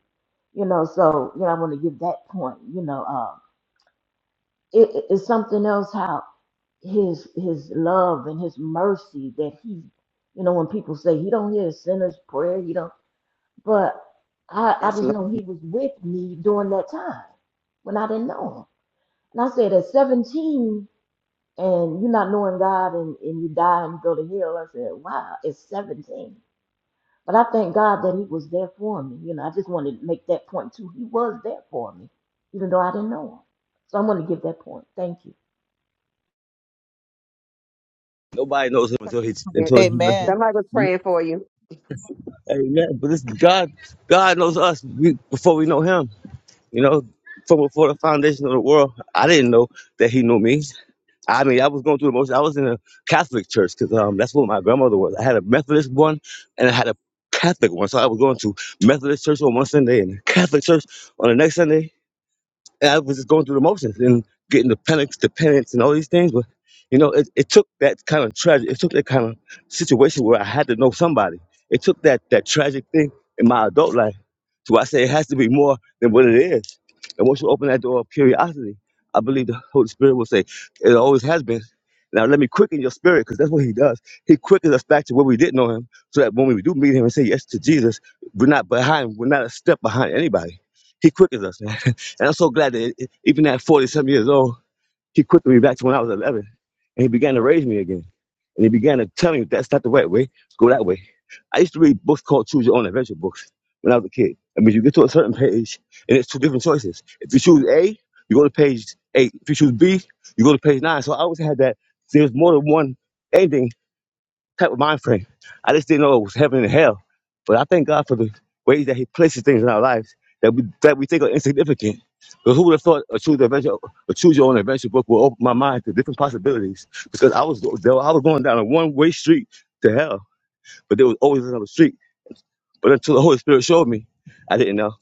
Speaker 14: you know. So, you know, I want to give that point, you know. Uh, it, it- it's something else how his his love and his mercy that he, you know, when people say he don't hear a sinner's prayer, he don't. But I, I
Speaker 15: That's a
Speaker 14: just
Speaker 15: little
Speaker 14: know he was with me during that time when I didn't know him. And I said, at 17, and you're not knowing God and, and you die and you go to hell. I said, wow, it's 17. But I thank God that he was there for me. You know, I just wanted to make that point too. He was there for me, even though I didn't know him. So I'm going to give that point. Thank you.
Speaker 5: Nobody knows him until he
Speaker 15: print.
Speaker 5: until he.
Speaker 4: Amen.
Speaker 15: Somebody was praying for you.
Speaker 5: Amen. But this God, God knows us we, before we know Him. You know, from before the foundation of the world, I didn't know that He knew me. I mean, I was going through the motions. I was in a Catholic church because um, that's what my grandmother was. I had a Methodist one and I had a Catholic one. So I was going to Methodist church on one Sunday and Catholic church on the next Sunday. And I was just going through the motions and getting the penance, the penance, and all these things. But you know, it, it took that kind of tragic, it took that kind of situation where I had to know somebody. It took that that tragic thing in my adult life. So I say it has to be more than what it is. And once you open that door of curiosity, I believe the Holy Spirit will say, "It always has been." Now let me quicken your spirit, because that's what He does. He quickens us back to where we did not know Him, so that when we do meet Him and say yes to Jesus, we're not behind, we're not a step behind anybody. He quickens us. And I'm so glad that e- even at 47 years old, he quickened me back to when I was 11. And he began to raise me again. And he began to tell me that's not the right way, go that way. I used to read books called Choose Your Own Adventure books when I was a kid. I mean, you get to a certain page, and it's two different choices. If you choose A, you go to page eight. If you choose B, you go to page nine. So I always had that there's more than one ending type of mind frame. I just didn't know it was heaven and hell. But I thank God for the ways that He places things in our lives that we that we think are insignificant. But who would have thought a choose your adventure, a choose your own adventure book will open my mind to different possibilities? Because I was there, I was going down a one way street to hell, but there was always another street. But until the Holy Spirit showed me, I didn't know.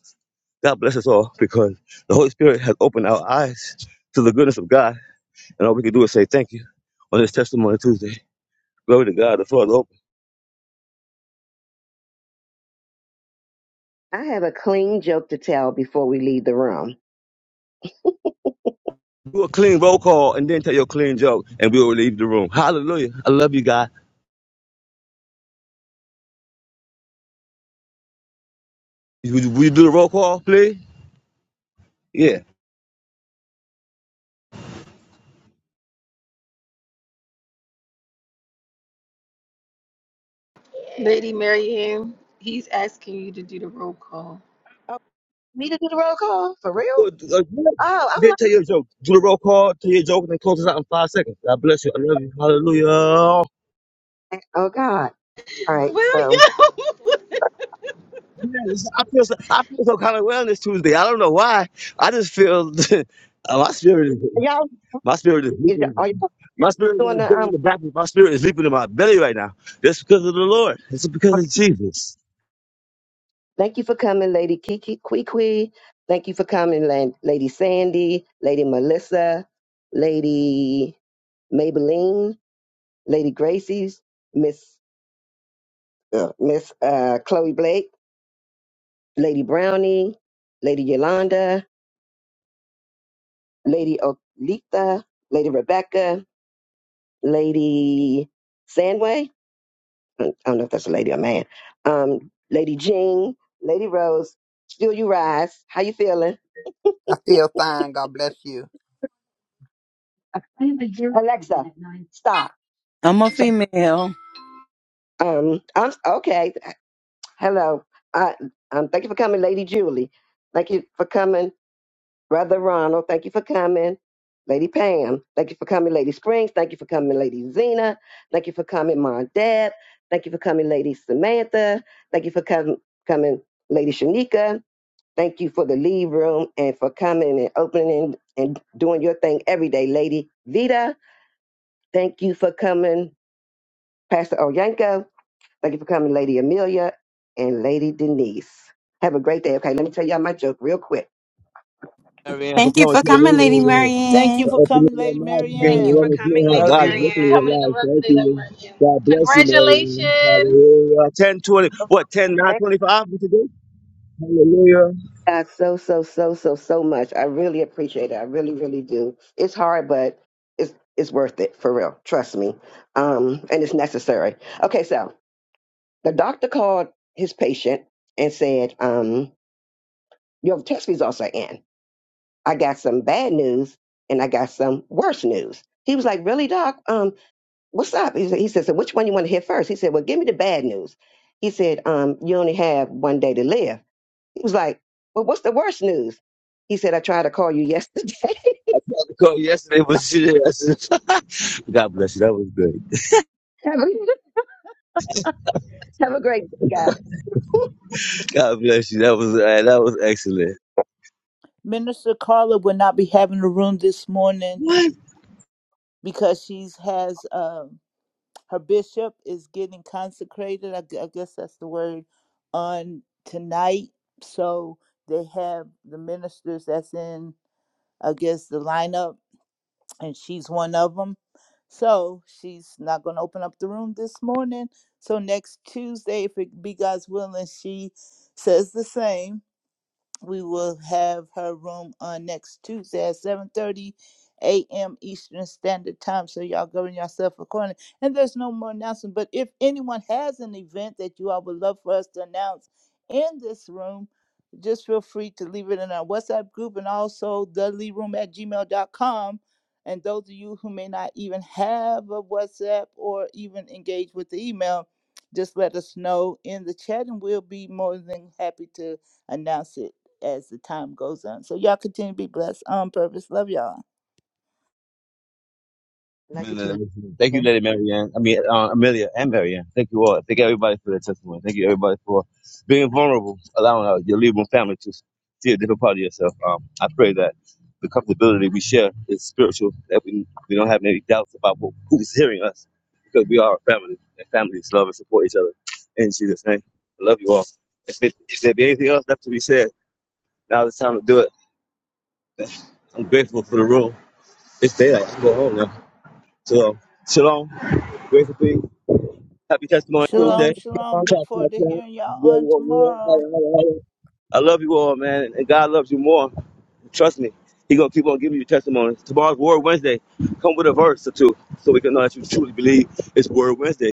Speaker 5: God bless us all because the Holy Spirit has opened our eyes to the goodness of God, and all we can do is say thank you on this Testimony Tuesday. Glory to God, the floor is open.
Speaker 15: I have a clean joke to tell before we leave the room.
Speaker 5: Do a clean roll call and then tell your clean joke, and we'll leave the room. Hallelujah. I love you, guys. Would you, would you do the roll call, please? Yeah.
Speaker 6: Lady Mary Ann, he's asking you to do the roll call.
Speaker 15: Oh, me to do the roll call for
Speaker 5: Well,
Speaker 15: real?
Speaker 5: uh, yeah.
Speaker 15: Oh,
Speaker 5: Then tell your joke. Do the roll call, tell your joke, and then close us out in five seconds. God bless you. I love you. Hallelujah.
Speaker 15: I'm like, Oh God. All right.
Speaker 6: William!
Speaker 15: So
Speaker 6: Thank
Speaker 5: Man, this- I feel so, I feel some kind of wellness Tuesday. I don't know why. I just feel uh, my spirit is
Speaker 15: y'all,
Speaker 5: my spirit is
Speaker 15: is,
Speaker 5: leaping.
Speaker 15: are y'all
Speaker 5: My spirit is
Speaker 15: doing the
Speaker 5: like in the
Speaker 15: um.
Speaker 5: back. My spirit is leaping in my belly right now. That's because of the Lord. It's because of
Speaker 15: okay.
Speaker 5: Jesus.
Speaker 15: Thank you for coming, Lady Kiki Kwee. Thank you for coming, Lan- Lady Sandy, Lady Melissa, Lady Maybelline, Lady Gracie's, Miss uh, Miss uh, Chloe Blake, Lady Brownie, Lady Yolanda, Lady Olitha, Lady Rebecca, Lady Sandway. I don't know if that's a lady or man. Um, Lady Jean, Lady Rose. Still, you rise. How you feeling?
Speaker 19: I feel fine. God bless you.
Speaker 15: Alexa, stop.
Speaker 8: I'm a female.
Speaker 15: Um, I'm okay. Hello. I, um, thank you for coming, Lady Julie. Thank you for coming, Brother Ronald. Thank you for coming, Lady Pam. Thank you for coming, Lady Springs. Thank you for coming, Lady Zena. Thank you for coming, Mom Deb. Thank you for coming, Lady Samantha. Thank you for com- coming, Lady Shanika. Thank you for the lead room and for coming and opening and doing your thing every day, Lady Vita. Thank you for coming, Pastor Oyanko. Thank you for coming, Lady Amelia and Lady Denise. Have a great day. Okay, let me tell y'all my joke real quick.
Speaker 5: Amen. For
Speaker 9: Thank you
Speaker 5: coming to
Speaker 9: for
Speaker 5: the
Speaker 9: coming, Lady
Speaker 5: meeting.
Speaker 4: Thank
Speaker 9: Marianne.
Speaker 4: you for
Speaker 5: Opening
Speaker 4: coming,
Speaker 5: your
Speaker 4: Lady
Speaker 5: mouth
Speaker 12: Thank
Speaker 5: again,
Speaker 12: you
Speaker 4: Marianne.
Speaker 5: let
Speaker 12: for
Speaker 17: Amen.
Speaker 5: us know
Speaker 12: coming,
Speaker 5: how
Speaker 12: Lady
Speaker 17: Love
Speaker 5: God's
Speaker 6: you
Speaker 17: you.
Speaker 5: working
Speaker 6: for
Speaker 5: in your
Speaker 6: coming
Speaker 12: Marianne.
Speaker 6: in the
Speaker 5: life.
Speaker 6: room
Speaker 5: Thank
Speaker 6: today, Lady
Speaker 5: you.
Speaker 6: Mary Ann.
Speaker 5: God bless you, Mary.
Speaker 6: Congratulations!
Speaker 5: Hallelujah. 10 twenty. what, 10, 9,
Speaker 15: Thank
Speaker 5: 25. What you do? Hallelujah.
Speaker 15: you guys so, so, so, so, so much. I really appreciate it. I really, really do. It's hard, but it's it's worth it for real. Trust me. Um, and it's necessary. Okay, so the doctor called his patient and said, um, your test results are in. I got some bad news and I got some worse news. He was like, Really, doc? Um. what's up? He said, he said, so which one you want to hear first? He said, well, give me the bad news. He said, um, you only have one day to live. He was like, well, what's the worst news? He said, I tried to call you yesterday.
Speaker 5: I tried to call yesterday, but she didn't answer. God bless you. That was great.
Speaker 15: Love
Speaker 5: God bless you. That was uh, that was excellent.
Speaker 4: Minister Carla will not be having the room this morning because she has um, her bishop is getting consecrated. I, gu- I guess that's the word on tonight. So they have the ministers that's in, I guess, the lineup, and she's one of them. So she's not going to open up the room this morning. So next Tuesday, if it be God's willing, she says the same we will have her room on next Tuesday at 7:30 a.m. Eastern Standard Time. So y'all govern yourself accordingly. And there's no more announcement. But if anyone has an event that you all would love for us to announce in this room, just feel free to leave it in our WhatsApp group and also the room at gmail dot com. And those of you who may not even have a WhatsApp or even engage with the email, just let us know in the chat and we'll be more than happy to announce it as the time goes on. So y'all continue to be blessed on purpose. Love y'all.
Speaker 15: you too. Yeah.
Speaker 5: Thank you, Lady Mary Ann. I mean, uh, Amelia and Mary Ann. Thank you all. Thank everybody for their testimony. Thank you, everybody, for being vulnerable, allowing uh, your Libra family to see a different part of yourself. Um, I pray that the comfortability we share is spiritual, that we, we don't have any doubts about who who is hearing us, because we are a family, and families love and support each other. In Jesus' name, I love you all. If, it, if there be anything else left to be said, now is the time to do it. I'm grateful for the room. It's daylight. I can go home now. So, um, shalom. Grace and peace. Happy Testimony
Speaker 17: Um,
Speaker 4: Shalom,
Speaker 5: Tuesday.
Speaker 4: shalom. Look
Speaker 5: Clap, clap,
Speaker 4: forward to
Speaker 5: clap.
Speaker 4: hearing y'all
Speaker 5: Roar,
Speaker 4: on
Speaker 5: roar, roar.
Speaker 4: tomorrow.
Speaker 5: Holla, holla, holla. I love you all, man, and God loves you more. Trust me. He gonna keep on giving you testimonies. Tomorrow's Word Wednesday. Come with a verse or two, so we can know that you truly believe it's Word Wednesday.